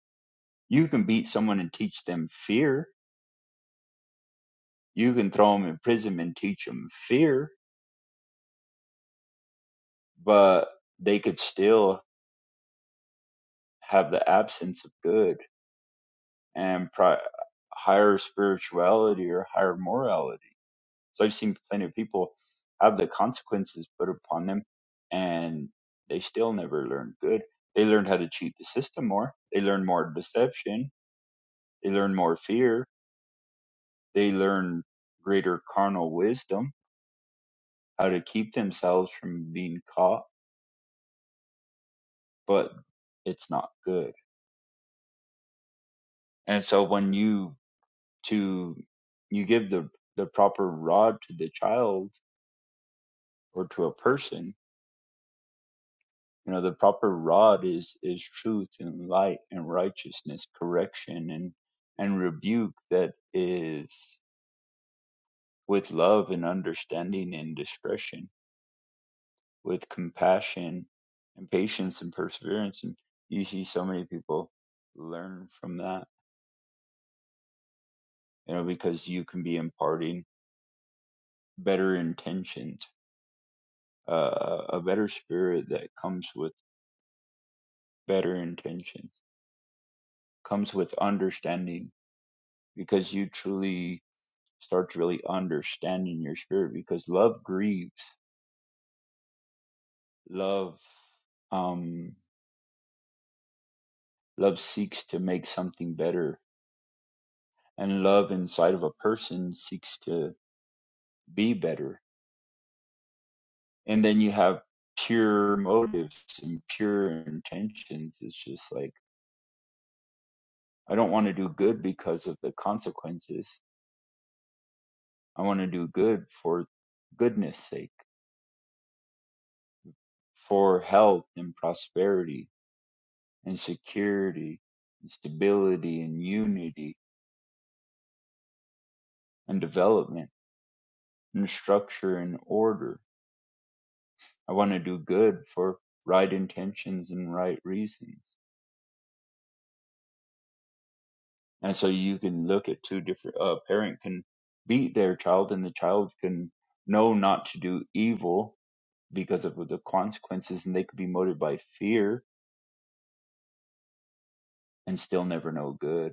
You can beat someone and teach them fear. You can throw them in prison and teach them fear, but they could still have the absence of good and pri- higher spirituality or higher morality So I've seen plenty of people have the consequences put upon them and they still never learn good. They learn how to cheat the system more. They learn more deception. They learn more fear. They learn greater carnal wisdom, how to keep themselves from being caught, but it's not good. And so when you to you give the the proper rod to the child or to a person You know, the proper rod is is truth and light and righteousness, correction and and rebuke that is with love and understanding and discretion, with compassion and patience and perseverance. And you see so many people learn from that, you know, because you can be imparting better intentions, uh, a better spirit that comes with better intentions, comes with understanding because you truly starts really understanding your spirit because love grieves love um love seeks to make something better and love inside of a person seeks to be better and then you have pure motives and pure intentions it's just like i don't want to do good because of the consequences i want to do good for goodness sake for health and prosperity and security and stability and unity and development and structure and order. I want to do good for right intentions and right reasons. And so you can look at two different, a uh, parent can beat their child and the child can know not to do evil because of the consequences and they could be motivated by fear and still never know good.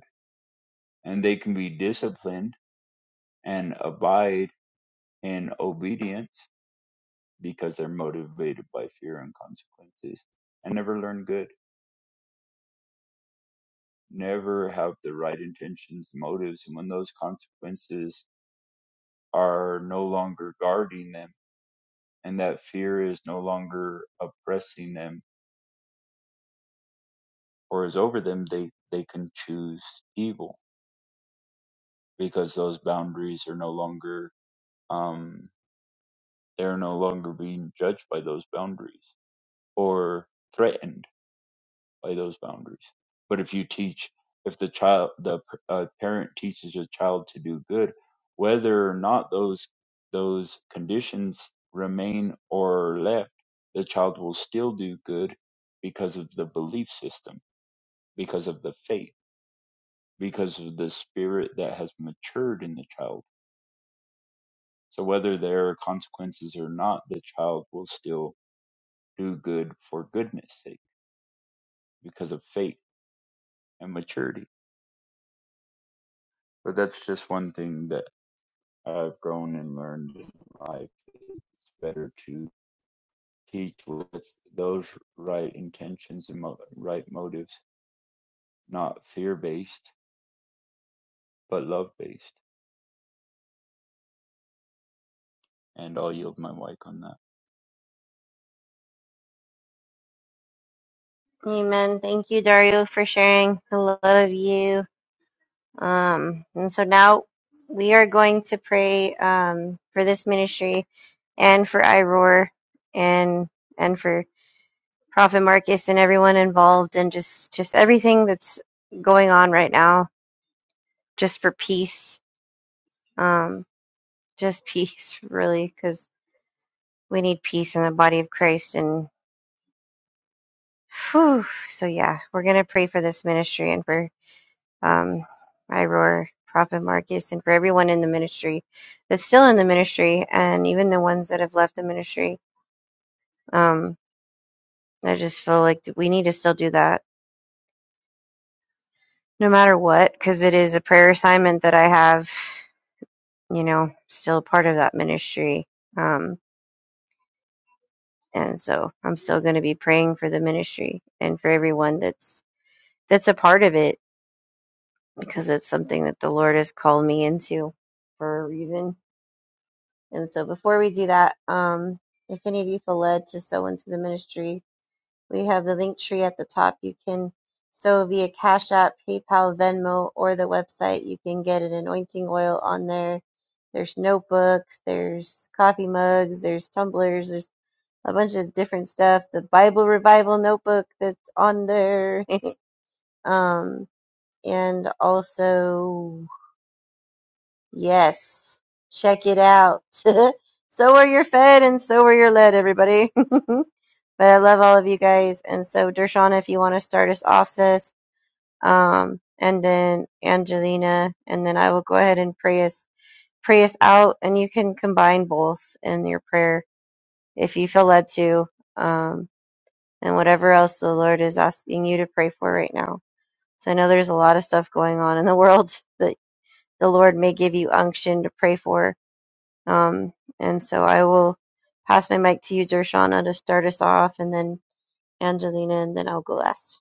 And they can be disciplined and abide in obedience because they're motivated by fear and consequences and never learn good. never have the right intentions, motives, and when those consequences are no longer guarding them and that fear is no longer oppressing them or is over them, they, they can choose evil because those boundaries are no longer, um, they're no longer being judged by those boundaries or threatened by those boundaries. But if you teach, if the child, the uh, parent teaches a child to do good, whether or not those those conditions remain or are left, the child will still do good because of the belief system, because of the faith, because of the spirit that has matured in the child. So whether there are consequences or not, the child will still do good for goodness sake because of faith and maturity. But that's just one thing that I've grown and learned in life. It's better to teach with those right intentions and mo- right motives, not fear based, but love based. And I'll yield my mic on that. Amen. Thank you, Dario, for sharing. I love you. Um, and so now we are going to pray um for this ministry and for Iroar and and for Prophet Marcus and everyone involved and just just everything that's going on right now. Just for peace. Um, just [LAUGHS] peace, really, because we need peace in the body of Christ and. Whew. So yeah, we're gonna pray for this ministry and for um Iroar, Prophet Marcus, and for everyone in the ministry that's still in the ministry, and even the ones that have left the ministry. Um, I just feel like we need to still do that, no matter what, because it is a prayer assignment that I have. You know, still part of that ministry. Um, and so I'm still going to be praying for the ministry and for everyone that's that's a part of it because it's something that the Lord has called me into for a reason. And so before we do that, um, if any of you feel led to sow into the ministry, we have the link tree at the top. You can sow via Cash App, PayPal, Venmo, or the website. You can get an anointing oil on there. There's notebooks, there's coffee mugs, there's tumblers, there's a bunch of different stuff. The Bible Revival notebook that's on there. [LAUGHS] um, and also Yes, check it out. [LAUGHS] so are your fed and so are your led, everybody. [LAUGHS] but I love all of you guys. And so, Dershana, if you want to start us off, sis, um, and then Angelina, and then I will go ahead and pray us pray us out, and you can combine both in your prayer if you feel led to, um, and whatever else the Lord is asking you to pray for right now. So I know there's a lot of stuff going on in the world [LAUGHS] that the Lord may give you unction to pray for um, and so I will pass my mic to you, Dershana, to start us off, and then Angelina, and then I'll go last.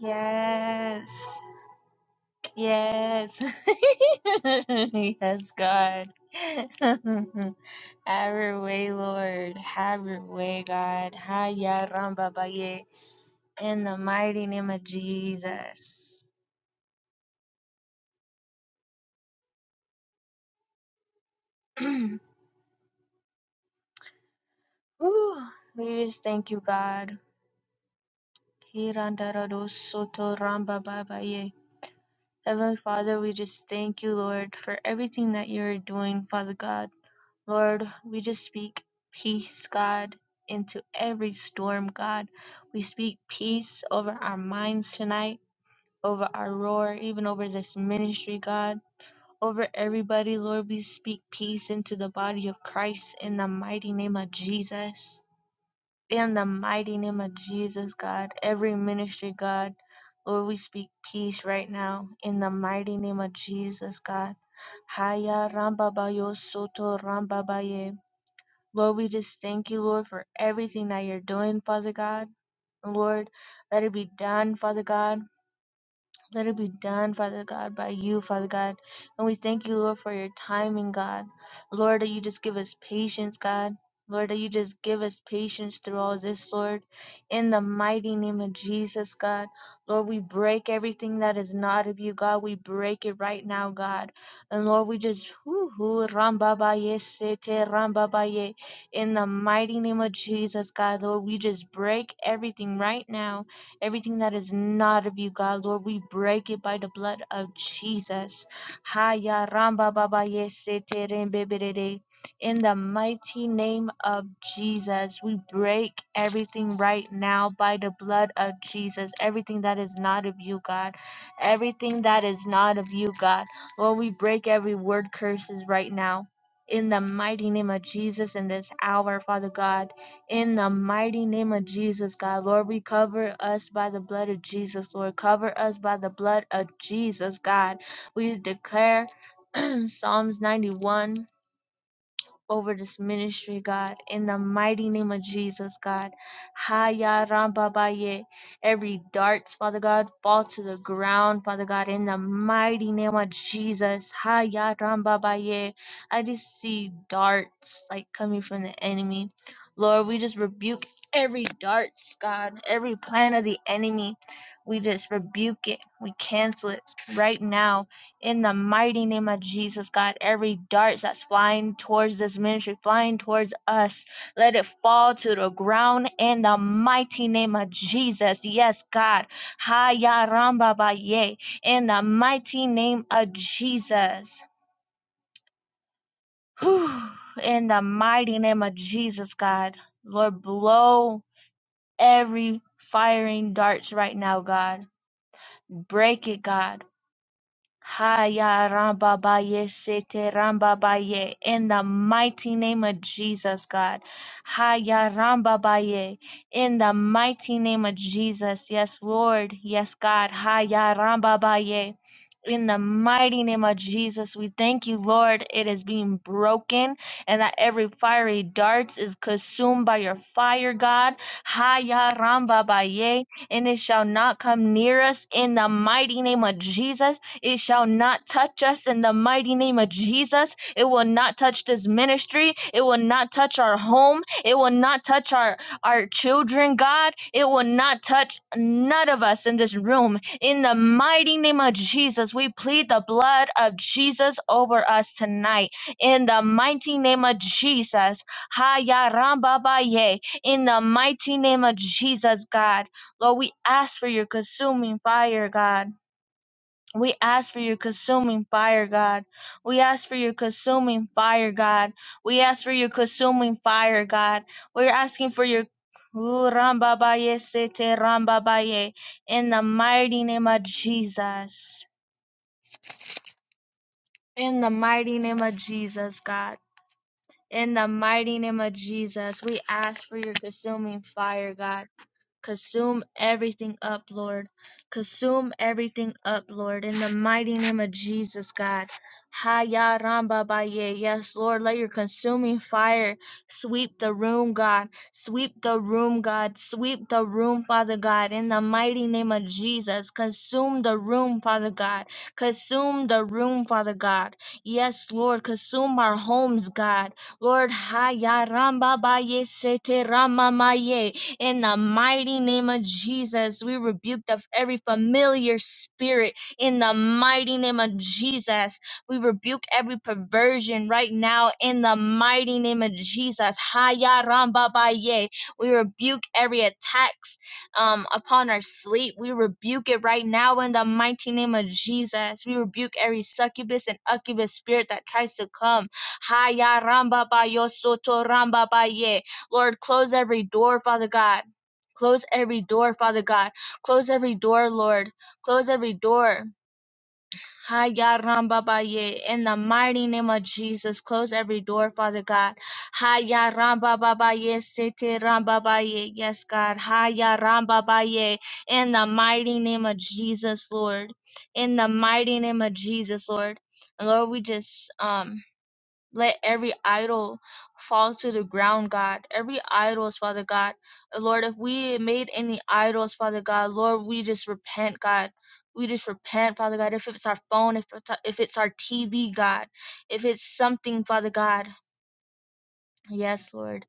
Yes. Yes. [LAUGHS] yes, God. [LAUGHS] Have your way, Lord. Have your way, God. Haya Ramba Baye. In the mighty name of Jesus. [CLEARS THROAT] Whew. We just thank you, God. Kirandaradossotorambababye. Heavenly Father, we just thank you, Lord, for everything that you're doing, Father God. Lord, we just speak peace, God, into every storm, God. We speak peace over our minds tonight, over our roar, even over this ministry, God. Over everybody, Lord, we speak peace into the body of Christ in the mighty name of Jesus. In the mighty name of Jesus, God, every ministry, God, Lord, we speak peace right now. In the mighty name of Jesus, God. Haya rambabayo soto rambabaye. Lord, we just thank you, Lord, for everything that you're doing, Father God. Lord, let it be done, Father God. Let it be done, Father God, by you, Father God. And we thank you, Lord, for your timing, God. Lord, that you just give us patience, God. Lord, that you just give us patience through all this, Lord. In the mighty name of Jesus, God. Lord, we break everything that is not of you, God. We break it right now, God. And Lord, we just, whoo, whoo, rambabaye, sete, rambabaye. In the mighty name of Jesus, God, Lord, we just break everything right now Everything that is not of you, God, Lord, we break it by the blood of Jesus. Haya ramba baba ye se te rembe In the mighty name of Jesus, we break everything right now by the blood of Jesus. Everything that is not of you, God. Everything that is not of you, God. Lord, we break every word curses right now. In the mighty name of Jesus in this hour, Father God. In the mighty name of Jesus, God, Lord, we cover us by the blood of Jesus, Lord. Cover us by the blood of Jesus, God. We declare [CLEARS THROAT] Psalms 91 over this ministry, God, in the mighty name of Jesus, God. Haya Rambabaye. Every darts, Father God, fall to the ground, Father God, in the mighty name of Jesus. Haya Rambabaye. I just see darts like coming from the enemy. Lord, we just rebuke every darts, God, every plan of the enemy. We just rebuke it. We cancel it right now in the mighty name of Jesus, God, every dart that's flying towards this ministry, flying towards us, let it fall to the ground in the mighty name of Jesus. Yes, God. Haya ramba ba ye. In the mighty name of Jesus. Whew. In the mighty name of Jesus, God. Lord, blow every firing darts right now, God. Break it, God Haya Rambabaye Sete Rambabaye in the mighty name of Jesus, God. Haya Rambabaye in the mighty name of Jesus. Yes, Lord. Yes, God. Haya Rambabaye. In the mighty name of Jesus, we thank you, Lord. It is being broken, and that every fiery darts is consumed by your fire, God. Haya Rambabaye, and it shall not come near us. In the mighty name of Jesus, it shall not touch us in the mighty name of Jesus. It will not touch this ministry. It will not touch our home. It will not touch our, our children, God. It will not touch none of us in this room. In the mighty name of Jesus, we plead the blood of Jesus over us tonight. In the mighty name of Jesus. Haya ramba baye. In the mighty name of Jesus, God. Lord, we ask for your consuming fire, God. We ask for your consuming fire, God. We ask for your consuming fire, God. We ask for your consuming fire, God. We're asking for your Ooh, rambabaye, sete rambabaye. in the mighty name of Jesus. In the mighty name of Jesus, God. In the mighty name of Jesus, we ask for your consuming fire, God. Consume everything up, Lord. Consume everything up, Lord, in the mighty name of Jesus, God. Haya Ramba Baye. Yes, Lord, let your consuming fire sweep the room, God. Sweep the room, God. Sweep the room, Father God, in the mighty name of Jesus. Consume the room, Father God. Consume the room, Father God. Yes, Lord, consume our homes, God. Lord, Haya Ramba Baye Sete Rama Maye. In the mighty name of Jesus, we rebuke of every familiar spirit. In the mighty name of Jesus, we rebuke every perversion right now. In the mighty name of Jesus, Haya Ramba Baye. We rebuke every attacks um, upon our sleep. We rebuke it right now in the mighty name of Jesus. We rebuke every succubus and occubus spirit that tries to come. Haya Ramba Bayo Soto Ramba Baye. Lord, close every door, Father God. Close every door, Father God. Close every door, Lord. Close every door. Ha ya ram ba ba ye. In the mighty name of Jesus, close every door, Father God. Ha ya ram ba ba ba ye. Sete ram ba ba ye. Yes, God. Ha ya ram ba ba ye. In the mighty name of Jesus, Lord. In the mighty name of Jesus, Lord. And Lord, we just um let every idol fall to the ground, God. Every idols, Father God. Lord, if we made any idols, Father God, Lord, we just repent, God. We just repent, Father God. If it's our phone, if it's if it's our TV, God, if it's something, Father God. Yes, Lord.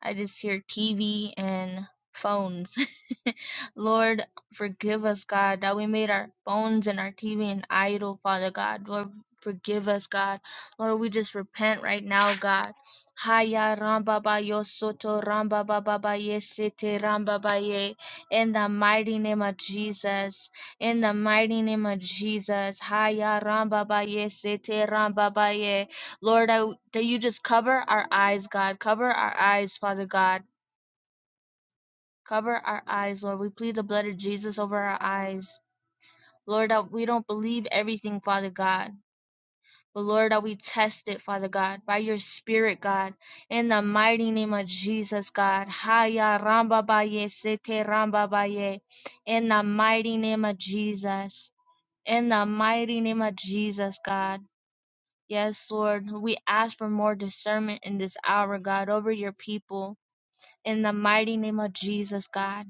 I just hear TV and phones. Lord, forgive us, God, that we made our phones and our TV an idol, Father God. Lord, forgive us, God. Lord, we just repent right now, God. Haya ramba ba yo soto ramba ba ba ba ye sete ramba ba ye. In the mighty name of Jesus. In the mighty name of Jesus. Haya ramba ba ye sete ramba ba ye. Lord, I, that you just cover our eyes, God. Cover our eyes, Father God. Cover our eyes, Lord. We plead the blood of Jesus over our eyes. Lord, that we don't believe everything, Father God, but Lord, that we test it, Father God, by your Spirit, God, in the mighty name of Jesus, God. Haya ramba baye, sete ramba baye, in the mighty name of Jesus, in the mighty name of Jesus, God. Yes, Lord, we ask for more discernment in this hour, God, over your people, in the mighty name of Jesus, God.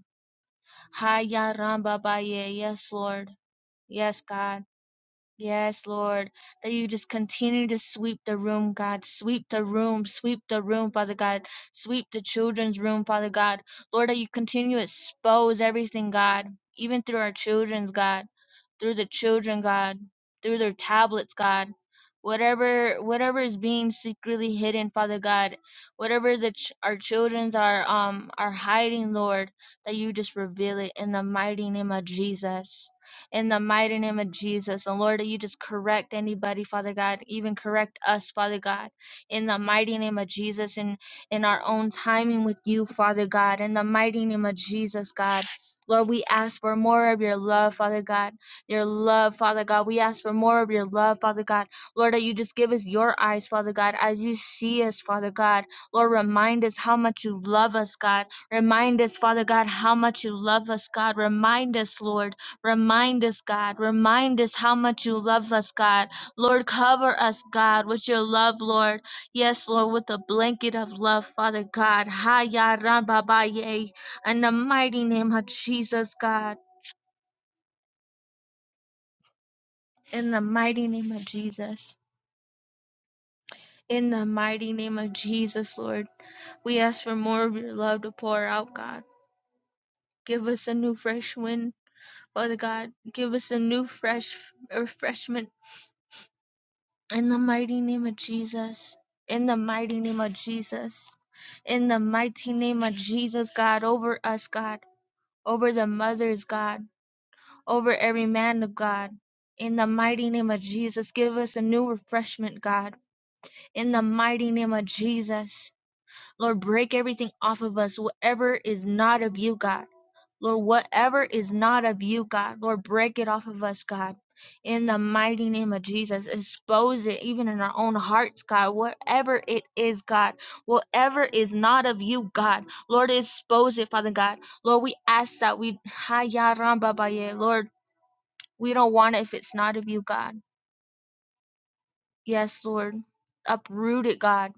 Hiya Ramba Baye. Yes, Lord. Yes, God. Yes, Lord. That you just continue to sweep the room, God. Sweep the room. Sweep the room, Father God. Sweep the children's room, Father God. Lord, that you continue to expose everything, God. Even through our children's, God through the children, God, through their tablets, God. Whatever whatever is being secretly hidden, Father God, whatever the ch- our childrens are um are hiding, Lord, that you just reveal it in the mighty name of Jesus. In the mighty name of Jesus. And Lord, that you just correct anybody, Father God, even correct us, Father God, in the mighty name of Jesus and in our own timing with you, Father God, in the mighty name of Jesus, God. Lord, we ask for more of your love, Father God your love, Father God. We ask for more of your love, Father God. Lord, that you just give us your eyes, Father God, as you see us, Father God. Lord, remind us how much you love us, God. Remind us, Father God, how much you love us, God. Remind us, Lord. Remind us, God. Remind us how much you love us, God. Lord, cover us, God, with your love, Lord. Yes, Lord, with the blanket of love, Father God. Haya Rababaye. In the mighty name of Jesus, God. In the mighty name of Jesus. In the mighty name of Jesus, Lord. We ask for more of your love to pour out, God. Give us a new fresh wind, Father God. Give us a new fresh refreshment. In the mighty name of Jesus. In the mighty name of Jesus. In the mighty name of Jesus, God, over us, God. Over the mothers, God. Over every man of God. In the mighty name of Jesus, give us a new refreshment, God. In the mighty name of Jesus. Lord, break everything off of us, whatever is not of you, God. Lord, whatever is not of you, God, Lord, break it off of us, God. In the mighty name of Jesus, expose it even in our own hearts, God. Whatever it is, God, whatever is not of you, God, Lord, expose it, Father God. Lord, we ask that we, Lord, we don't want it if it's not of you, God. Yes, Lord, uproot it, God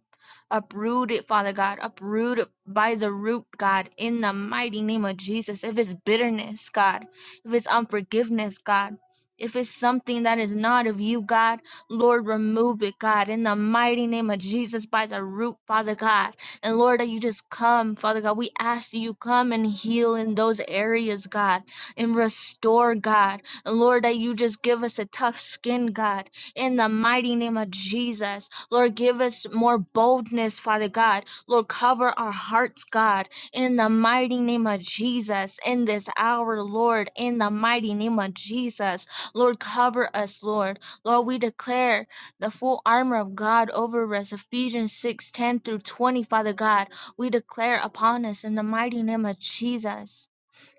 Uproot it, Father God. Uproot it by the root, God, in the mighty name of Jesus. If it's bitterness, God, if it's unforgiveness, God, if it's something that is not of you, God, Lord, remove it, God, in the mighty name of Jesus by the root, Father God. And Lord, that you just come, Father God. We ask that you come and heal in those areas, God, and restore, God. And Lord, that you just give us a tough skin, God, in the mighty name of Jesus. Lord, give us more boldness, Father God. Lord, cover our hearts, God, in the mighty name of Jesus, in this hour, Lord, in the mighty name of Jesus. Lord, cover us, Lord. Lord, we declare the full armor of God over us, Ephesians 6:10 through 20, Father God. We declare upon us in the mighty name of Jesus.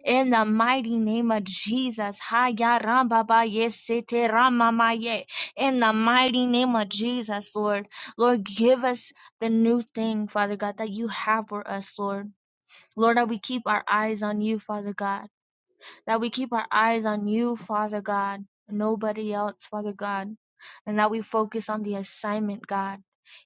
In the mighty name of Jesus, Haya Ramba ba ye sete rama ma ye. in the mighty name of Jesus, Lord, Lord, give us the new thing, Father God, that you have for us, Lord. Lord, that we keep our eyes on you, Father God that we keep our eyes on you, Father God, and nobody else, Father God, and that we focus on the assignment, God,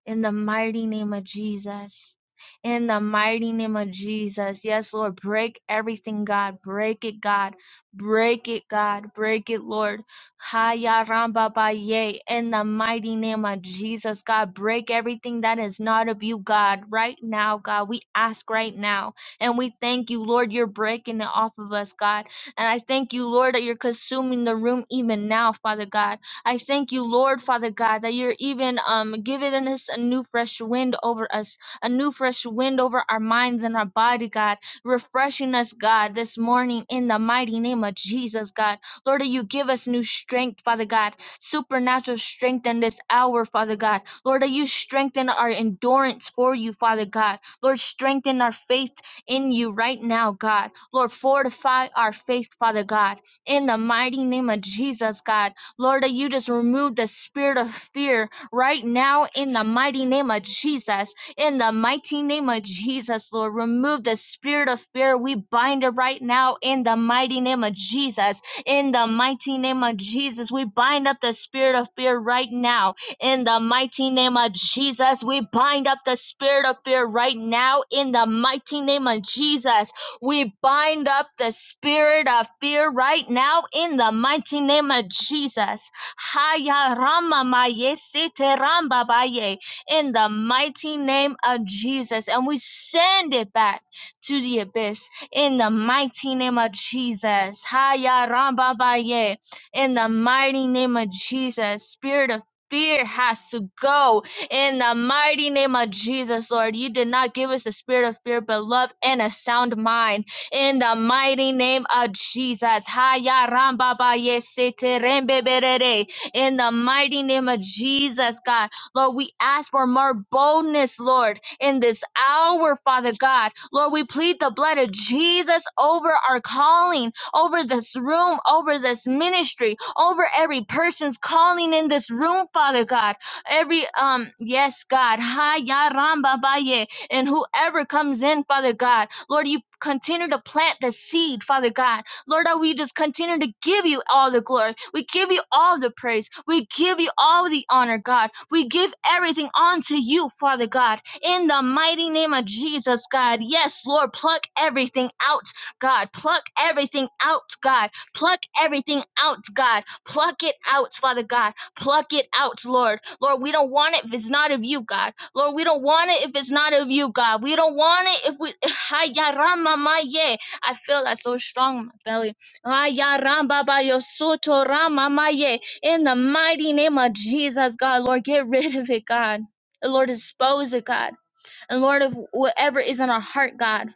in the mighty name of Jesus. In the mighty name of Jesus. Yes, Lord, break everything, God. Break it, God. Break it, God. Break it, Lord. Haya ramba Baye. In the mighty name of Jesus, God, break everything that is not of you, God. Right now, God, we ask right now. And we thank you, Lord, you're breaking it off of us, God and I thank you, Lord, that you're consuming the room even now, Father God. I thank you, Lord, Father God, that you're even um giving us a new fresh wind over us, a new fresh wind over our minds and our body, God, refreshing us, God, this morning in the mighty name of Jesus, God. Lord, that you give us new strength, Father God, supernatural strength in this hour, Father God. Lord, that you strengthen our endurance for you, Father God. Lord, strengthen our faith in you right now, God. Lord, fortify our faith, Father God, in the mighty name of Jesus, God. Lord, that you just remove the spirit of fear right now in the mighty name of Jesus. In the mighty name of Jesus, Lord, remove the spirit of fear. We bind it right now in the mighty name of Jesus. In the mighty name of Jesus, we bind up the spirit of fear right now. In the mighty name of Jesus, we bind up the spirit of fear right now. In the mighty name of Jesus, we bind up the spirit of fear right now in the mighty name of Jesus. Haya rama maye sete ramba baye. In the mighty name of Jesus. And we send it back to the abyss in the mighty name of Jesus. Haya ramba baye. In the mighty name of Jesus. Spirit of fear has to go in the mighty name of Jesus, Lord, you did not give us the spirit of fear, but love and a sound mind. In the mighty name of Jesus. Haya ramba ba ye se te rembe berere. In the mighty name of Jesus, God. Lord, we ask for more boldness, Lord, in this hour, Father God. Lord, we plead the blood of Jesus over our calling, over this room, over this ministry, over every person's calling in this room, Father God every um yes god hi ya ramba baye and whoever comes in father god lord you continue to plant the seed father god lord that we just continue to give you all the glory we give you all the praise we give you all the honor god we give everything unto you father god in the mighty name of jesus god yes lord pluck everything out god pluck everything out god pluck everything out god pluck it out father god pluck it out, Lord. Lord, we don't want it if it's not of you, God. Lord, we don't want it if it's not of you, God. We don't want it if we. [LAUGHS] Hayaramamaye. I feel that so strong in my belly. Hayarambabayosotoramamaye. In the mighty name of Jesus, God, Lord, get rid of it, God. And Lord, dispose it, God. And Lord, of whatever is in our heart, God.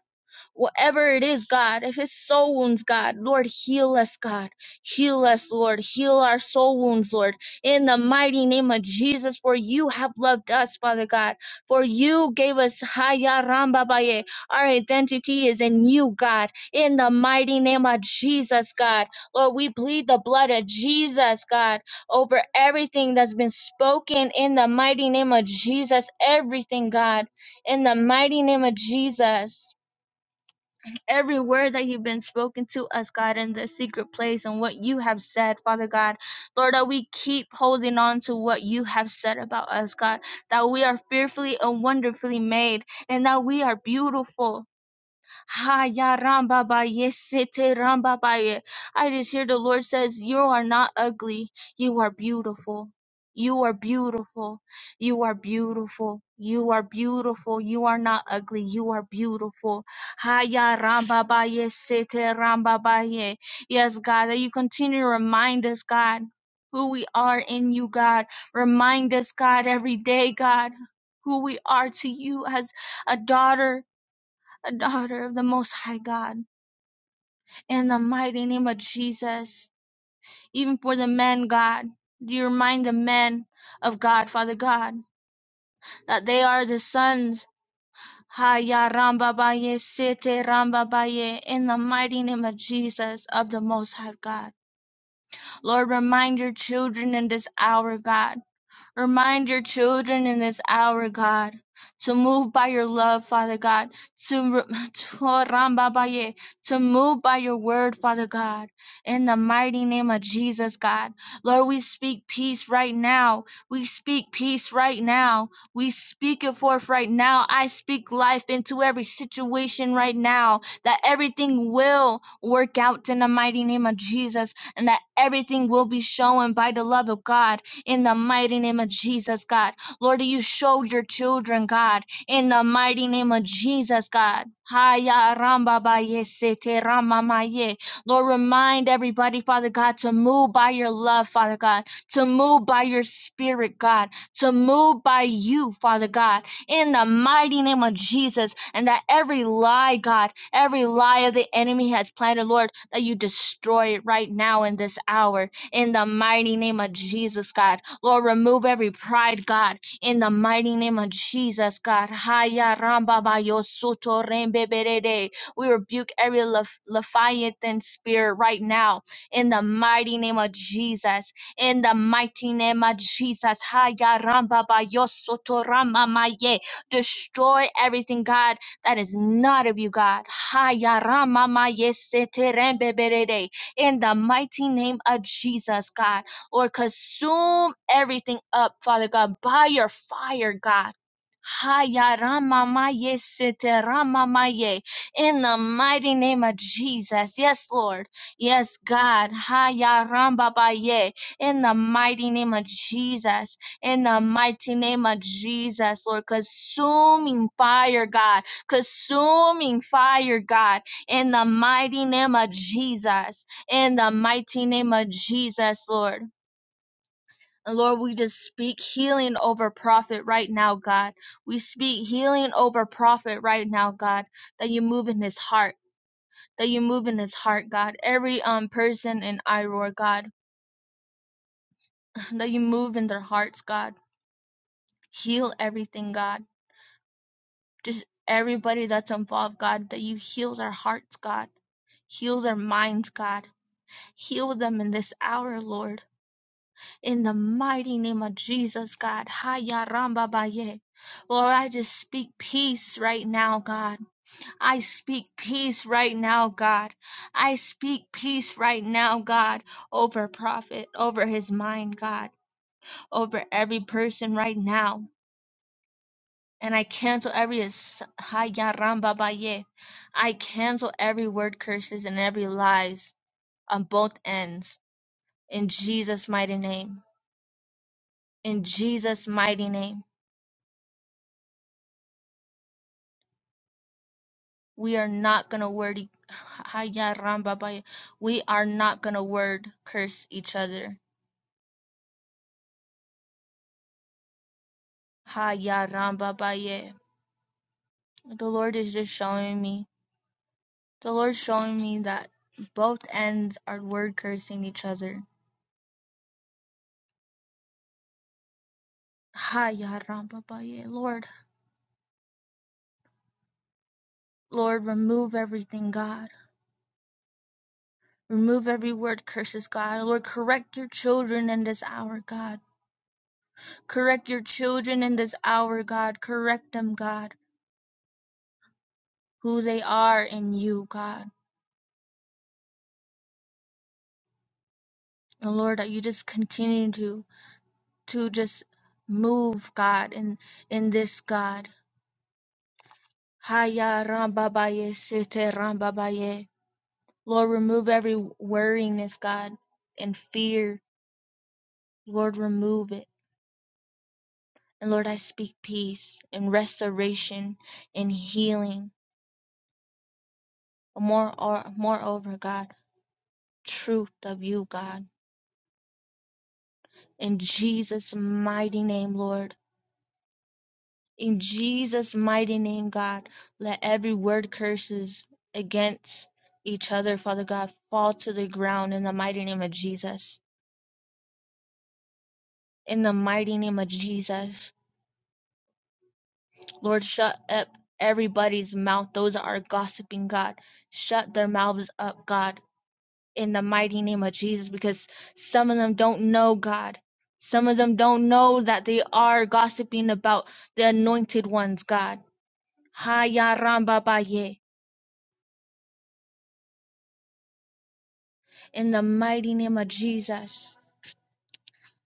Whatever it is, God, if it's soul wounds, God, Lord, heal us, God. Heal us, Lord. Heal our soul wounds, Lord. In the mighty name of Jesus, for you have loved us, Father God. For you gave us Haya Rambabaye. Our identity is in you, God. In the mighty name of Jesus, God. Lord, we plead the blood of Jesus, God, over everything that's been spoken in the mighty name of Jesus. Everything, God. In the mighty name of Jesus every word that you've been spoken to us, God, in the secret place and what you have said, Father God. Lord, that we keep holding on to what you have said about us, God, that we are fearfully and wonderfully made and that we are beautiful. Haya ramba ba ye sete ramba ba ye. I just hear the Lord says, You are not ugly. You are beautiful. You are beautiful. You are beautiful. You are beautiful. You are not ugly. You are beautiful. Haya ramba ba ye sete ramba ba ye. Yes, God, that you continue to remind us, God, who we are in you, God. Remind us, God, every day, God, who we are to you as a daughter a daughter of the Most High God, in the mighty name of Jesus. Even for the men, God, you remind the men of God, Father God, that they are the sons. Haya Ramba Baye Sete Ramba Baye in the mighty name of Jesus of the Most High God. Lord, remind your children in this hour, God, Remind your children in this hour, God, to move by your love, Father God, to, [LAUGHS] re- to oh, Rambabaye, to move by your word, Father God, in the mighty name of Jesus, God. Lord, we speak peace right now. We speak peace right now. We speak it forth right now. I speak life into every situation right now, that everything will work out in the mighty name of Jesus, and that everything will be shown by the love of God in the mighty name of Jesus, God. Lord, you show your children, God, in the mighty name of Jesus, God. Haya ramba ba ye rama ma Lord, remind everybody, Father God, to move by your love, Father God, to move by your spirit, God, to move by you, Father God, in the mighty name of Jesus, and that every lie, God, every lie of the enemy has planted, Lord, that you destroy it right now in this hour in the mighty name of Jesus, God. Lord, remove every pride, God, in the mighty name of Jesus, God. Haya ramba ba yo soto rembe berede. We rebuke every lef- Leviathan spirit right now in the mighty name of Jesus. In the mighty name of Jesus. Haya ramba ba yo soto rama ma ye. Destroy everything, God, that is not of you, God. Haya rama ma ye sete rembe berede in the mighty name of Jesus, God. Lord, consume everything up, Father God, by your fire, God. Haya ramamaye sete ramamaye. In the mighty name of Jesus. Yes, Lord. Yes, God. Haya rambabaye. In the mighty name of Jesus. In the mighty name of Jesus, Lord. Consuming fire, God. Consuming fire, God. In the mighty name of Jesus in the mighty name of Jesus, Lord. And Lord, we just speak healing over prophet right now, God. We speak healing over prophet right now, God. That you move in his heart. That you move in his heart, God. Every um person in Iroar, God. [LAUGHS] That you move in their hearts, God. Heal everything, God. Just everybody that's involved, God. That you heal their hearts, God. Heal their minds, God. Heal them in this hour, Lord. In the mighty name of Jesus, God. Haya Ramba Baye. Lord, I just speak peace right now, God. I speak peace right now, God. I speak peace right now, God, over prophet, over his mind, God, over every person right now. And I cancel every ass- Haya Ramba Baye. I cancel every word curses and every lies on both ends. In Jesus' mighty name. In Jesus' mighty name. We are not gonna word e- Haya Ramba Baye. We are not gonna word curse each other. Haya Ramba Baye. The Lord is just showing me. The Lord's showing me that both ends are word cursing each other. Haya Ramba Baye. Lord, Lord, remove everything, God. Remove every word curses, God. Lord, correct your children in this hour, God. Correct your children in this hour, God. Correct them, God, who they are in you, God. And Lord, that you just continue to to just move, God, in in this God. Haya rambabaye sete rambabaye. Lord, remove every worryingness, God, and fear. Lord, remove it. And Lord, I speak peace and restoration and healing. More or moreover, God, truth of you, God. In Jesus' mighty name, Lord. In Jesus' mighty name, God, let every word curses against each other, Father God, fall to the ground in the mighty name of Jesus. In the mighty name of Jesus. Lord, shut up everybody's mouth. Those that are gossiping, God, shut their mouths up, God, in the mighty name of Jesus, because some of them don't know, God. Some of them don't know that they are gossiping about the anointed ones, God. Haya Ramba Baye. In the mighty name of Jesus,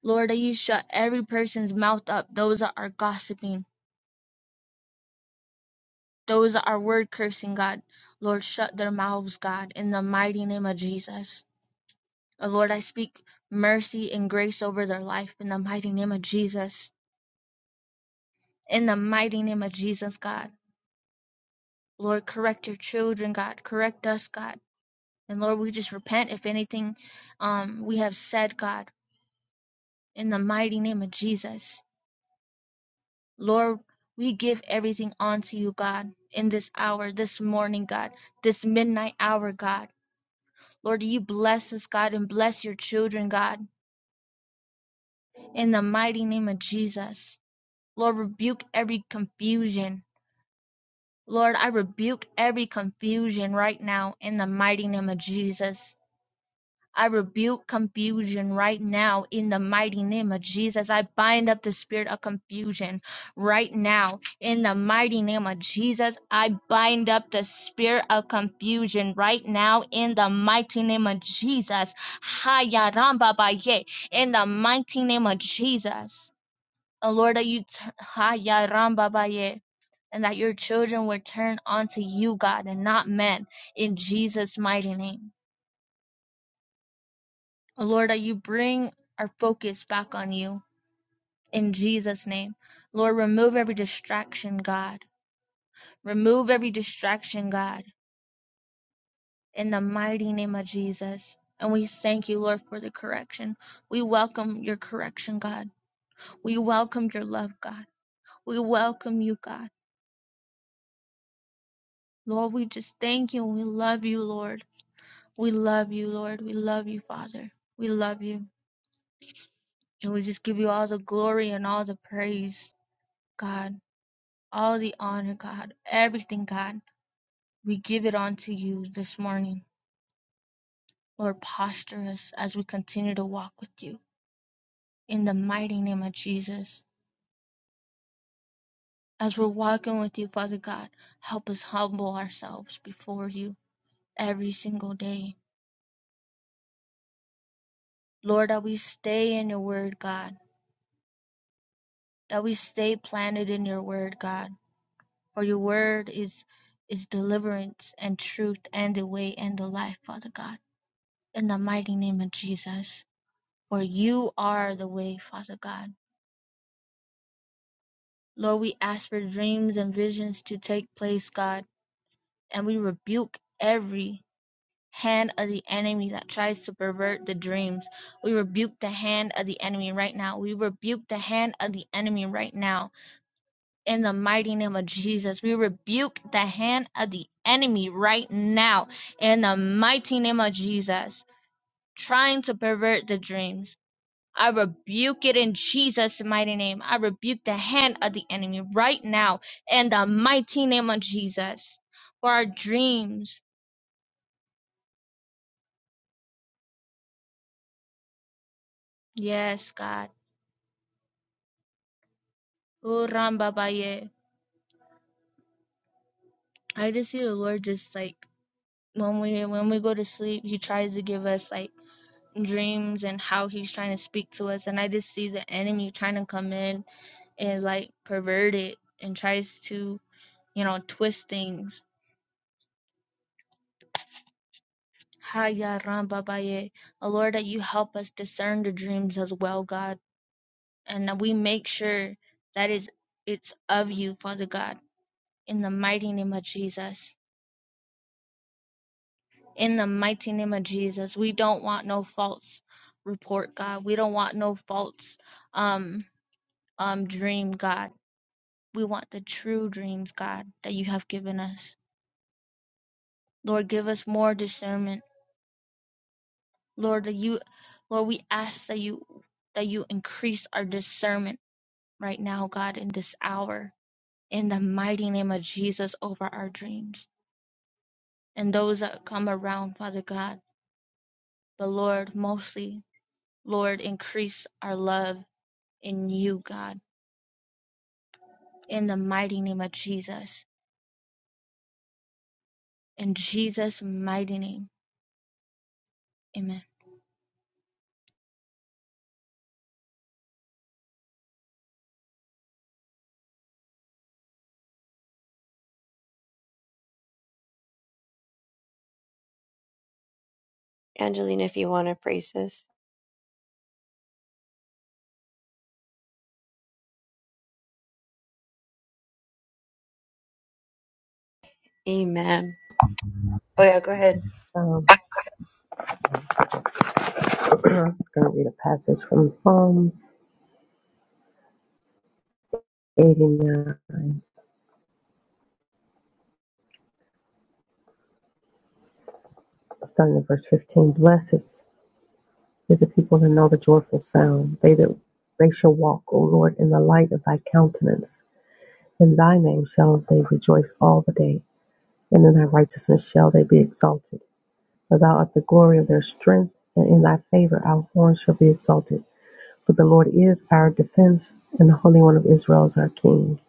Lord, that you shut every person's mouth up, those that are gossiping, those that are word cursing, God. Lord, shut their mouths, God, in the mighty name of Jesus. Uh, Lord, I speak mercy and grace over their life in the mighty name of Jesus. In the mighty name of Jesus, God. Lord, correct your children, God. Correct us, God. And Lord, we just repent if anything um, we have said, God, in the mighty name of Jesus. Lord, we give everything unto you, God, in this hour, this morning, God, this midnight hour, God. Lord, you bless us, God, and bless your children, God, in the mighty name of Jesus. Lord, rebuke every confusion. Lord, I rebuke every confusion right now in the mighty name of Jesus. I rebuke confusion right now in the mighty name of Jesus. I bind up the spirit of confusion right now in the mighty name of Jesus. I bind up the spirit of confusion right now in the mighty name of Jesus. Haya ramba baye in the mighty name of Jesus. Oh Lord, that you t- haya ramba baye and that your children would turn unto you, God, and not men in Jesus' mighty name. Lord, that you bring our focus back on you in Jesus' name. Lord, remove every distraction, God. Remove every distraction, God, in the mighty name of Jesus. And we thank you, Lord, for the correction. We welcome your correction, God. We welcome your love, God. We welcome you, God. Lord, we just thank you and we love you, Lord. We love you, Lord. We love you, Father. We love you. And we just give you all the glory and all the praise, God. All the honor, God, everything, God, we give it unto you this morning. Lord, posture us as we continue to walk with you in the mighty name of Jesus. As we're walking with you, Father God, help us humble ourselves before you every single day. Lord, that we stay in your word, God, that we stay planted in your word, God, for your word is is deliverance and truth and the way and the life, Father God. In the mighty name of Jesus. For you are the way, Father God. Lord, we ask for dreams and visions to take place, God, and we rebuke every hand of the enemy that tries to pervert the dreams. We rebuke the hand of the enemy right now. We rebuke the hand of the enemy right now. In the mighty name of Jesus, we rebuke the hand of the enemy right now. In the mighty name of Jesus, trying to pervert the dreams I rebuke it in Jesus' mighty name. I rebuke the hand of the enemy right now in the mighty name of Jesus. For our dreams. Yes, God. Oh, Rambabaye. I just see the Lord just like when we when we go to sleep, he tries to give us like dreams and how he's trying to speak to us. And I just see the enemy trying to come in and like pervert it and tries to, you know, twist things Haya Rambabaye. Oh Lord, that you help us discern the dreams as well, God, and that we make sure that is it's of you, Father God, in the mighty name of Jesus. In the mighty name of Jesus. We don't want no false report, God. We don't want no false um um dream, God. We want the true dreams, God, that you have given us. Lord, give us more discernment. Lord, that you Lord, we ask that you that you increase our discernment right now, God, in this hour, in the mighty name of Jesus, over our dreams and those that come around, Father God. But Lord, mostly, Lord, increase our love in you, God, in the mighty name of Jesus. In Jesus' mighty name, amen. Angelina, if you want to praise us. Amen. Oh, yeah, go ahead. Um, I'm just going to read a passage from Psalms 89, starting at verse 15. Blessed is the people that know the joyful sound. They that they shall walk, O Lord, in the light of thy countenance. In thy name shall they rejoice all the day, and in thy righteousness shall they be exalted. For thou art the glory of their strength, and in thy favor our horn shall be exalted. For the Lord is our defense, and the Holy One of Israel is our King.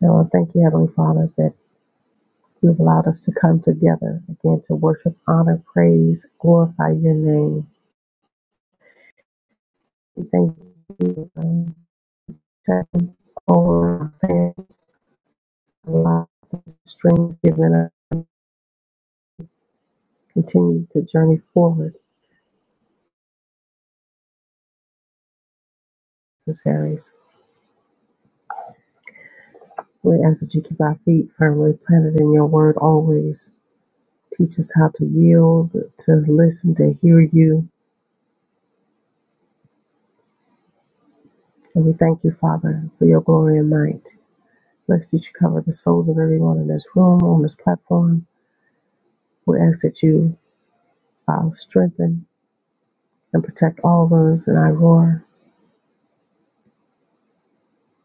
Now I thank you, Heavenly Father, that You have allowed us to come together again to worship, honor, praise, glorify your name. We thank you for protecting over our family, lives, the strength given us. Continue to journey forward, Miss Harris. We ask that you keep our feet firmly planted in your word always. Teach us how to yield, to listen, to hear you. And we thank you, Father, for your glory and might. We ask that you cover the souls of everyone in this room, on this platform. We ask that you um, strengthen and protect all those in Iroar.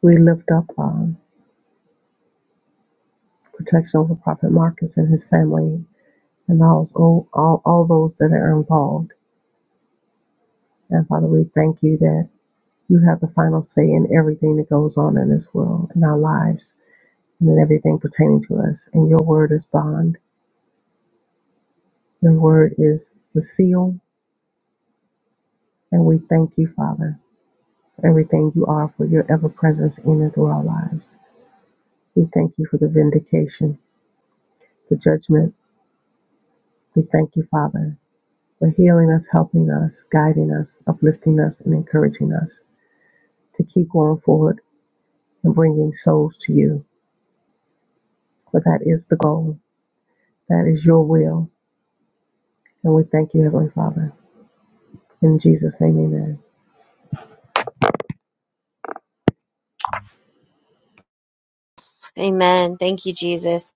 We lift up um, protection over Prophet Marcus and his family and all, all, all all those that are involved. And Father, we thank you that you have the final say in everything that goes on in this world, in our lives, and in everything pertaining to us. And your word is bond, your word is the seal. And we thank you, Father, for everything you are, for your ever presence in and through our lives. We thank you for the vindication, the judgment We thank you, Father, for healing us, helping us, guiding us, uplifting us, and encouraging us to keep going forward and bringing souls to you. For that is the goal, that is your will. And we thank you, Heavenly Father. In Jesus' name, amen. Amen. Thank you, Jesus.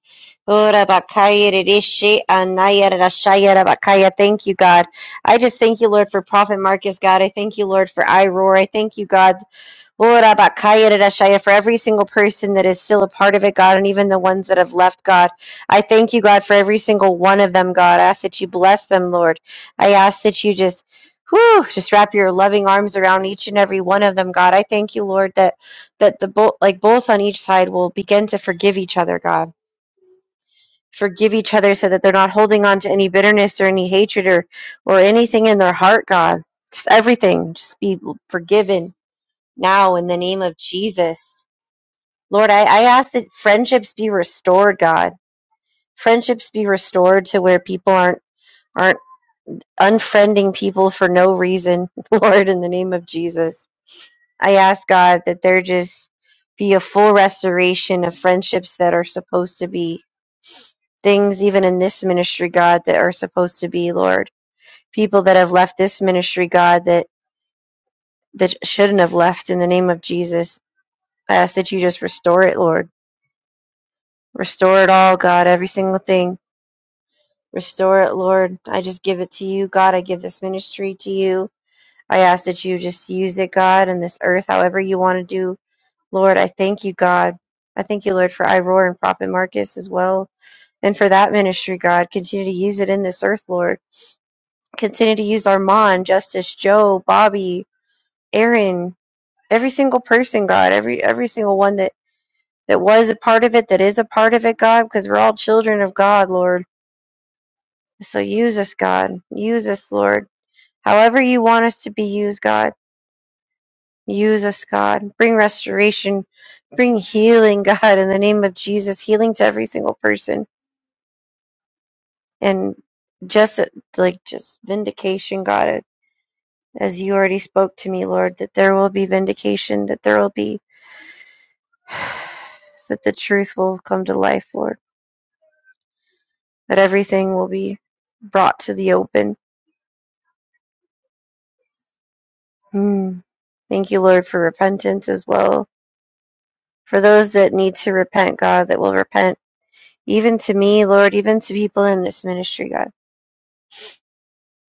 Ora bakaya rishi anaya rashaya rabakaya. Thank you, God. I just thank you, Lord, for Prophet Marcus, God. I thank you, Lord, for Iroar. I thank you, God, Oh, Rabakaya Rarashaya, For every single person that is still a part of it, God, and even the ones that have left, God. I thank you, God, for every single one of them, God. I ask that you bless them, Lord. I ask that you just, whew, just wrap your loving arms around each and every one of them, God. I thank you, Lord, that that the both like both on each side will begin to forgive each other, God. Forgive each other so that they're not holding on to any bitterness or any hatred or or anything in their heart, God. Just everything. Just be forgiven now in the name of Jesus. Lord, I, I ask that friendships be restored, God. Friendships be restored to where people aren't aren't unfriending people for no reason, [LAUGHS] Lord, in the name of Jesus. I ask God that there just be a full restoration of friendships that are supposed to be things even in this ministry, God, that are supposed to be, Lord. People that have left this ministry, God, that that shouldn't have left in the name of Jesus. I ask that you just restore it, Lord Restore it all, God, every single thing. Restore it, Lord. I just give it to you, God. I give this ministry to you. I ask that you just use it, God, in this earth, however you want to do. Lord, I thank you, God. I thank you, Lord, for I and Prophet Marcus as well. And for that ministry, God, continue to use it in this earth, Lord. Continue to use Armand, Justice, Joe, Bobby, Aaron, every single person, God, every every single one that that was a part of it, that is a part of it, God, because we're all children of God, Lord. So use us, God. Use us, Lord. However you want us to be used, God. Use us, God. Bring restoration. Bring healing, [LAUGHS] God, in the name of Jesus. Healing to every single person. And just like just vindication, God, as you already spoke to me, Lord, that there will be vindication, that there will be [SIGHS] that the truth will come to life, Lord. That everything will be brought to the open. Hmm. Thank you, Lord, for repentance as well for those that need to repent, God, that will repent, even to me, Lord, even to people in this ministry, God,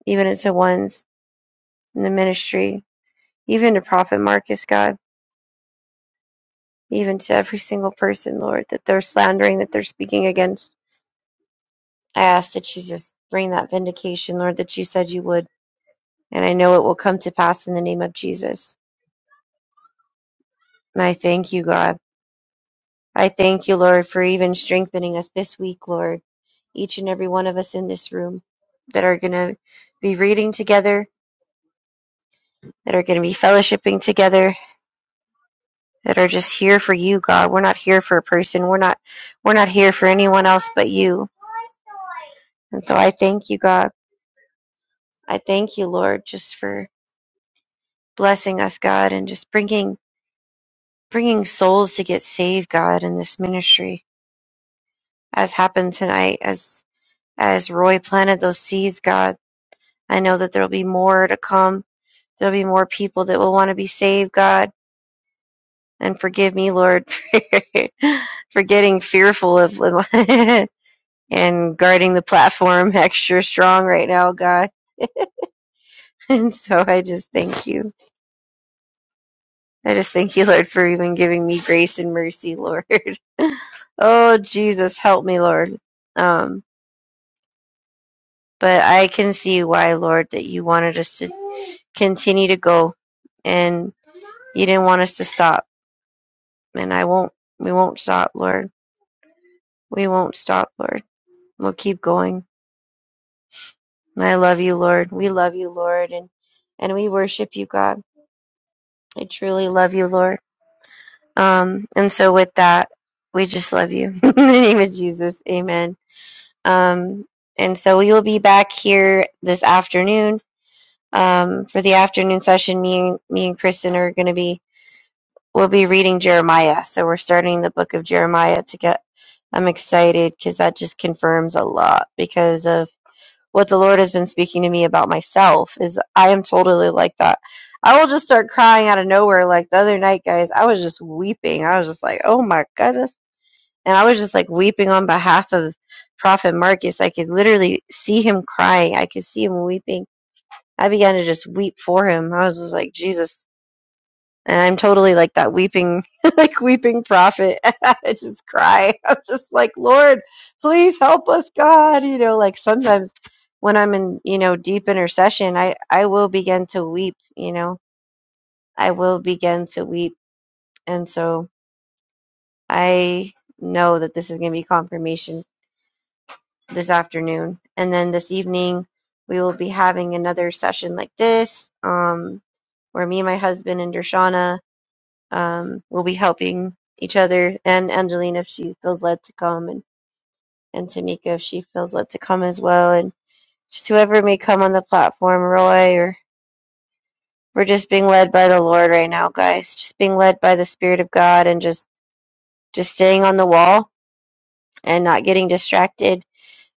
even to ones in the ministry, even to Prophet Marcus, God, even to every single person, Lord, that they're slandering, that they're speaking against. I ask that you just bring that vindication, Lord, that you said you would, and I know it will come to pass in the name of Jesus. And I thank you, God. I thank you, Lord, for even strengthening us this week, Lord, each and every one of us in this room that are going to be reading together, that are going to be fellowshipping together that are just here for you god we're not here for a person we're not we're not here for anyone else but you and so i thank you god i thank you lord just for blessing us god and just bringing bringing souls to get saved god in this ministry as happened tonight as as roy planted those seeds god i know that there'll be more to come there'll be more people that will want to be saved god and forgive me, Lord, [LAUGHS] for getting fearful of [LAUGHS] and guarding the platform [LAUGHS] extra strong right now, God. [LAUGHS] And so I just thank you. I just thank you, Lord, for even giving me grace and mercy, Lord. [LAUGHS] oh, Jesus, help me, Lord. Um, but I can see why, Lord, that you wanted us to continue to go and you didn't want us to stop. And I won't, we won't stop, Lord. We won't stop, Lord. We'll keep going I love you, Lord. We love you, Lord, and and we worship you, God. I truly love you, Lord. Um, and so with that, we just love you. [LAUGHS] In the name of Jesus, Amen. Um, and so we will be back here this afternoon um, for the afternoon session. Me and me and Kristen are going to be we'll be reading Jeremiah. So we're starting the book of Jeremiah to get. I'm excited because that just confirms a lot because of what the Lord has been speaking to me about myself is I am totally like that. I will just start crying out of nowhere. Like the other night, guys, I was just weeping. I was just like, oh my goodness. And I was just like weeping on behalf of Prophet Marcus. I could literally see him crying. I could see him weeping. I began to just weep for him. I was just like, Jesus, and I'm totally like that weeping, [LAUGHS] like weeping prophet. [LAUGHS] I just cry. [LAUGHS] I'm just like, Lord, please help us, God. You know, like sometimes when I'm in, you know, deep intercession, I I will begin to weep. You know, I will begin to weep, and so I know that this is going to be confirmation this afternoon, and then this evening we will be having another session like this, um, where me, and my husband, and Dershana Um, we'll be helping each other and Angelina if she feels led to come, and, and Tamika if she feels led to come as well, and just whoever may come on the platform, Roy, or we're just being led by the Lord right now, guys. Just being led by the Spirit of God and just just staying on the wall and not getting distracted,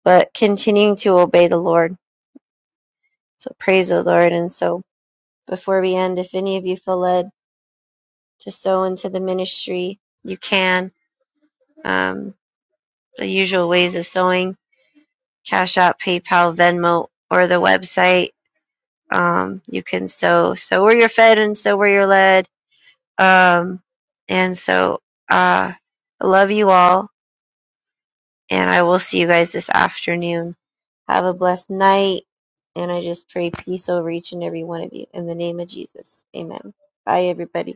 but continuing to obey the Lord. So praise the Lord. And so before we end, if any of you feel led to sow into the ministry, you can. Um, the usual ways of sowing. Cash App, PayPal, Venmo, or the website. Um, you can sow, sow where you're fed and sow where you're led. Um, and so uh, I love you all, and I will see you guys this afternoon. Have a blessed night, and I just pray peace over each and every one of you. In the name of Jesus, amen. Bye, everybody.